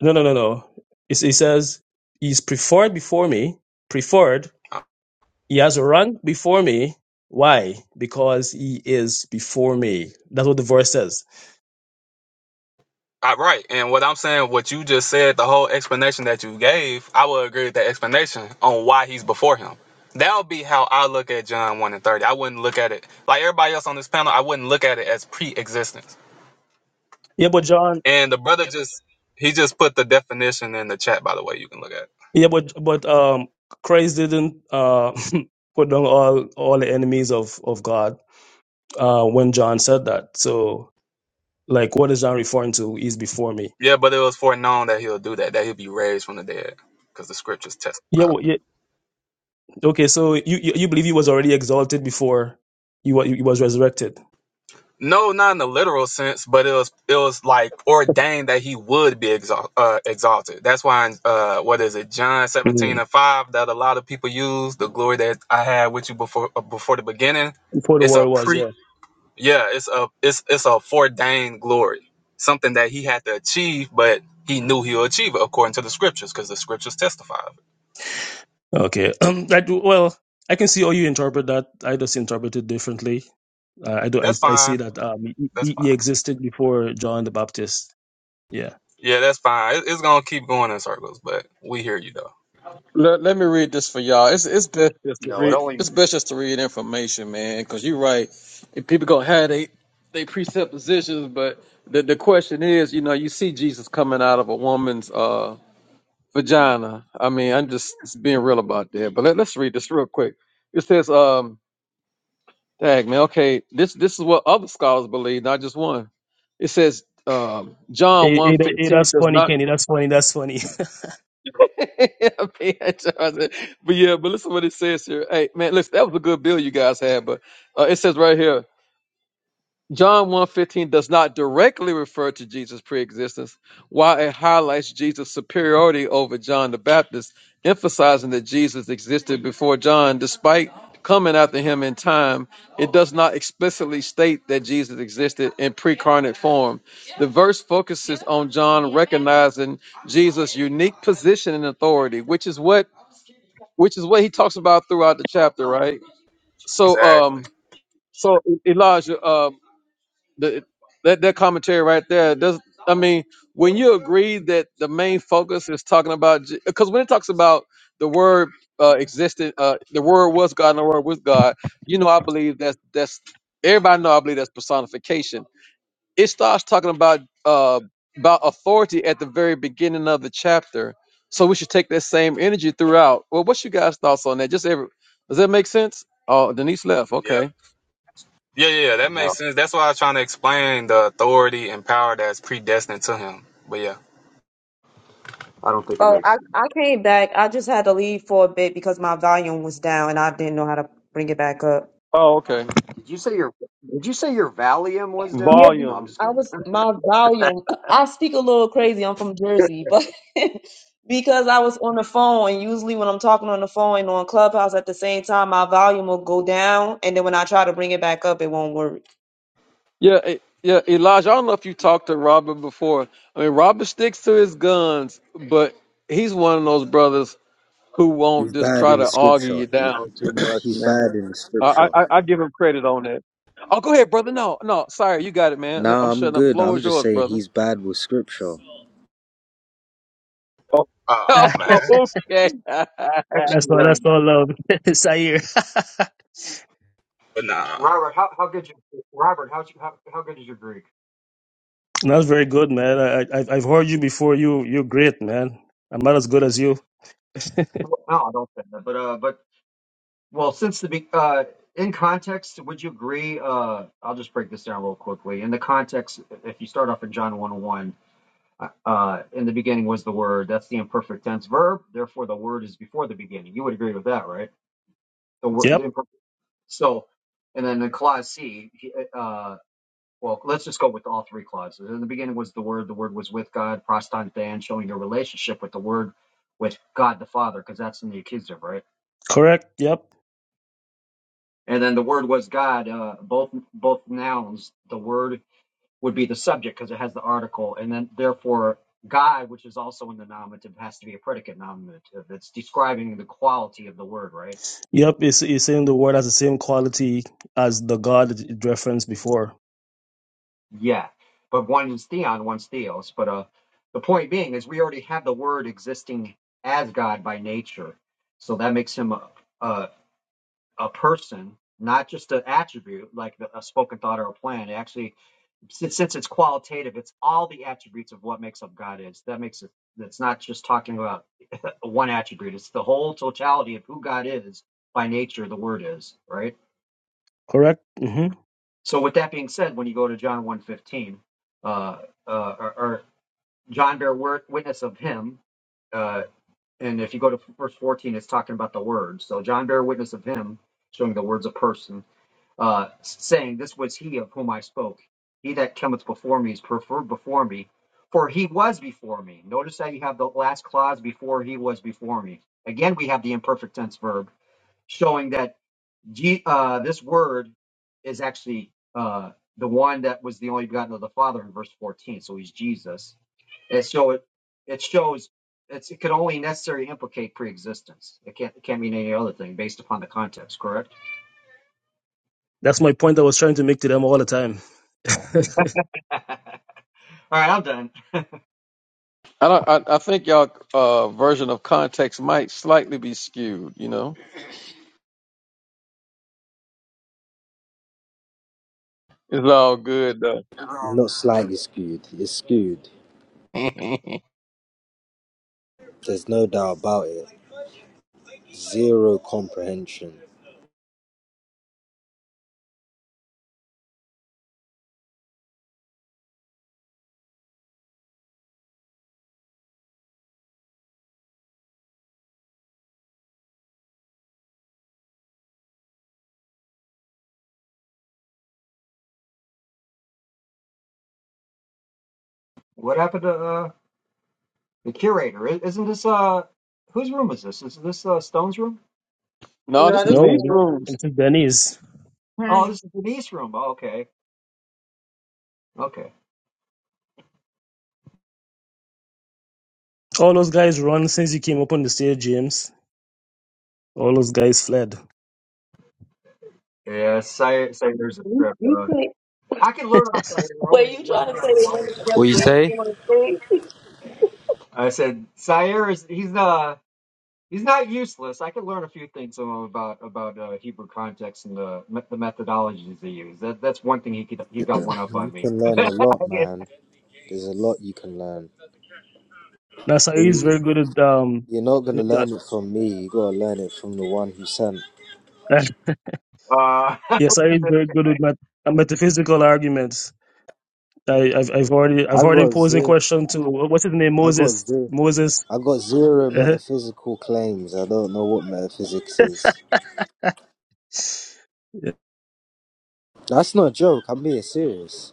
D: No, no, no, no. It, it says he's preferred before me. Preferred. He has a rank before me. Why? Because he is before me. That's what the verse says.
F: I, right. And what I'm saying, what you just said, the whole explanation that you gave, I would agree with that explanation on why he's before him. That would be how I look at John 1 and 30. I wouldn't look at it like everybody else on this panel, I wouldn't look at it as pre existence.
D: Yeah, but John.
F: And the brother just, he just put the definition in the chat, by the way, you can look at it.
D: Yeah, but but um, Christ didn't uh *laughs* put down all all the enemies of of God uh when John said that. So like, what is John referring to? He's before me.
F: Yeah, but it was foreknown that he'll do that, that he'll be raised from the dead, because the scriptures test.
D: Yeah. Well, yeah. Okay. So you you you believe he was already exalted before he was he was resurrected.
F: No, not in the literal sense, but it was it was like ordained that he would be exalt, uh, exalted. That's why, in, uh, what is it, John seventeen
D: Mhm.
F: and five, that a lot of people use the glory that I had with you before uh, before the beginning.
D: Before the
F: It's a
D: world was.
F: pre,
D: yeah.
F: yeah, it's a it's it's a foreordained glory, something that he had to achieve, but he knew he'll achieve it according to the scriptures, because the scriptures testify of it.
D: Okay. *clears throat* Um, I do, well, I can see how you interpret that. I just interpret it differently. Uh, I do. I,
F: That's
D: I see
F: fine.
D: that um, he,
F: That's
D: he he
F: fine.
D: existed before John the Baptist. Yeah.
F: Yeah, that's fine. It, it's gonna keep going in circles, but we hear you though.
E: Let, let me read this for y'all. It's it's best just to
J: No, it
E: read.
J: only.
E: It's best just to read information, man. Because you're right. If people gonna have they they presuppositions, but the the question is, you know, you see Jesus coming out of a woman's uh vagina. I mean, I'm just just being real about that. But let, let's read this real quick. It says, um, tag man. Okay, this this is what other scholars believe, not just one. It says, um, John
D: Hey,
E: one
D: hey, that- hey,
E: fifteen
D: that's
E: does
D: funny,
E: not.
D: Kenny. That's funny. That's funny.
E: *laughs* I'm but yeah, but listen what it says here. Hey, man, listen, that was a good bill you guys had, but uh, it says right here. John one fifteen does not directly refer to Jesus' preexistence, while it highlights Jesus' superiority over John the Baptist, emphasizing that Jesus existed before John despite coming after him in time. It does not explicitly state that Jesus existed in pre precarnate form. The verse focuses on John recognizing Jesus' unique position and authority, which is what which is what he talks about throughout the chapter, right? So
F: Exactly.
E: um so Elijah um, the, that that commentary right there does. I mean, when you agree that the main focus is talking about, because when it talks about the word uh, existed, uh, the word was God, and the word was God. You know, I believe that's that's everybody know. I believe that's personification. It starts talking about uh, about authority at the very beginning of the chapter. So we should take that same energy throughout. Well, what's you guys' thoughts on that? Just every does that make sense? Oh, Denise left.
F: Yeah.
E: Okay.
F: Yeah, yeah, yeah, that
J: No,
F: makes sense. That's why I was trying to explain the authority and power that's predestined to him. But yeah.
J: I don't think it
A: oh,
J: makes.
A: I,
J: Sense.
A: I came back. I just had to leave for a bit because my volume was down and I didn't know how to bring it back up.
E: Oh, okay.
J: Did you say your Did you say your Valium was down?
A: Yeah, be,
J: No, I'm
E: Volume.
J: just
A: I
J: kidding.
A: was my volume. *laughs* I speak a little crazy. I'm from Jersey, but *laughs* because I was on the phone, and usually when I'm talking on the phone and on Clubhouse at the same time, my volume will go down, and then when I try to bring it back up, it won't work.
E: Yeah, E- yeah, Elijah. I don't know if you talked to Robert before. I mean, Robert sticks to his guns, but he's one of those brothers who won't
K: He's
E: just
K: bad
E: try
K: in the
E: to argue
K: scripture.
E: you
K: He
E: down too
K: *clears throat*
E: much,
K: he's
E: man.
K: bad in the
E: I
K: scripture.
E: I, I give him credit on that. Oh, go ahead, brother. No, no, sorry, you got it, man. I'm
K: Nah, I'm
E: shutting up.
K: good.
E: Floor
K: I'm
E: is
K: just
E: yours,
K: saying
E: brother.
K: he's bad with scripture.
D: *laughs*
F: Oh
E: Oh, *laughs*
D: that's
F: man.
E: okay. *laughs*
J: Actually,
D: all. That's
J: um,
D: all love. *laughs* Sair. *laughs*
F: But nah.
J: Robert, how how good you Robert, how how how good is your Greek?
D: that's very good, man. I, I, I've I've heard you before. You, you're great, man. I'm not as good as you. *laughs*
J: Well, No, I don't think that. But uh, but well, since the be uh, in context, would you agree? Uh, I'll just break this down real quickly. In the context, if you start off in John one oh one, uh, uh, in the beginning was the Word. That's the imperfect tense verb. Therefore, the Word is before the beginning. You would agree with that, right? The
D: Yep.
J: word, So, and then in clause C, he- uh, well, let's just go with all three clauses. In the beginning was the Word, the Word was with God, proston dan, showing your relationship with the Word, with God the Father, because that's in the accusative, right?
D: Correct. Yep.
J: And then the Word was God, uh, both both nouns, the Word would be the subject because it has the article, and then therefore God, which is also in the nominative, has to be a predicate nominative. It's describing the quality of the Word, right?
D: Yep. It's, it's saying the word has the same quality as the God that it referenced before.
J: Yeah, but one's theon, one's theos. But uh, the point being is we already have the word existing as God by nature, so that makes him a a, a person, not just an attribute like the, a spoken thought or a plan. It actually, since, since it's qualitative, it's all the attributes of what makes up God is. That makes it. It's not just talking about one attribute. It's the whole totality of who God is by nature. The word is right.
D: Correct. Mm-hmm.
J: So with that being said, when you go to John one fifteen, uh, uh, or, John bear wor- witness of him. Uh, and if you go to verse 14, it's talking about the word. So John bear witness of him, showing the words of person, uh, saying, This was he of whom I spoke. He that cometh before me is preferred before me, for he was before me. Notice that you have the last clause before he was before me. Again, we have the imperfect tense verb showing that G, uh, this word is actually uh, the one that was the only begotten of the Father in verse 14. So he's Jesus and so it, it shows it's, it could only necessarily implicate preexistence. It can't it can't mean any other thing based upon the context, correct?
D: That's my point I was trying to make to them all the time. *laughs*
J: *laughs* All right, I'm done.
E: I don't. I, I think y'all uh, version of context might slightly be skewed. You know, it's all good though.
K: Not slightly skewed. It's skewed.
E: *laughs*
K: There's no doubt about it. Zero comprehension.
J: What happened to uh, the curator? I- Isn't this uh whose room is this? Is this uh, Stone's room?
E: No, this
A: No,
E: the
A: this
D: no,
E: niche
A: one.
E: rooms.
D: it's Denny's.
J: Oh, this is Denise's room. Oh, okay, okay.
D: All those guys run since you came up on the stage, James. All those guys fled.
J: Yeah, Sire, Sire's a
A: You,
J: trip.
A: you
J: Uh,
A: play-
J: I can learn off Sire. We're only
A: Wait, you
J: one
A: trying to say they went
J: category.
A: to
K: What
A: just
K: you
A: dancing
K: say?
A: on the stage?
J: I said Sire is he's the He's not useless. I could learn a few things from him about about uh, Hebrew context and the me- the methodologies they use. That that's one thing he could he's got one up on
K: You
J: me.
K: can learn a lot,
J: Okay.
K: man. There's a lot you can learn.
D: Now Sari is
K: You-
D: very good at um
K: You're not gonna
D: with that.
K: learn it from me. You gotta learn it from the one who sent.
D: Uh,
J: Uh,
D: yeah, Sari is very good at met- at metaphysical arguments. I, I've I've already I've
K: I
D: already
K: got
D: posed a
K: zero.
D: question to what's his name
K: I got
D: Moses
K: zero.
D: Moses.
K: I got zero
D: uh
K: metaphysical claims. I don't know what metaphysics is. That's not a joke. I'm being serious.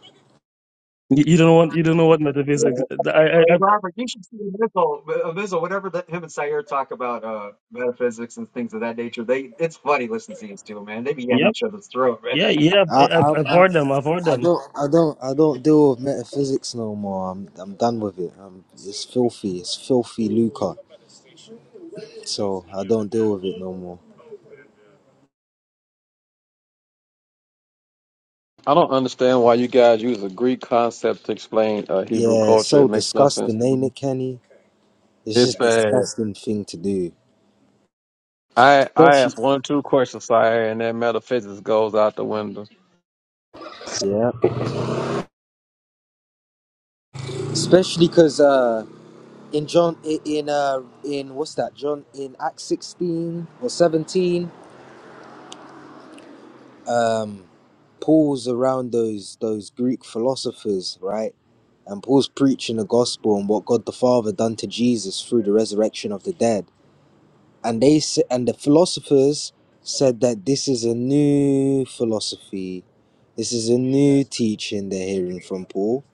D: You, you don't want you don't know what
J: *laughs* hey
D: metaphysics. I, I, I
J: Robert, you should see Amizel, Amizel whatever that him and Sayer talk about uh, metaphysics and things of that nature. They it's funny listening to these two man. They be at
D: yep
J: each other's throat, man.
D: yeah yeah I've,
K: I,
D: I've
K: I,
D: I've
K: I,
D: heard them I've heard
K: I
D: them.
K: don't, I don't, I don't deal with metaphysics no more. I'm, I'm done with it. Um it's filthy. It's filthy lucre. So I don't deal with it no more.
E: I don't understand why you guys use a Greek concept to explain uh, Hebrew
K: Yeah, it's
E: culture. It
K: so
E: makes no sense
K: disgusting,
E: to
K: ain't
E: me.
K: it, Kenny? It's
E: It's
K: just
E: bad.
K: disgusting thing to do,
E: I I
K: especially,
E: asked one or two questions, sire, and that metaphysics goes out the window.
K: yeah, especially because uh, in John, in uh, in what's that? John in Acts sixteen or seventeen. Paul's around those those Greek philosophers, right? And Paul's preaching the gospel and what God the Father done to Jesus through the resurrection of the dead. And they s- and the philosophers said that this is a new philosophy. This is a new teaching they're hearing from Paul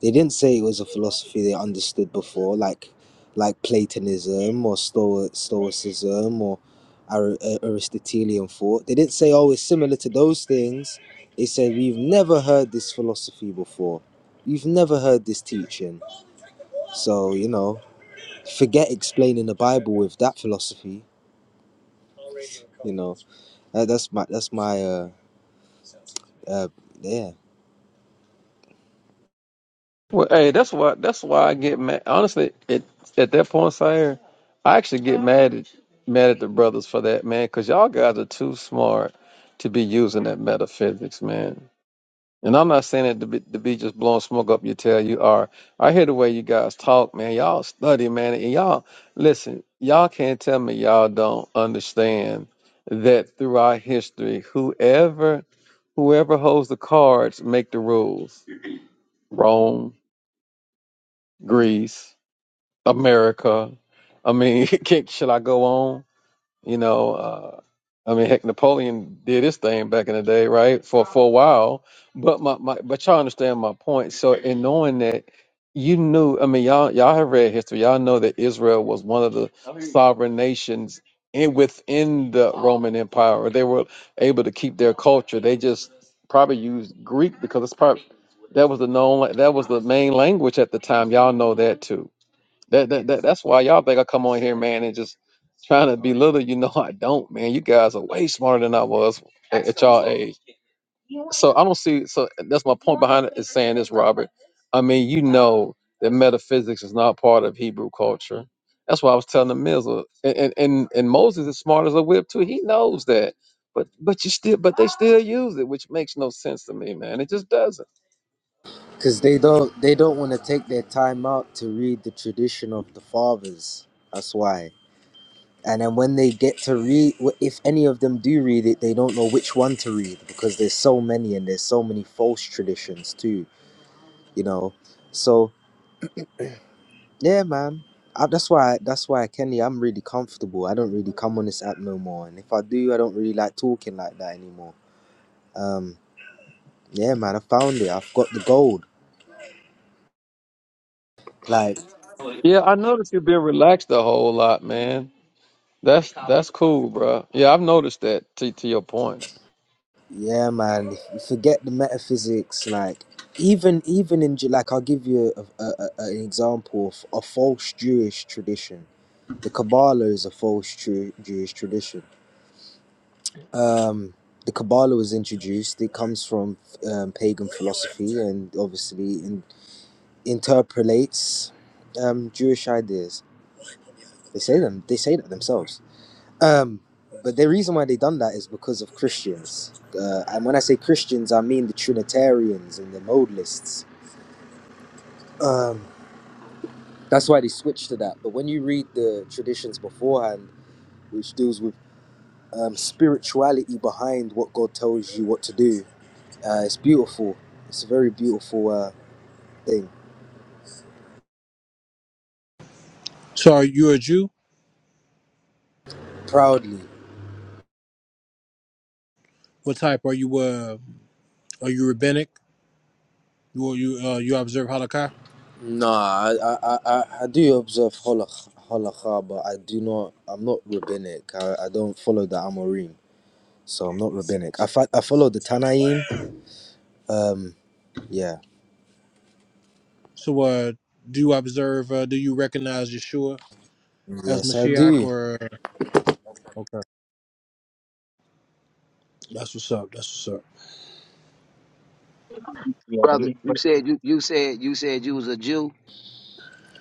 K: they didn't say it was a philosophy they understood before, like like Platonism or Stoic, Stoicism or Ar- uh, Aristotelian thought. They didn't say, oh, it's similar to those things. They said, we've never heard this philosophy before. You've never heard this teaching. So, you know, forget explaining the Bible with that philosophy. You know, that, that's my, that's my, uh, uh, yeah.
E: Well, hey, that's why that's why I get mad. Honestly, it, at that point, sire, I actually get mad at mad at the brothers for that, man, because y'all guys are too smart to be using that metaphysics, man. And I'm not saying it to be, to be just blowing smoke up your tail. You are. I hear the way you guys talk, man. Y'all study, man. And y'all, listen, y'all can't tell me y'all don't understand that throughout history, whoever whoever holds the cards make the rules. Rome, Greece, America. I mean, *laughs* can, shall I go on? You know, uh, I mean, heck, Napoleon did his thing back in the day, right? For for a while, but my, my but y'all understand my point. So in knowing that, you knew. I mean, y'all y'all have read history. Y'all know that Israel was one of the sovereign nations in within the Roman Empire. They were able to keep their culture. They just probably used Greek because it's probably that was the known that was the main language at the time. Y'all know that too that, that, that that's why y'all think I come on here, man, and just trying to belittle you. *laughs* No, I don't, man. You guys are way smarter than I was at, at y'all age. So I don't see. So that's my point behind it is saying this, Robert. I mean, you know that metaphysics is not part of Hebrew culture. That's why I was telling the Mizzle. And, and and and Moses is smart as a whip too. He knows that. But but you still but they still use it, which makes no sense to me, man. It just doesn't.
K: Because they don't, they don't want to take their time out to read the tradition of the fathers. That's why and then when they get to read if any of them do read it they don't know which one to read because there's so many and there's so many false traditions too you know so yeah man I, that's why that's why kenny i'm really comfortable i don't really come on this app no more and if i do i don't really like talking like that anymore um yeah man i found it i've got the gold like
E: Yeah, I noticed you've been relaxed a whole lot, man. That's that's cool, bro. Yeah, I've noticed that. To to your point.
K: yeah man forget the metaphysics like even even in Ju- like i'll give you a, a, a, an example of a false jewish tradition The Kabbalah is a false true Jewish tradition. Um, the Kabbalah was introduced. It comes from um, pagan philosophy and obviously in, interpolates um, Jewish ideas. They say them. They say that themselves. Um, but the reason why they done that is because of Christians. Uh, and when I say Christians, I mean the Trinitarians and the Modalists. Um, that's why they switched to that. But when you read the traditions beforehand, which deals with um, spirituality behind what God tells you what to do. Uh, it's beautiful. It's a very beautiful uh, thing.
I: so are you a Jew?
K: Proudly.
I: What type are you? Uh, are you rabbinic? You you uh, you observe Holocaust?
K: No, I, I, I, I I do observe halakh- halakha, but I do not, I'm not rabbinic. I, I don't follow the Amorim, so I'm not rabbinic. I, fa- I follow the Tanaim. Um, yeah.
I: So uh, do you observe? Uh, do you recognize Yeshua as
K: Yes, I
I: Mashiach?
K: do.
I: Or okay, that's what's up. That's what's up.
J: Yeah, but
L: brother.
J: he
L: You
J: but
L: said you you said you said you was a Jew.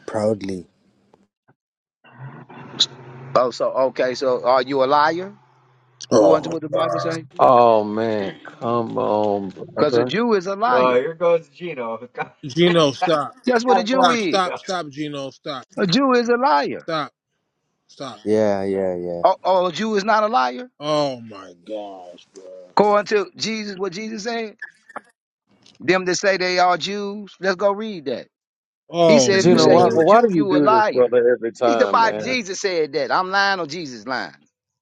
K: Proudly.
L: Oh, so okay. So are you a liar? According to
I: Oh,
L: what the Bible
I: God.
L: say,
E: Oh man, come on,
L: because a
E: brother.
L: Jew is a
J: uh,
L: liar.
J: here goes Gino. *laughs* God,
I: Gino, stop,
L: That's what
J: I
L: a Jew
J: love
I: stop,
L: is.
I: stop, stop, Gino, stop.
L: A Jew is a liar.
I: Stop. Stop.
K: Yeah, yeah, yeah.
L: Oh, oh, a Jew is not a liar.
I: Oh my gosh, bro.
L: According to Jesus, what Jesus said, them that say they are Jews, let's go read that. He
I: Oh
L: said, if you
E: Gino,
L: say
E: why
L: you a
I: Lord.
E: well, why do
L: Jew,
E: you
L: you a
E: do this,
L: liar.
E: brother, every
L: He, the
E: time,
L: Bible,
E: man?
L: Jesus said that. I'm lying or Jesus lying.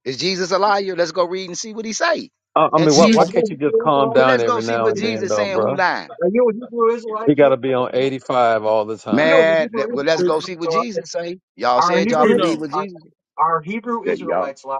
L: Is Jesus a liar? Let's go read and see what he say.
E: I, I
L: And
E: mean, why
I: Do
L: see, if-
E: why
J: Are
I: you
E: can't
J: you
E: you just calm
L: well,
E: down
L: let's go
E: every
L: see
E: now
L: what
E: and then,
L: Jesus
E: though,
L: saying who
E: bro?
L: lying.
J: a Hebrew Israelite? Gino? Are you a Hebrew Israelite?
E: You got
J: Gino?
E: to be on eighty five all the
J: you know
E: time.
J: the
L: Man,
J: Hebrew
L: let, well, let's
J: Israelites.
L: go see what
J: So if
L: Jesus say. Y'all
J: our
L: said y'all
J: Hebrew
I: Gino
L: believe what
J: our,
L: Jesus said.
J: our Hebrew
L: That Y'all.
J: Israelites lied.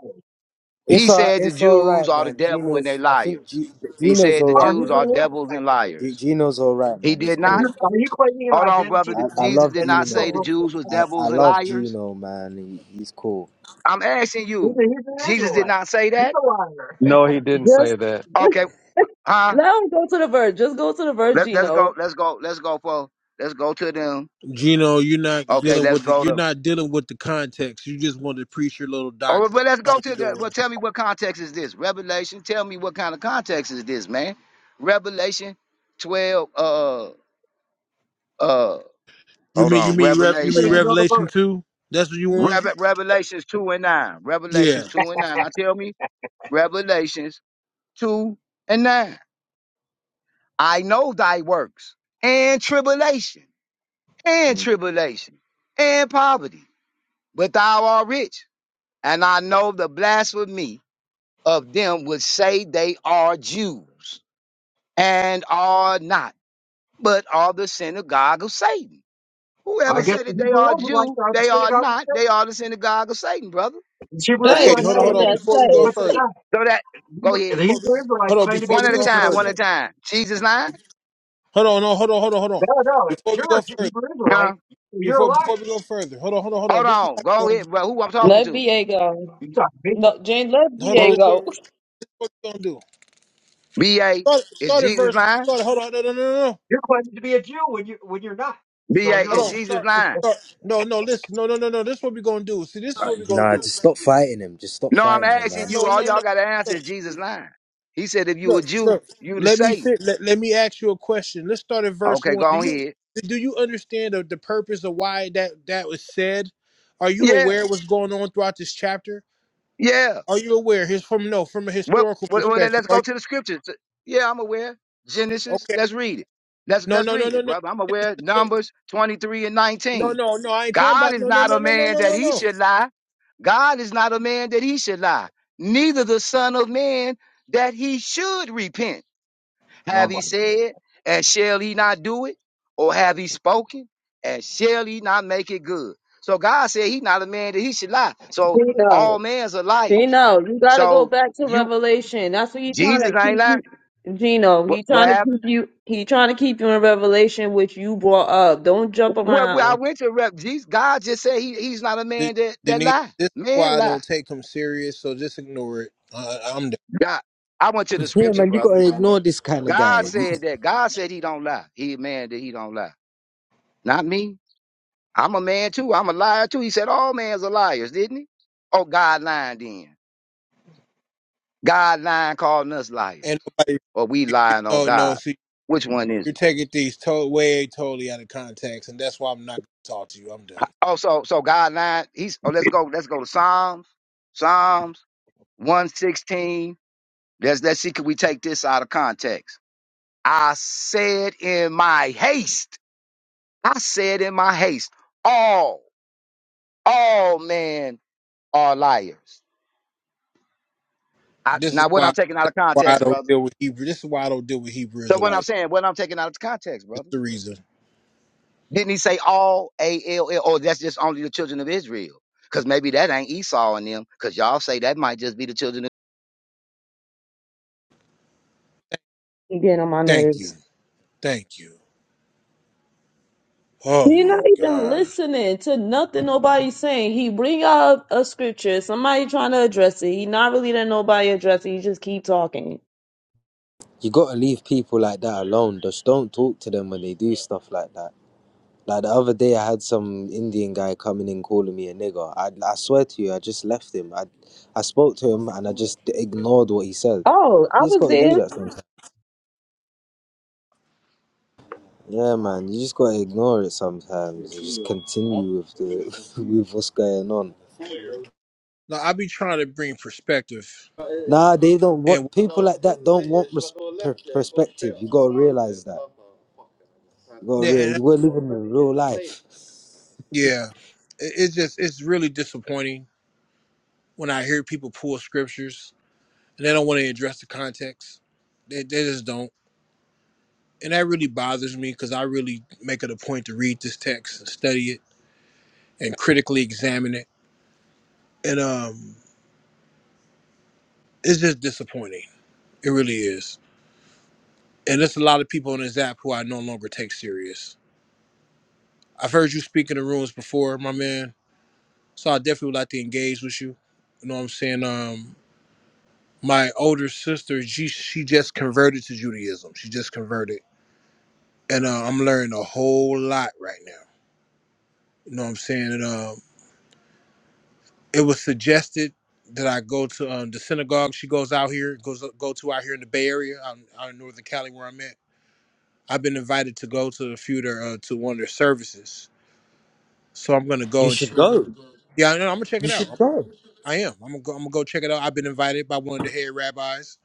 L: He
K: It's all,
L: said the
K: it's all
L: Jews
K: right,
L: are the
K: man.
L: devil and they
K: Gino's, I think
L: liars.
K: G-
L: He
K: Gino's
L: said
K: all
L: the
J: Our
K: right,
L: Jews
J: Hebrew
L: are
K: though.
L: devils and
J: Israelites lied.
K: G-
L: liars.
K: Gino's all right,
L: He
K: man. He's
L: did
J: And you
L: not.
K: cool.
J: are you claiming an
L: Hold on, brother.
J: identity that
K: I,
L: Did-
J: you
K: I
J: don't,
L: Jesus
K: love
L: did
J: that
L: not
J: you don't
L: say the
K: Gino.
J: really
L: Jews was
K: I, I
L: devils and
J: possess?
K: love
L: liars.
K: Gino, man. He, he's cool.
L: I'm asking
J: He's
L: you.
J: a Hebrew
L: Jesus did
J: Israelite.
L: not say
J: He's
L: that.
J: a liar. *laughs*
E: No,
J: you
E: he didn't
A: Just,
E: say that.
L: Okay,
A: just
L: huh?
A: let 'em go to the verse. Just go to the verse,
L: Let, let's go.
A: Gino.
L: Let's go. Let's go for. Let's go to them.
I: Gino, you're not
L: Okay,
I: dealing
L: let's
I: with the
L: go
I: you're
L: to
I: not dealing with the context. You just want to preach your little
L: Oh,
I: doctrine.
L: well, let's
I: That's
L: go
I: all
L: to
I: you're
L: the.
I: doing.
L: Well, tell me what context is this? Revelation. Tell me what kind of context is this, man? Revelation 12. Uh, uh,
I: You
L: hold
I: mean you
L: on.
I: mean Rev you
J: know
I: mean
J: you
L: Revelation.
J: know the
I: Revelation
J: verse.
I: two? That's what you want?
L: Reve- Revelations 2 and 9.
I: Yeah.
L: Revelations 2 and 9. Now tell me. Revelations 2 and 9. I know thy works and tribulation and tribulation and poverty, but thou art rich. And I know the blasphemy of them which say they are Jews and are not, but are the synagogue of Satan.
J: Well, I
L: Whoever
J: guess
L: said
J: the
L: that they
J: Hebrew
L: are
J: Israelites
L: Jew,
J: are the
L: they are
J: synagogue of
L: not, they
J: Satan.
L: are the synagogue of Satan, brother.
J: The Hebrew
A: That
I: Okay,
A: is
J: Israelites
L: Jesus
I: hold on,
A: not
J: claim
A: what
I: hold
L: said
J: to
I: on.
J: be
L: that.
A: that
I: Before we
J: Jews,
I: go
J: but
A: says.
J: they're
I: further.
J: not.
L: So that,
J: The
L: go
J: Hebrew the
L: ahead.
I: Before we
J: Hebrew Israelites
I: hold on,
J: claim to be
I: before
L: One
I: we
L: at a
I: go
J: Jews, but
L: time,
J: they're
L: one
I: further.
L: at
J: not.
L: a time. Jesus lying?
I: Hold on, no, hold on, hold on, hold on.
J: No, no,
I: Before we
J: you're
I: go
J: a Jew-
I: further.
J: Hebrew
L: No.
J: Israelite. You're a
I: Before
J: liar.
I: before we go further. Hold on, hold on, hold on.
L: Hold
I: This is
L: on.
I: how we're
L: Go
I: gonna
L: ahead, bro. Who I'm talking
A: Let
L: to?
A: BA go.
J: You talk big.
A: No, Jane, let
I: do. hold on,
A: BA
I: this
L: Who?
I: is what
A: go.
I: we- this is what we gonna do.
L: B.A.
I: Start,
L: Is
I: start at
L: Jesus
I: verse.
L: lying?
I: Start. Hold on. No, no, no, no. no.
J: You're claiming to be a Jew when you when you're not. So
L: B.A.
J: you're
I: Hold
L: Is
I: on.
J: allowed.
L: Jesus
I: Start.
L: lying?
I: Start. No, no. Listen. No, no, no, no. This is what we're gonna do. See, this is
K: Uh,
I: what we're gonna
K: Nah,
I: do.
K: just stop fighting him. Just stop
L: No, I'm
K: fighting him,
L: asking
K: man.
L: you.
I: No,
L: All
I: no,
L: y'all
I: no.
L: got to answer
I: Look,
L: is Jesus lying. He said if you a
I: look.
L: Jew,
I: look.
L: you the
I: Let me
L: Satan.
I: sit. Let, let me ask you a question. Let's start at verse
L: Okay,
I: one.
L: go
I: Do
L: on
I: you
L: ahead.
I: do you understand the, the purpose of why that that was said? Are you
L: Yeah,
I: aware what's going on throughout this chapter?
L: yeah.
I: Are you aware? Here's from no from a
L: Well,
I: historical
L: well, well, let-
I: perspective.
L: let's
I: Are
L: go to the scriptures. Yeah, I'm aware.
I: you
L: Genesis.
I: okay?
L: Let's read it. Let's
I: No,
L: let's
I: no, no,
L: read
I: no,
L: it,
I: no.
L: brother. I'm aware.
I: No,
L: Numbers 23 and
I: no,
L: 19.
I: no. no, I ain't talking
L: God
I: about
L: is
I: no, no,
L: not
I: no,
L: a
I: no, no,
L: man
I: no,
L: that
I: no,
L: he
I: no.
L: should lie. God is not a man that he should lie. Neither the son of man that he should repent.
J: Oh
L: Have
J: my.
L: he
J: God.
L: said, and shall he not do it? Or have he spoken, and shall he not make it good? So God said he's not a man that he should lie.
A: *laughs*
L: So
A: Gino.
L: all men's are liars.
A: Gino, you gotta go
L: So
A: back to
L: you
A: Revelation. That's what he's trying
L: Jesus
A: to
L: ain't
A: keep
L: lying.
A: you. Gino,
L: What,
A: he
L: what
A: trying to keep
L: happened?
A: you. He trying to keep you in Revelation, which you brought up. Don't jump
L: Well, well, I
A: around.
L: went to rep Jesus. God just said he, he's not a
I: De-
L: man that, that
I: Denise,
L: lie.
I: this is why
L: Man
I: I
L: lie.
I: don't take him serious, so just ignore it. Uh, I'm done.
L: God. I went to the
K: Yeah,
L: scripture,
K: man, you
L: brother.
K: gotta ignore this kind of guy.
L: God
K: You,
L: said that. God said he don't lie. He a man that he don't lie. Not me. I'm a man too. I'm a liar too. He said all men's are liars, didn't he? Oh, God lying then. God lying calling us liars.
I: And nobody,
L: Or we lying on
I: no, no,
L: God.
I: see,
L: Which one is
I: you're
L: it?
I: taking these to- way totally out of context, and that's why I'm not going to talk to you. I'm done.
L: Oh, so so God lying. He's oh let's go, let's go to Psalms. Psalms 116. Let's let's see, can we take this out of context? I said in my haste, I said in my haste, all, all men are liars. I,
I: This is
L: now, what
I: why
L: I'm taking out of
I: why I
L: context,
I: don't
L: brother.
I: deal with Hebrew. This is why I don't deal with Hebrew
L: So what I'm
I: Israelite.
L: saying, what I'm taking out of context,
I: It's
L: brother.
I: the reason.
L: Didn't he say all A L L? Or that's just only the children of Israel? Because maybe that ain't Esau and them. Because y'all say that might just be the children. of
A: He getting on my
I: Thank you,
A: nerves.
I: thank you. Oh
A: You're not
I: my
A: even
I: God.
A: listening to nothing nobody's saying. He bring out a scripture, somebody trying to address it. He not really letting nobody address it. He just keep talking.
K: you gotta leave people like that alone. Just don't talk to them when they do stuff like that. Like the other day, I had some Indian guy coming in calling me a nigger. I, I swear to you, I just left him. I, I spoke to him and I just ignored what he said.
A: Oh, I
K: You just
A: was
K: gotta do
A: there.
K: that Yeah, man, you just gotta ignore it sometimes. You Just continue with the *laughs* with what's going on.
I: No, I be trying to bring perspective,
K: Nah, they don't
I: and
K: want people like that. Don't want res- per- perspective. You gotta realize that. You
I: yeah,
K: gotta
I: and-
K: realize we're living in real life.
I: yeah. It- it's just it's really disappointing when I hear people pull scriptures and they don't want to address the context. They, they just don't. And that really bothers me because I really make it a point to read this text and study it and critically examine it. And um, it's just disappointing. It really is. And there's a lot of people on this app who I no longer take serious. I've heard you speak in the rooms before, my man. So I definitely would like to engage with you. You know what I'm saying? Um, my older sister, she, she just converted to Judaism. She just converted. And uh, I'm learning a whole lot right now You know what I'm saying? And, um, it was suggested that I go to um, the synagogue. She goes out here, goes go to out here in the Bay Area, out, out in Northern Cali, where I'm at. I've been invited to go to a few of their, uh, to one of their services, so I'm gonna go.
K: You
I: And,
K: should go.
I: yeah, I know, I'm gonna check
K: You
I: it
K: should
I: out.
K: go.
I: I am. I'm gonna go. I'm gonna go check it out. I've been invited by one of the head rabbis,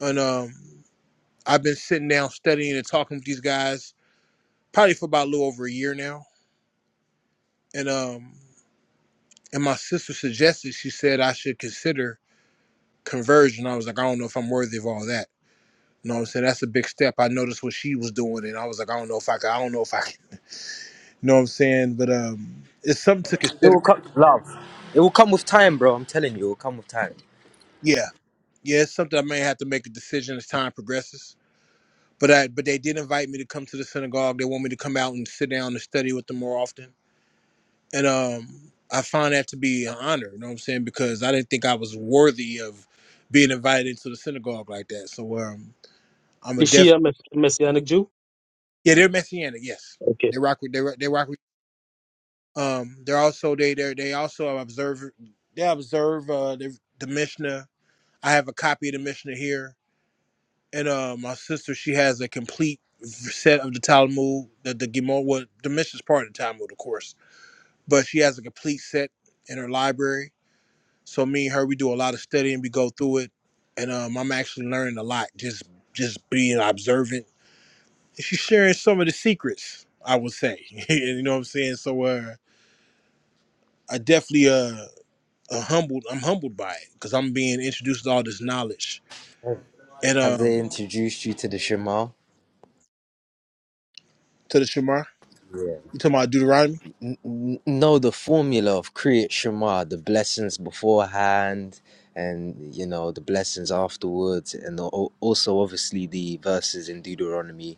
I: and um, I've been sitting down studying and talking with these guys probably for about a little over a year now. And um, and my sister suggested she said I should consider conversion, I was like, I don't know if I'm worthy of all that. You know what I'm saying? That's a big step. I noticed what she was doing, and I was like, I don't know if I can. I don't know if I can. *laughs* You know what I'm saying? But um, it's something to
K: It
I: consider.
K: will come, love. It will come with time, bro. I'm telling you, it will come with time.
I: Yeah, yeah, it's something I may have to make a decision as time progresses. But I, but they did invite me to come to the synagogue. They want me to come out and sit down and study with them more often, and um, I find that to be an honor. You know what I'm saying? Because I didn't think I was worthy of being invited into the synagogue like that. So um, I'm a
D: Is she
I: def.
D: a mess- messianic Jew?
I: Yeah, they're messianic. Yes,
D: Okay.
I: they rock with they rock, they rock with Um, they're also they they they also observe they observe uh, the, the Mishnah. I have a copy of the Mishnah here, and uh, my sister she has a complete set of the Talmud, the the Gemara, well, the Mishnah's part of the Talmud, of course, but she has a complete set in her library. So me and her we do a lot of studying, we go through it, and um, I'm actually learning a lot just just being observant. And she's sharing some of the secrets, I would say. *laughs* you know what I'm saying? So uh, I definitely uh. uh, humbled. I'm humbled by it because I'm being introduced to all this knowledge. And
K: Have they
I: um,
K: introduced you to the Shema?
I: to the Shemar,
K: Yeah.
I: you talking about Deuteronomy?
K: n- n- know the formula of Kriyat Shema, the blessings beforehand, and you know the blessings afterwards, and al- also obviously the verses in Deuteronomy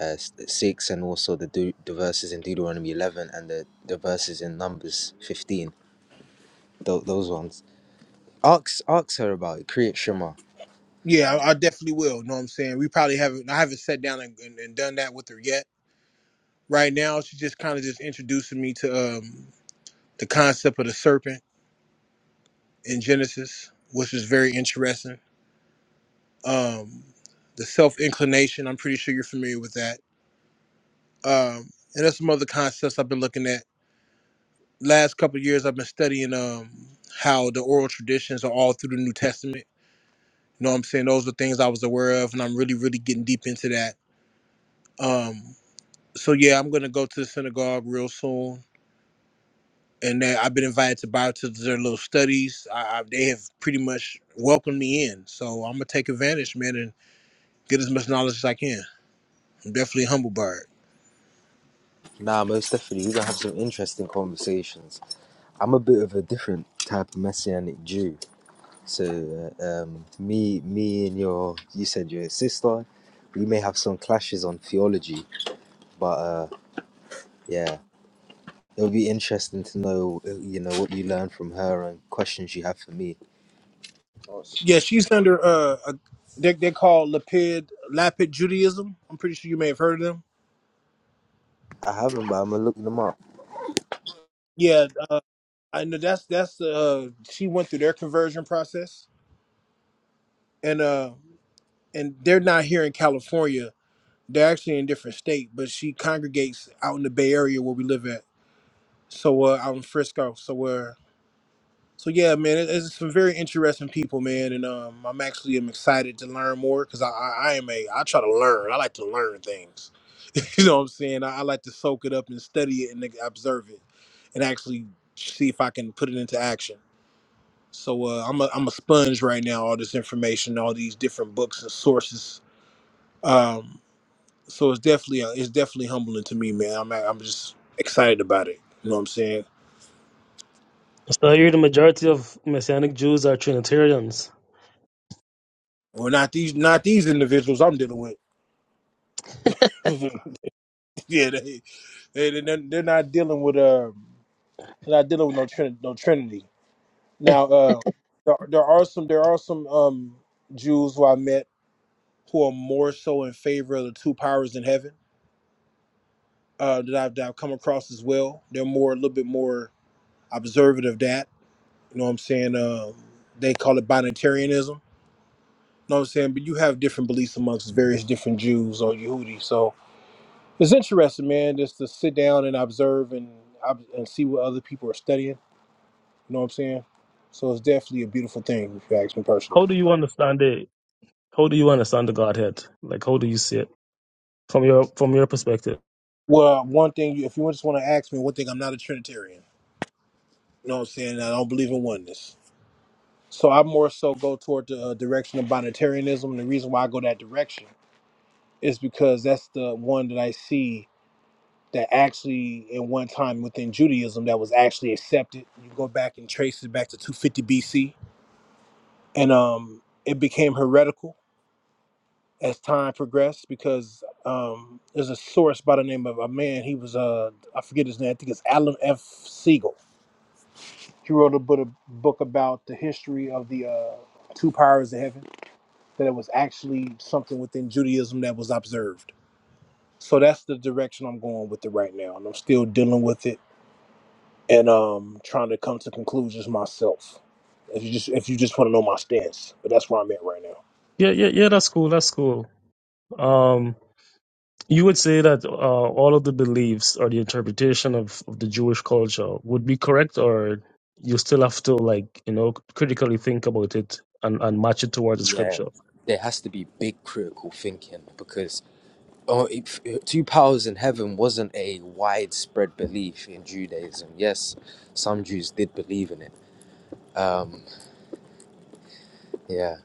K: uh, s- six, and also the, Deut- the verses in Deuteronomy eleven, and the, the verses in Numbers fifteen. Tho- those ones. Ask ask her about it. Kriyat Shema.
I: Yeah, I, I definitely will. You know what I'm saying? We probably haven't. I haven't sat down and, and, and done that with her yet. Right now, she's just kind of just introducing me to um, the concept of the serpent in Genesis, which is very interesting. Um, the self inclination. I'm pretty sure you're familiar with that. Um, and there's some other concepts I've been looking at last couple of years I've been studying um how the oral traditions are all through the New Testament. You know what I'm saying? Those are things I was aware of and I'm really, really getting deep into that. Um so yeah, I'm gonna go to the synagogue real soon. And then I've been invited to bow to their little studies. I, I, they have pretty much welcomed me in. So I'm gonna take advantage, man, and get as much knowledge as I can. I'm definitely a humble bird.
K: Nah, most definitely, we're gonna have some interesting conversations. I'm a bit of a different type of messianic Jew. So uh, um, me, me and your, you said your sister, we may have some clashes on theology, but uh, yeah, it'll be interesting to know, uh, you know, what you learn from her and questions you have for me.
I: Yeah, she's under uh, a, they they call Lapid Lapid Judaism. I'm pretty sure you may have heard of them.
K: I haven't, but I'm gonna look them up.
I: Yeah, I know that's that's uh she went through their conversion process and uh and they're not here in California. They're actually in a different state, but she congregates out in the Bay Area where we live at. So uh out in Frisco. So uh so yeah, man, it, it's some very interesting people, man, and um I'm actually am excited to learn more because I, I I am a I try to learn. I like to learn things. *laughs* you know what I'm saying? I, I like to soak it up and study it and like, observe it, and actually see if I can put it into action. So uh, I'm a I'm a sponge right now. All this information, all these different books and sources. Um, so it's definitely uh, it's definitely humbling to me, man. I'm I'm just excited about it. You know what I'm saying?
D: So here the majority of Messianic Jews are Trinitarians.
I: Well, not these not these individuals I'm dealing with. *laughs* yeah, they they they they're they're not dealing with uh they're not dealing with no trin- no Trinity. Now uh there, there are some there are some um Jews who I met who are more so in favor of the two powers in heaven uh, that I've that I've come across as well. They're more a little bit more. observant of that. You know what I'm saying? Um, they call it binitarianism. You know what I'm saying? But you have different beliefs amongst various different Jews or Yehudi. So it's interesting, man, just to sit down and observe and ob- and see what other people are studying. You know what I'm saying? So it's definitely a beautiful thing if you ask me personally.
D: How do you understand it? How do you understand the Godhead? Like how do you see it from your from your perspective?
I: Well, one thing, if you just want to ask me, one thing, I'm not a Trinitarian. You know what I'm saying? I don't believe in oneness. So I more so go toward the uh, direction of binitarianism. And the reason why I go that direction is because that's the one that I see that actually at one time within Judaism that was actually accepted. You go back and trace it back to 250 BC, and um, it became heretical as time progressed because um, there's a source by the name of a man. He was uh, I forget his name. I think it's Alan F. Siegel. He wrote a book, a book about the history of the uh, two powers of heaven. That it was actually something within Judaism that was observed. So that's the direction I'm going with it right now, and I'm still dealing with it and um trying to come to conclusions myself. If you just if you just want to know my stance, but that's where I'm at right now.
D: Yeah, yeah, yeah, that's cool. That's cool. Um you would say that uh, all of the beliefs or the interpretation of, of the Jewish culture would be correct or you still have to like, you know, critically think about it and, and match it towards the
K: Yeah,
D: scripture.
K: there has to be big critical thinking because oh, if, two powers in heaven wasn't a widespread belief in Judaism. Yes, some Jews did believe in it. Yeah.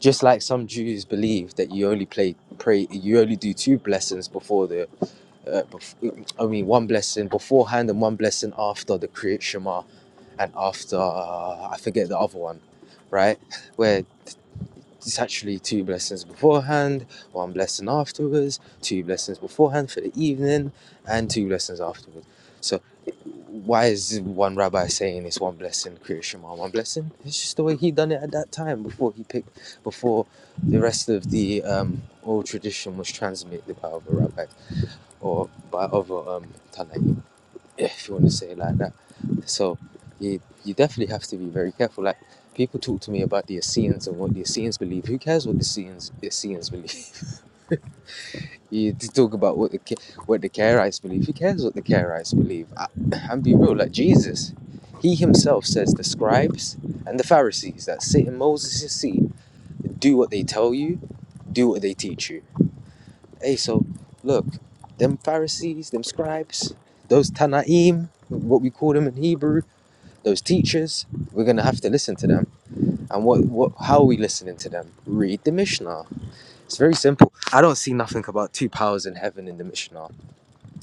K: Just like some Jews believe that you only play, pray, you only do two blessings before the, uh, bef- I mean, one blessing beforehand and one blessing after the Kriyat Shema, and after uh, I forget the other one, right? *laughs* Where it's actually two blessings beforehand, one blessing afterwards, two blessings beforehand for the evening, and two blessings afterwards. So, why is one rabbi saying it's one blessing, Kriyat Shema, one blessing? It's just the way he done it at that time before he picked, before the rest of the um, old tradition was transmitted by other rabbis or by other um, Tanaim. Yeah, if you want to say it like that. So you you definitely have to be very careful. Like people talk to me about the Essenes and what the Essenes believe. Who cares what the Essenes the Essenes believe? *laughs* you t- talk about what the Ca- what the Karaites believe. Who cares what the Karaites believe? I, and be real, like Jesus, he himself says the scribes and the Pharisees that sit in Moses' seat do what they tell you, do what they teach you. Hey, so look, them Pharisees, them scribes, those Tanaim, what we call them in Hebrew those teachers, we're going to have to listen to them. And what, what, how are we listening to them? Read the Mishnah. It's very simple. I don't see nothing about two powers in heaven in the Mishnah. I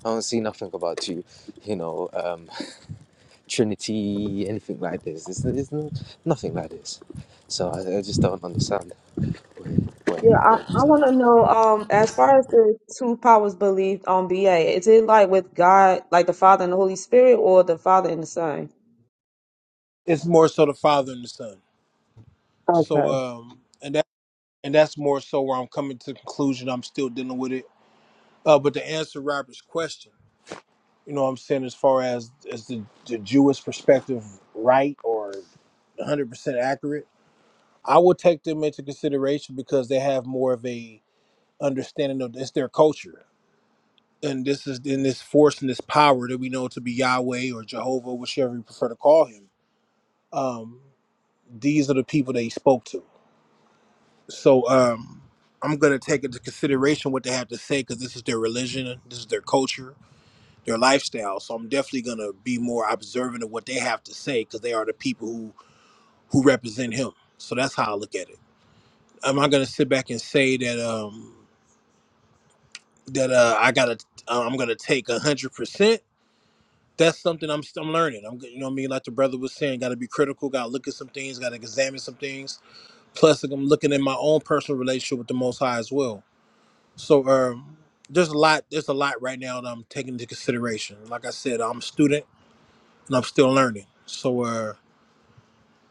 K: don't see nothing about two, you know, um, *laughs* Trinity, anything like this. There's, there's no, nothing like this. So I, I just don't understand. Wait, wait,
A: Yeah, I,
K: wait.
A: I
K: that
A: want to know. Um,
K: Yeah.
A: as far as the two powers believed on BA, is it like with God, like the Father and the Holy Spirit, or the Father and the Son?
I: It's more so the father and the son. So
A: Okay.
I: um and that and that's more so where I'm coming to the conclusion. I'm still dealing with it. Uh, but to answer Robert's question, you know what I'm saying as far as as the, the Jewish perspective right or 100% accurate, I would take them into consideration because they have more of a understanding of it's their culture. And this is in this force and this power that we know to be Yahweh or Jehovah, whichever you prefer to call him. Um, these are the people that he spoke to. So um, I'm going to take into consideration what they have to say because this is their religion, this is their culture, their lifestyle. So I'm definitely going to be more observant of what they have to say because they are the people who who represent him. So that's how I look at it. Am I going to sit back and say that um, that uh, I got to I'm going to take hundred percent? that's something I'm I'm learning. I'm you know what I mean like the brother was saying, got to be critical, got to look at some things, got to examine some things. Plus, like, I'm looking at my own personal relationship with the Most High as well. So um, there's a lot there's a lot right now that I'm taking into consideration. Like I said, I'm a student and I'm still learning. So uh,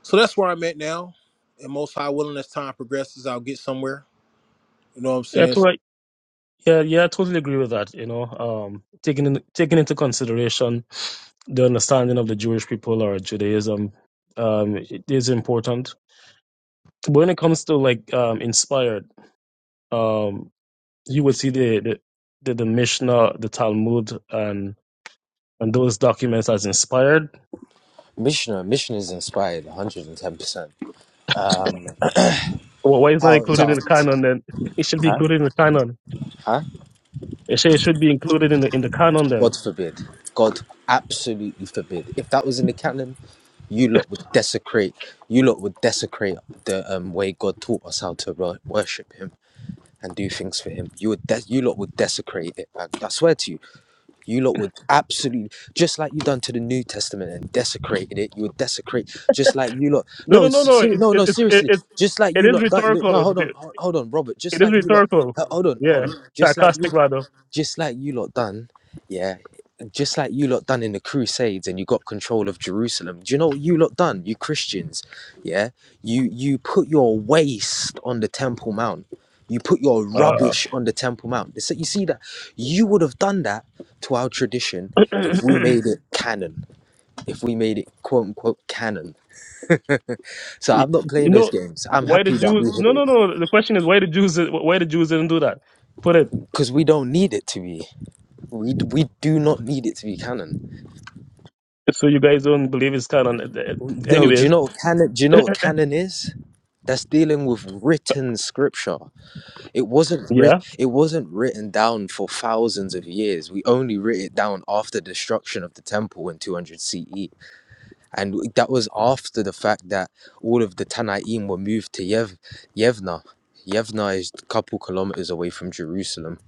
I: so that's where I'm at now. And Most High willing, as time progresses, I'll get somewhere. You know what I'm
D: Yeah,
I: saying?
D: Yeah, yeah, I totally agree with that. You know, um, taking in, taking into consideration the understanding of the Jewish people or Judaism, um, it is important. But When it comes to like um, inspired, um, you would see the the, the, the Mishnah, the Talmud, and and those documents as inspired.
K: Mishnah, Mishnah is inspired 110%.
D: Well, why is not
K: How,
D: included
K: so-
D: in the canon then? *laughs* It should be
K: huh?
D: included in the canon.
K: Huh?
D: It should, it should be included in the in the canon then.
K: God forbid. God absolutely forbid. If that was in the canon, you lot would desecrate. You lot would desecrate the um, way God taught us how to wor- worship Him and do things for Him. You would. De- you lot would desecrate it. I, I swear to you. You lot would absolutely just like you done to the New Testament and desecrated it. You would desecrate just like you lot.
D: No,
K: No,
D: no, no,
K: s-
D: no.
K: seri-
D: It
K: no,
D: it
K: no.
D: it it,
K: Seriously,
D: it
K: just like
D: it
K: you
D: is
K: lot. That, look, no,
D: rhetorical.
K: hold on, ho- hold on, Robert. Just
D: It is
K: like you lot.
D: rhetorical.
K: uh, hold on, hold
D: Yeah,
K: on. Just like you
D: sarcastic rather.
K: just like you lot done, yeah just like you lot done in the crusades and you got control of jerusalem do you know what you lot done you christians yeah you you put your waste on the temple mount you put your
D: Uh,
K: rubbish on the temple mount so you see that you would have done that to our tradition
D: *clears throat*
K: if we made it canon if we made it quote unquote canon *laughs* so
D: you
K: i'm not playing those
D: know
K: games i'm
D: why the
K: happy that
D: Jews?
K: we hid
D: No,
K: it
D: no, no. The question is why the Jews? Why the Jews didn't do that? Put it
K: because we don't need it to be we, we do not need it to be canon
D: so you guys don't believe it's canon.
K: No, do you
D: Anyways,
K: know what canon? Do you know what canon is? That's dealing with written scripture. It
D: *clears throat*
K: wasn't writ.
D: yeah.
K: It wasn't written down for thousands of years. We only writ it down after destruction of the temple in 200 CE, and that was after the fact that all of the Tanaim were moved to Yev- Yevna. Yevna is a couple kilometers away from Jerusalem,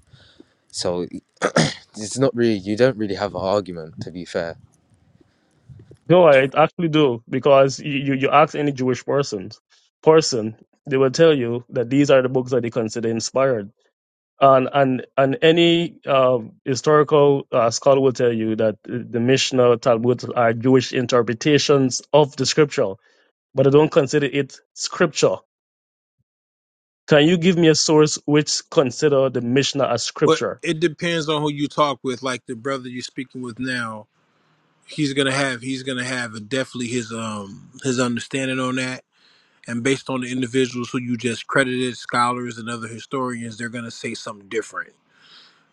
K: so it's not really. You don't really have an argument, to be fair.
D: No, I actually do because you you, you ask any Jewish person, person they will tell you that these are the books that they consider inspired. And and and any um, historical uh, scholar will tell you that the Mishnah, Talmud are Jewish interpretations of the scripture, but I don't consider it scripture. Can you give me a source which consider the Mishnah as
I: But
D: scripture?
I: it depends on who you talk with. Like the brother you're speaking with now he's gonna have he's gonna have definitely his um his understanding on that and based on the individuals who you just credited scholars and other historians they're gonna say something different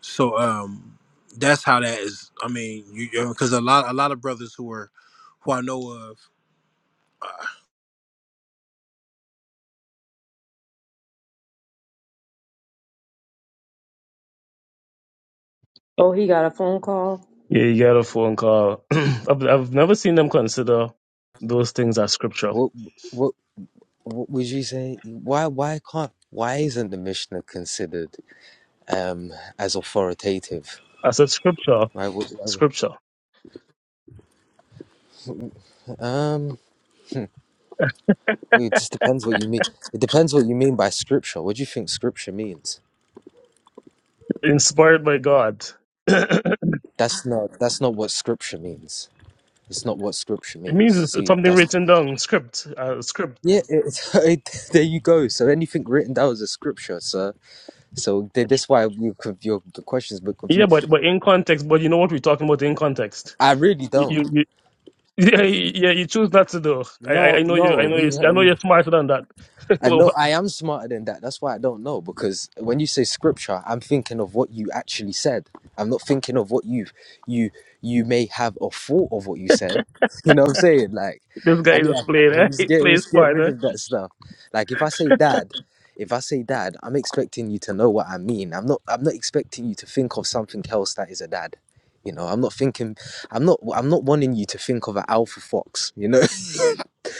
I: so um that's how that is i mean you because a lot a lot of brothers who are who i know of
A: Oh, he got a phone call.
D: Yeah, you get a phone call. *clears throat* I've, I've never seen them consider those things as scripture.
K: What? W- Would you say why why can't why isn't the Mishnah considered um, as authoritative?
D: I said scripture,
K: Why, would- why,
D: scripture,
K: um, well, it just depends what you mean. It depends what you mean by scripture. What do you think scripture means?
D: inspired by God. *clears throat* it
K: That's not that's not what scripture means. It's not what scripture means.
D: means
K: See,
D: something
K: that's
D: written down, script, uh, script.
K: yeah. It, *laughs* it, there you go. So anything written down is a scripture, sir. So th- that's why you, your the question's a bit
D: Yeah,
K: confused.
D: but but in context, but you know what we're talking about in context.
K: I really
D: You,
K: don't.
D: you, you *laughs* yeah, you- yeah, you choose not to do. I, I
K: No,
D: I know you.
K: no,
D: I know you. I know
K: you,
D: you're smarter than that. *laughs* this
K: I know I am smarter than that. That's why I don't know because when you say scripture, I'm thinking of what you actually said. I'm not thinking of what you have you you may have a thought of what you said. *laughs* You know what I'm saying? Like
D: guy
K: I need
D: is playing. *laughs* Eh? He
K: to get
D: plays
K: just get rid
D: smarter.
K: of that stuff. Like if I say dad, if I say dad, I'm expecting you to know what I mean. I'm not I'm not expecting you to think of something else that is a dad. You know, I'm not thinking I'm not I'm not wanting you to think of an alpha fox, you know?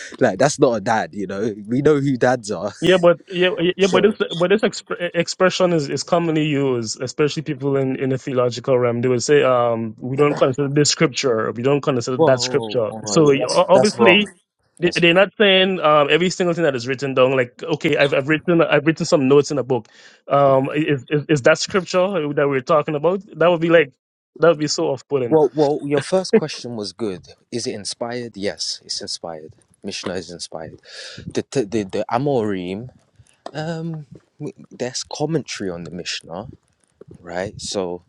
K: *laughs* like that's not a dad, you know. We know who dads are
D: Yeah, but yeah, yeah, but
K: so,
D: this but this exp- expression is, is commonly used, especially people in, in the theological realm. They would say, um, we don't consider this scripture, we don't consider
K: whoa,
D: that
K: whoa,
D: scripture.
K: whoa, whoa,
D: So
K: that's
D: o-
K: that's
D: obviously,
K: wrong.
D: they-
K: That's
D: they're
K: wrong.
D: not saying um, every single thing that is written down. Like, okay, I've I've written I've written some notes in a book. Um, is is, is that scripture that we're talking about? That would be like that would be so off putting.
K: Well, well, your first
D: *laughs*
K: question was good. Is it inspired? Yes, it's inspired. Mishnah is inspired. The the the, the Amorim, um, there's commentary on the Mishnah, right? So.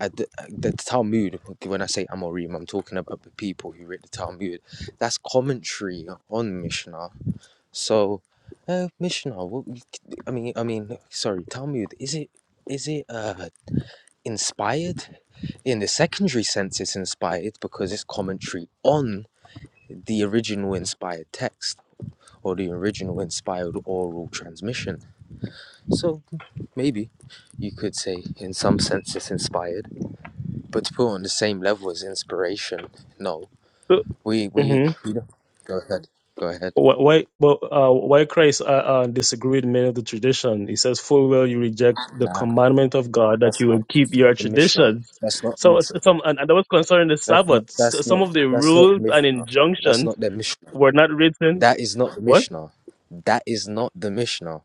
K: At the, the Talmud, when I say Amorim, I'm talking about the people who read the Talmud. That's commentary on Mishnah. So, uh, Mishnah, what, I mean, I mean, sorry, Talmud. Is it is it uh inspired. In the secondary sense, it's inspired because it's commentary on the original inspired text or the original inspired oral transmission. So maybe you could say, in some sense, it's inspired, but to put on the same level as inspiration, no.
D: So.
K: We we
D: mm-hmm.
K: we don't. Go ahead. Go ahead.
D: Why, why- well, uh, why Christ uh, uh, disagreed with many of the tradition? He says, "Full well, you reject the
K: Nah,
D: commandment of God that
K: that's
D: you
K: not
D: will keep
K: that's
D: your
K: not the Mishnah.
D: traditions."
K: That's not the
D: So,
K: Mishnah.
D: some and, and that was concerning the
K: That's
D: Sabbath.
K: not
D: S
K: that's
D: some of
K: not
D: the
K: that's not the
D: rules and
K: Mishnah. That's
D: injunctions
K: not the Mishnah.
D: were not written.
K: That is not the
D: What?
K: Mishnah. That is not the Mishnah.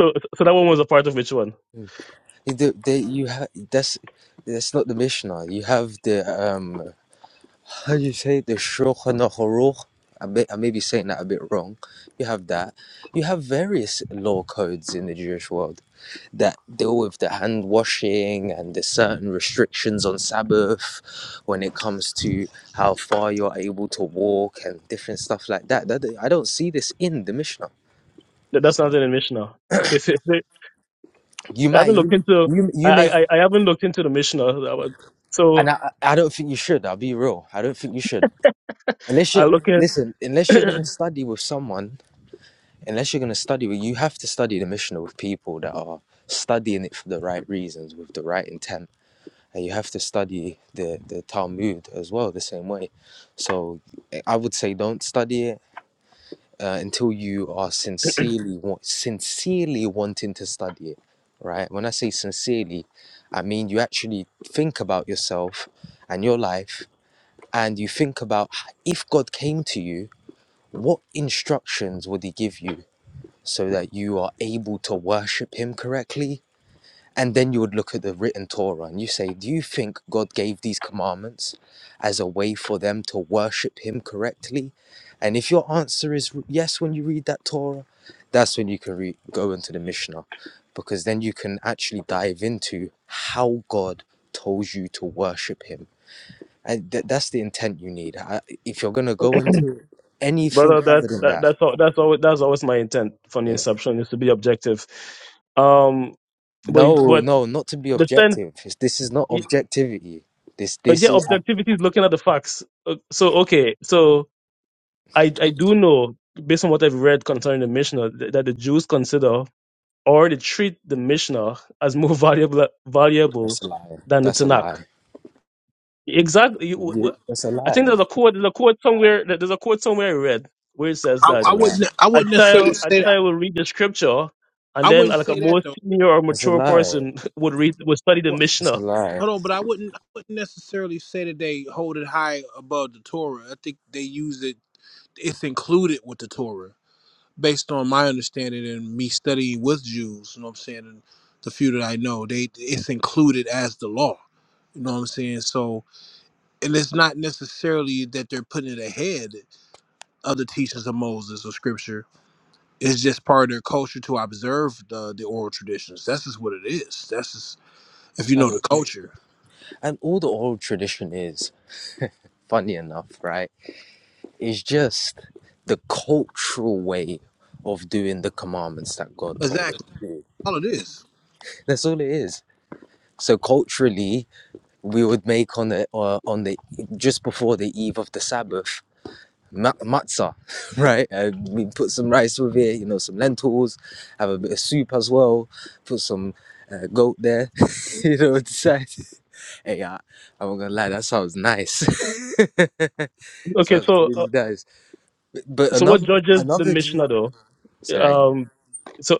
D: So, so that one was a part of which one?
K: Mm. The- the- you ha- that's that's not the Mishnah. You have the um how do you say it? the Shulchan Aruch. I may, I may be saying that a bit wrong. You have that. You have various law codes in the Jewish world that deal with the hand washing and the certain restrictions on Sabbath when it comes to how far you're able to walk and different stuff like that. that I don't see this in the Mishnah.
D: That, that's not in the Mishnah. Okay, so, *laughs* so
K: You
D: I
K: might
D: haven't looked
K: you
D: into.
K: you,
D: I,
K: you
D: I
K: may
D: I I haven't looked into the Mishnah.
K: and
D: So
K: I I don't think you should, I'll be real. I don't think you should. Unless
D: I
K: you
D: look at.
K: listen, unless you're gonna study with someone, unless you're gonna study with you have to study the mission with people that are studying it for the right reasons, with the right intent. And you have to study the, the Talmud as well the same way. So I would say don't study it uh, until you are sincerely want, sincerely wanting to study it, right? When I say sincerely, I mean you actually think about yourself and your life, and you think about h- if God came to you, what instructions would He give you so that you are able to worship Him correctly? And then you would look at the written Torah and you say, Do you think God gave these commandments as a way for them to worship Him correctly? And if your answer is yes when you read that Torah, that's when you can re- go into the Mishnah because then you can actually dive into how God told you to worship Him. And th- that's the intent you need. I, if you're going to go into anything
D: brother. That,
K: other than
D: that
K: that,
D: that's all. That's always that's always my intent from the
K: yeah.
D: inception is to be objective. Um, but
K: no,
D: but
K: no, not to be
D: the sense,
K: objective. It's- This is not
D: y-
K: objectivity. This, this
D: yeah,
K: is
D: objectivity is looking at the facts. Uh, So okay, so I I do know based on what I've read concerning the Mishnah th- that the Jews consider or they treat the Mishnah as more *laughs* valuable valuable
K: That's a lie.
D: than the
K: That's a
D: Tanakh.
K: lie.
D: Exactly. You- w- w-
K: You- That's a
D: I think
K: lie.
D: there's a quote. There's a quote somewhere. There's a quote somewhere I read where it says
I: i,
D: that.
K: That's a
I: I
K: lie.
I: wouldn't i
D: I'd
I: wouldn't
D: say
I: necessarily
D: I'd
I: say
D: say
I: that
D: I would read the scripture, and
I: i
D: then
I: wouldn't
D: like a
I: say that
D: more
I: though
D: senior or
K: That's a
D: mature
K: lie.
D: person *laughs* would read would study the
I: well,
K: That's a
D: Mishnah.
K: lie.
I: hold on but i wouldn't i wouldn't necessarily say that they hold it high above the torah i think they use it it's included with the torah based on my understanding and me studying with Jews, you know what I'm saying, and the few that I know, they it's included as the law. You know what I'm saying? So and it's not necessarily that they're putting it ahead of the teachings of Moses or scripture. It's just part of their culture to observe the the oral traditions. That's just what it is. That's just if you
K: And
I: know the culture.
K: and all the oral tradition is, funny enough, right? Is just the cultural way of doing the commandments that God told us
I: Exactly.
K: to do.
I: All it is.
K: That's all it is. So culturally, we would make on the uh, on the just before the eve of the Sabbath, ma- matzah, *laughs* right? And we put some rice with it, you know, some lentils, have a bit of soup as well, put some uh, goat there, *laughs* you know, decide. *laughs* Hey, I, I'm not gonna lie, that sounds nice. *laughs*
D: Okay,
K: sounds
D: so uh,
K: really nice. But, but
D: so what
K: another,
D: judges the
K: another, Jew-
D: Mishnah though?
K: say that again.
D: Um, so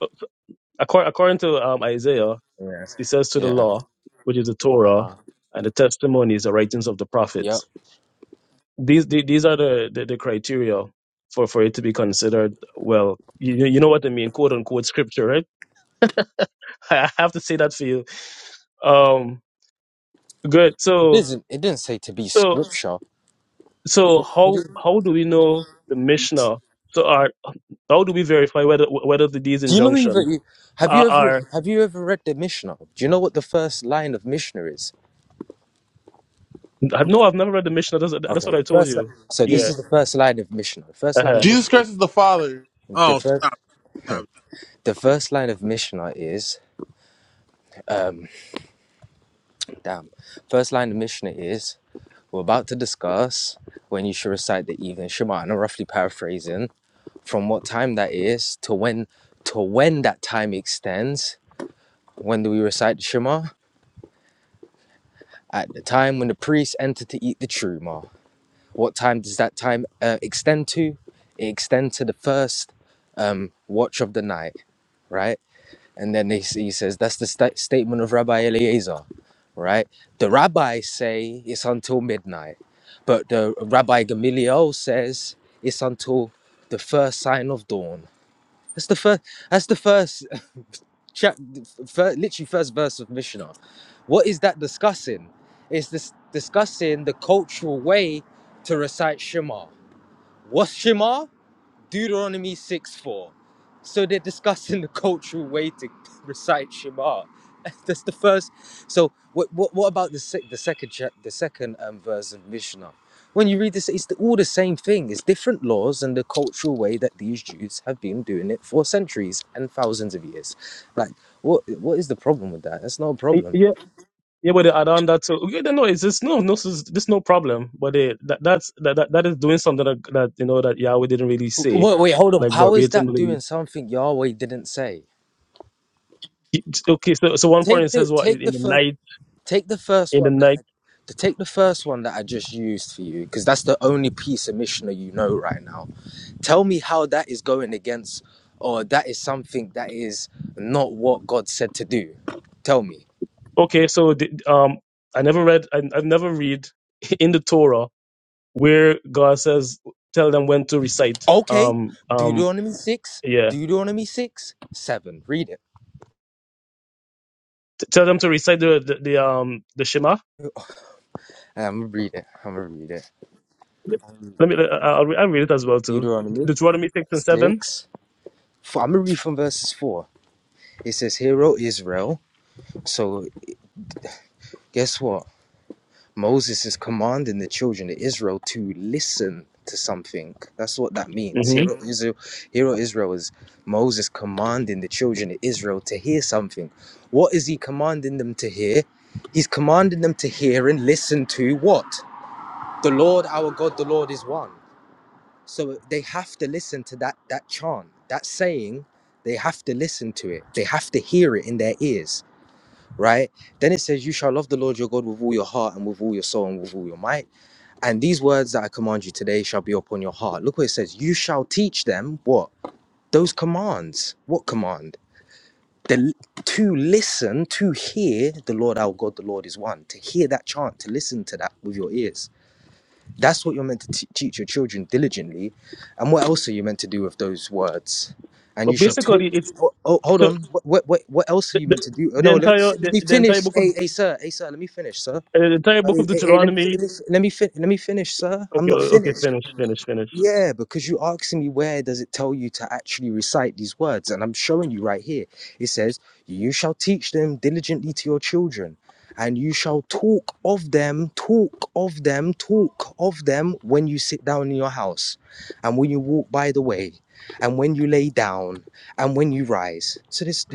D: according according to um, Isaiah,
K: Yeah,
D: it says to the
K: yeah,
D: law, which is the
K: uh
D: Torah,
K: huh,
D: and the testimonies, the writings of the
K: yep.
D: prophets. These the- these are the, the, the criteria for, for it to be considered well. You you know what I mean, quote unquote scripture, right? *laughs* I have to say that for you. Um, good.
K: It
D: So.
K: isn't. It didn't say to be
D: so,
K: scripture.
D: So
K: It
D: how
K: is-
D: how do we know the Mishnah? So are how do we verify whether whether the, these
K: Do you know
D: injunctions
K: even have
D: are,
K: you ever
D: are?
K: have you ever read the Mishnah? Do you know what the first line of Mishnah is?
D: I- No, I've never read the Mishnah. That's, that's
K: Okay,
D: what I
K: the
D: told
K: first.
D: you.
K: So this
I: He,
D: Yeah.
K: is the first line of Mishnah. The first line
D: Uh-huh.
K: of
M: Jesus
K: Mishnah.
M: Christ is the Father.
K: The
I: oh
K: first.
I: stop, stop.
K: The first line of Mishnah is damn. First line of Mishnah is we're about to discuss when you should recite the evening Shema, and I'm roughly paraphrasing from what time that is to when to when that time extends. When do we recite the Shema? At the time when the priests enter to eat the truma. What time does that time uh, extend to? It extends to the first um, watch of the night, right? And then they, he says, that's the sta statement of Rabbi Eliezer, right? The rabbis say it's until midnight, but the Rabbi Gamaliel says it's until the first sign of dawn. That's the first. That's the first *laughs* chap, fir- literally first verse of Mishnah. What is that discussing? It's this discussing the cultural way to recite Shema. What's Shema? Deuteronomy 6 4. So they're discussing *laughs* the cultural way to *laughs* recite Shema. *laughs* That's the first. So what what, what about the sec, the second chap, the second um, verse of Mishnah? When you read this, it's the, all the same thing. It's different laws and the cultural way that these Jews have been doing it for centuries and thousands of years. Like, what what is the problem with that? That's not a
D: Y-
K: problem.
D: Yeah. Yeah, but they add on that too. Okay, then no, it's just no, no, this is this no problem. But they, that that's that, that that is doing something that that you know that Yahweh didn't really say,
K: Wait, wait, hold on.
D: like
K: How is that
D: verbatimly.
K: doing something Yahweh didn't say?
D: He- Okay, so so one point it
K: Take the
D: says what
K: take
D: in
K: the
D: the
K: first.
D: night
K: Take the first
D: in the
K: one that
D: night.
K: I, to take the first one that I just used for you, because that's the only piece of Mishnah you know right now. Tell me how that is going against, or that is something that is not what God said to do. Tell me.
D: Okay, so the, um, I never read I, I've never read *laughs* in the Torah where God says, "Tell them when to recite."
K: Okay,
D: Um, um,
K: Deuteronomy six,
D: yeah,
K: Deuteronomy six, seven. Read it.
D: T- tell them to recite the the, the um the Shema.
K: I'm gonna read it. I'm gonna read it.
D: Yep. Let me. I- I'll, re- I'll read it as well too.
K: Deuteronomy
D: Deuteronomy six and seven.
K: six. I'm gonna read from verses four. It says, "Hero Israel." So guess what? Moses is commanding the children of Israel to listen to something. That's what that means.
D: hmm
K: Here, o Israel, here, o Israel is Moses commanding the children of Israel to hear something. What is he commanding them to hear? He's commanding them to hear and listen to what? The Lord our God, the Lord is one. So they have to listen to that that chant, that saying. They have to listen to it. They have to hear it in their ears right? Then it says, You shall love the Lord your God with all your heart and with all your soul and with all your might. And these words that I command you today shall be upon your heart. Look what it says. You shall teach them what? Those commands. What command? The, to listen, to hear the Lord our God, the Lord is one. To hear that chant, to listen to that with your ears that's what you're meant to t- teach your children diligently. And what else are you meant to do with those words? And you
D: But
K: shall talk.
D: basically, it's
K: Oh, oh,
D: it's
K: hold
D: so
K: on. What, what what what else are
D: the,
K: you
D: the,
K: meant to do? Oh
D: the
K: no, let me
D: entire
K: let
D: the,
K: me
D: the entire
K: finish.
D: book of
K: Hey hey sir, hey sir, let me finish, sir.
D: uh, the entire book
K: Hey,
D: of
K: hey, hey, let me fi-
D: Deuteronomy.
K: let me fi- let me, fin- let me finish, sir. I'm
D: Okay,
K: not
D: okay,
K: finished.
D: finish, finish, finish.
K: Yeah, because you asking me where does it tell you to actually recite these words, and I'm showing you right here. It says, "You shall teach them diligently to your children, and you shall talk of them, talk of them, talk of them when you sit down in your house, and when you walk by the way." and when you lay down and when you rise. So there's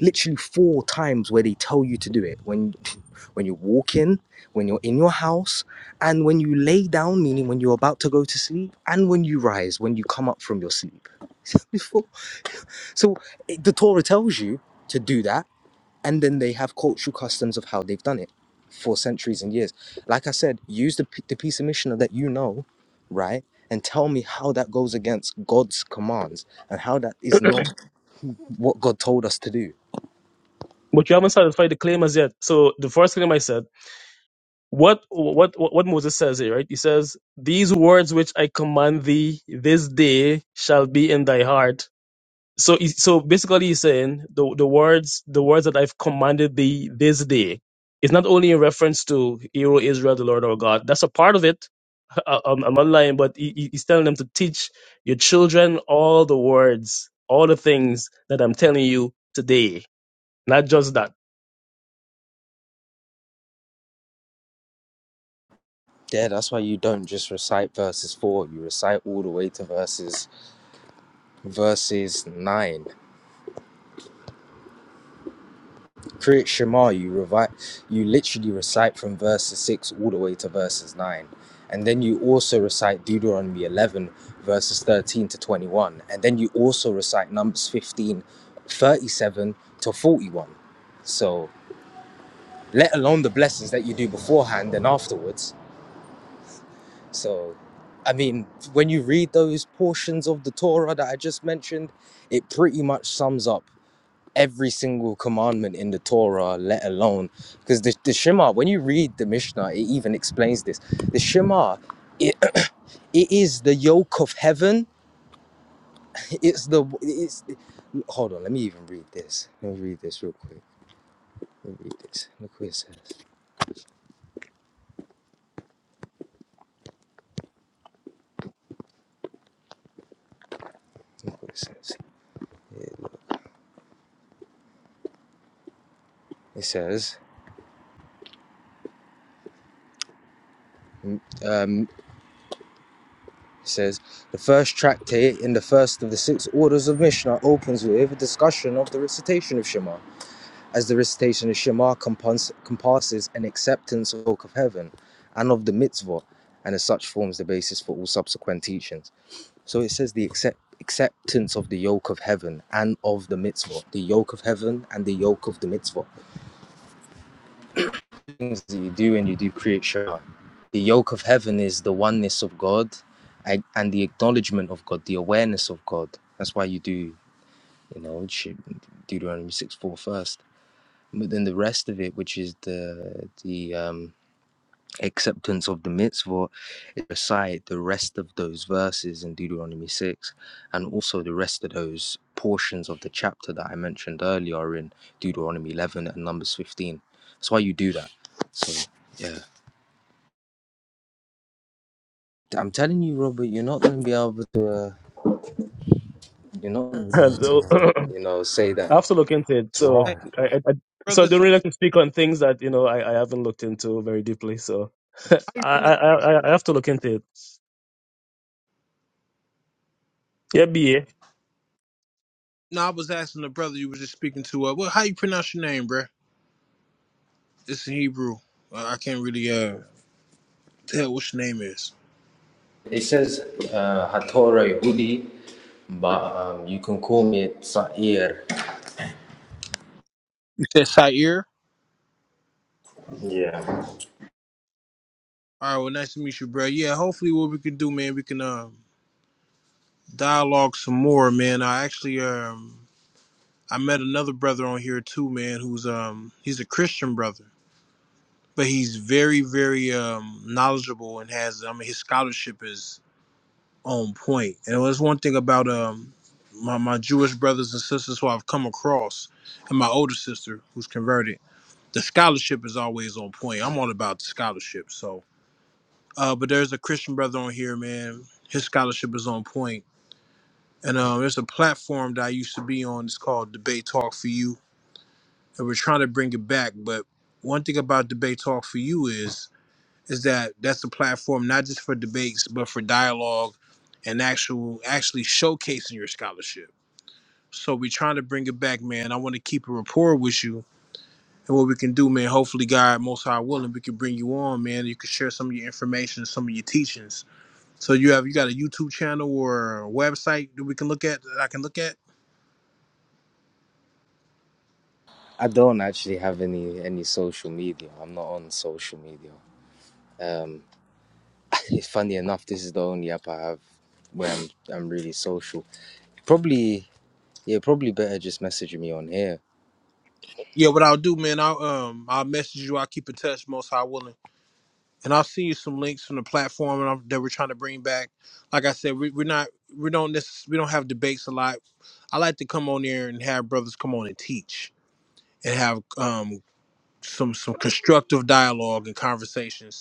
K: literally four times where they tell you to do it. When *laughs* when you walk in, when you're in your house, and when you lay down, meaning when you're about to go to sleep, and when you rise, when you come up from your sleep. *laughs* Before, so it- the Torah tells you to do that and then they have cultural customs of how they've done it for centuries and years. Like I said, use the, p- the piece of missioner that you know, right? And tell me how that goes against God's commands and how that is not what God told us to do.
D: But you haven't satisfied the claim as yet. So the first claim I said. what what what Moses says here, right? He says, "These words which I command thee this day shall be in thy heart." So he- so basically, he's saying the the words the words that I've commanded thee this day. is not only in reference to Hero Israel, the Lord our God. That's a part of it. *laughs* I, I'm, I'm not lying, but he, he- he's telling them to teach your children all the words, all the things that I'm telling you today. Not just that.
K: Yeah, that's why you don't just recite verses four, you recite all the way to verses verses nine. Create Shema, you revi- you literally recite from verses 6 all the way to verses 9. And then you also recite Deuteronomy 11, verses 13 to 21. And then you also recite Numbers 15, 37 to 41. So, let alone the blessings that you do beforehand and afterwards. So, I mean, when you read those portions of the Torah that I just mentioned, it pretty much sums up every single commandment in the Torah, let alone because the, the Shema, when you read the Mishnah, it even explains this. The Shema, it, *clears throat* it is the yoke of heaven. It's the it's hold on, let me even read this. Let me read this real quick. Let me read this. Look what it says. Look what it says. Yeah, It says um, it says the first tractate in the first of the six orders of Mishnah opens with a discussion of the recitation of Shema. as the recitation of Shema compons- compasses an acceptance of the work of heaven and of the mitzvah, and as such forms the basis for all subsequent teachings. So it says the accept- acceptance of the yoke of heaven and of the mitzvah, the yoke of heaven and the yoke of the mitzvah. The Things that you do and you do create Shema. The yoke of heaven is the oneness of God and and the acknowledgement of God, the awareness of God. That's why you do, you know, Deuteronomy 6 4 first. But then the rest of it, which is the the um, acceptance of the mitzvot, is recite the rest of those verses in Deuteronomy six, and also the rest of those portions of the chapter that I mentioned earlier are in Deuteronomy eleven and Numbers fifteen. That's why you do that. So yeah, I'm telling you, Robert, you're not going to be able to. Uh, you're not going to be able to,
D: *laughs*
K: you know, say that.
D: I have to look into it. So
I: Hey,
D: I, I I- so I
I: brother,
D: don't
I: so
D: really like to speak on things that you know I, I haven't looked into very deeply. So *laughs*
I: how you
D: I, I
I: pronounce
D: I I have to look into it. Yeah, BA.
I: no, I was asking the brother you was just speaking to uh, well, how you pronounce your name, bruh? It's in Hebrew. I I can't really uh tell what your name is.
K: It says uh, Hatorah Yehudi, but um, you can call me Sa'ir.
I: You said Sair?
K: Yeah.
I: All right, well, nice to meet you, bro. Yeah, hopefully, what we can do, man, we can um dialogue some more, man. I actually um I met another brother on here too, man, who's um he's a Christian brother, but he's very, very um knowledgeable and has I mean his scholarship is on point. And there's one thing about um my my Jewish brothers and sisters who I've come across, and my older sister who's converted. the scholarship is always on point. I'm all about the scholarship. So, uh, but there's a Christian brother on here, man. His scholarship is on point. And um, there's a platform that I used to be on. It's called Debate Talk for You, and we're trying to bring it back. But one thing about Debate Talk for You is is that that's a platform not just for debates, but for dialogue and actual actually showcasing your scholarship. So we're trying to bring it back, man. I want to keep a rapport with you and what we can do, man. Hopefully, God, most high willing, we can bring you on, man. You can share some of your information, some of your teachings. So you have you got a YouTube channel or a website that we can look at that I can look at?
K: I don't actually have any any social media. I'm not on social media. Um, *laughs* funny enough, this is the only app I have where I'm I'm really social. Probably, yeah, probably better just messaging me on here.
I: Yeah, what I'll do, man, I'll um I'll message you, I'll keep in touch, most high willing. And I'll send you some links from the platform and I'm, that we're trying to bring back. Like I said, we, we're not we don't necess- we don't have debates a lot. I like to come on there and have brothers come on and teach and have um some some constructive dialogue and conversations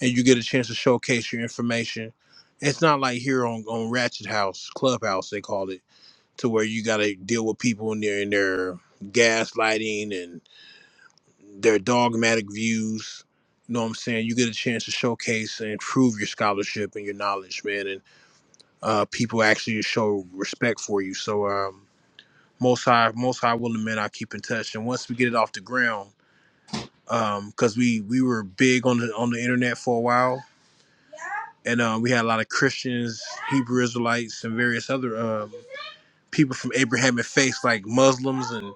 I: and you get a chance to showcase your information. It's not like here on, on Ratchet House, Clubhouse, they call it, to where you got to deal with people and their, and their gaslighting and their dogmatic views. You know what I'm saying? You get a chance to showcase and prove your scholarship and your knowledge, man, and uh, people actually show respect for you. So, um, most high, most high willing men, I keep in touch. And once we get it off the ground, because we we were big on the on the internet for a while, and um, we had a lot of Christians, Hebrew Israelites, and various other um, people from Abrahamic faith, like Muslims and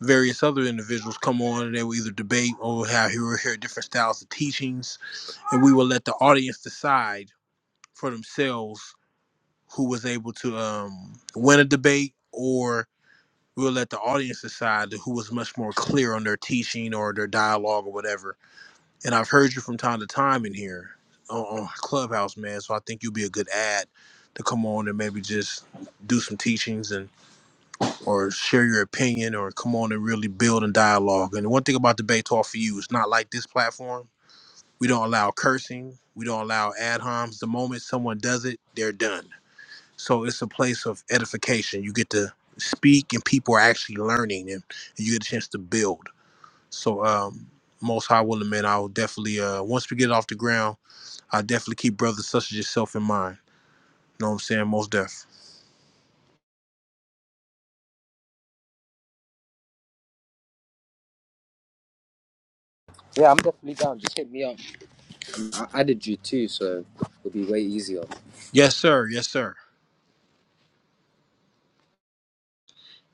I: various other individuals, come on, and they would either debate or have you would hear different styles of teachings, and we would let the audience decide for themselves who was able to um, win a debate, or we would let the audience decide who was much more clear on their teaching or their dialogue or whatever and I've heard you from time to time in here on, on Clubhouse, man. So I think you'll be a good ad to come on and maybe just do some teachings and or share your opinion or come on and really build and dialogue. And one thing about debate talk for you, it's not like this platform. We don't allow cursing. We don't allow ad homs. The moment someone does it, they're done. So it's a place of edification. You get to speak and people are actually learning and, and you get a chance to build. So um most high willing man, I'll definitely uh once we get it off the ground, I definitely keep brothers such as yourself in mind. You know what I'm saying? Most deaf.
K: Yeah, I'm definitely down. Just hit me up. I added you too, so it'll be way easier.
I: Yes, sir. Yes, sir.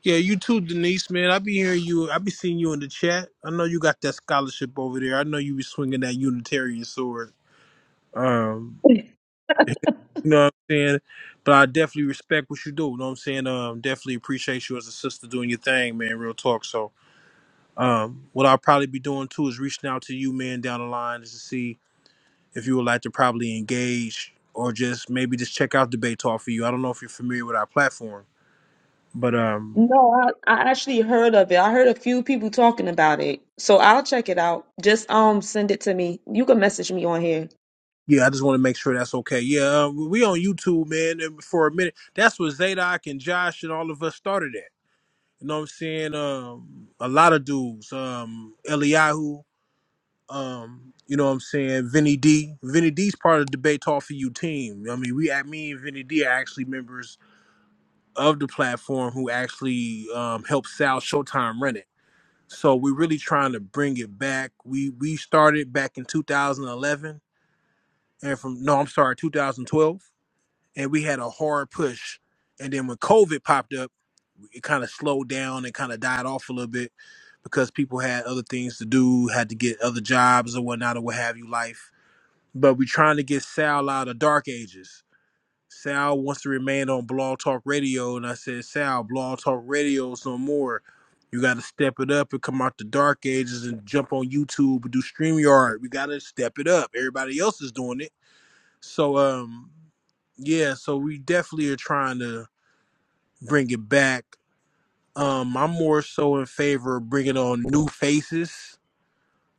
I: Yeah, you too, Denise, man. I be hearing you. I be seeing you in the chat. I know you got that scholarship over there. I know you be swinging that Unitarian sword. Um, you know what I'm saying? But I definitely respect what you do. You know what I'm saying? Um, definitely appreciate you as a sister doing your thing, man. Real talk. So, um, what I'll probably be doing too is reaching out to you, man, down the line, is to see if you would like to probably engage or just maybe just check out debate talk for you i don't know if you're familiar with our platform but um
A: No, I, I actually heard of it. I heard a few people talking about it. So I'll check it out. Just um send it to me. You can message me on here.
I: yeah i just want to make sure that's okay yeah uh, we on youtube man and for a minute that's where zadok and josh and all of us started at you know what i'm saying um a lot of dudes um eliyahu um you know what i'm saying vinny d vinny d's part of the debate talk for you team i mean we at me and vinny d are actually members of the platform who actually um helped sal showtime run it So we're really trying to bring it back. We we started back in 2011, and from no, I'm sorry, 2012, and we had a hard push. And then when COVID popped up, it kind of slowed down and kind of died off a little bit because people had other things to do, had to get other jobs or whatnot or what have you, life. But we're trying to get Sal out of Dark Ages Sal wants to remain on Blog Talk Radio, and I said, Sal, Blog Talk Radio's no more. You got to step it up and come out the dark ages and jump on YouTube and do StreamYard. We got to step it up. Everybody else is doing it. So, um, yeah, so we definitely are trying to bring it back. Um, I'm more so in favor of bringing on new faces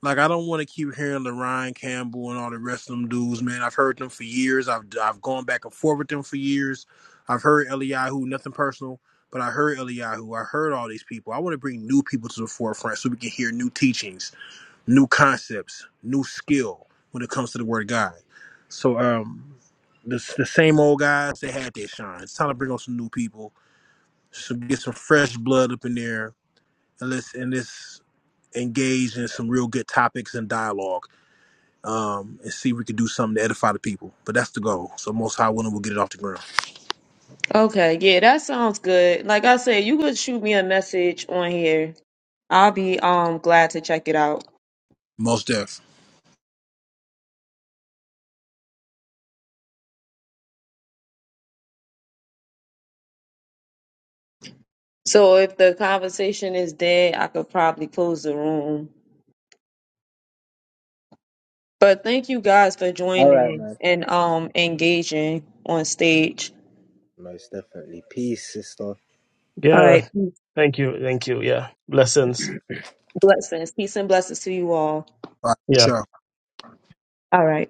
I: like I don't want to keep hearing Ryan Campbell and all the rest of them dudes, man. I've heard them for years. I've I've gone back and forth with them for years. I've heard Eliyahu, nothing personal, but I heard Eliyahu. I heard all these people. I want to bring new people to the forefront so we can hear new teachings, new concepts, new skill when it comes to the word of God. So um the, the same old guys, they had their shine. It's time to bring on some new people. So get some fresh blood up in there and let's and let's engage in some real good topics and dialogue um, and see if we can do something to edify the people. But that's the goal. So most high willing, we'll get it off the ground.
A: Okay, yeah, that sounds good. Like I said, you could shoot me a message on here. I'll be um glad to check it out.
I: Most deaf.
A: So if the conversation is dead, I could probably close the room. But thank you guys for
K: All right,
A: joining
K: man.
A: and um engaging on stage.
K: Most definitely. Peace, sister.
A: All right.
D: Yeah. Thank you. Thank you. Yeah. Blessings.
A: Blessings. Peace and blessings to you all.
I: All right, for
D: Yeah.
I: sure.
A: All right.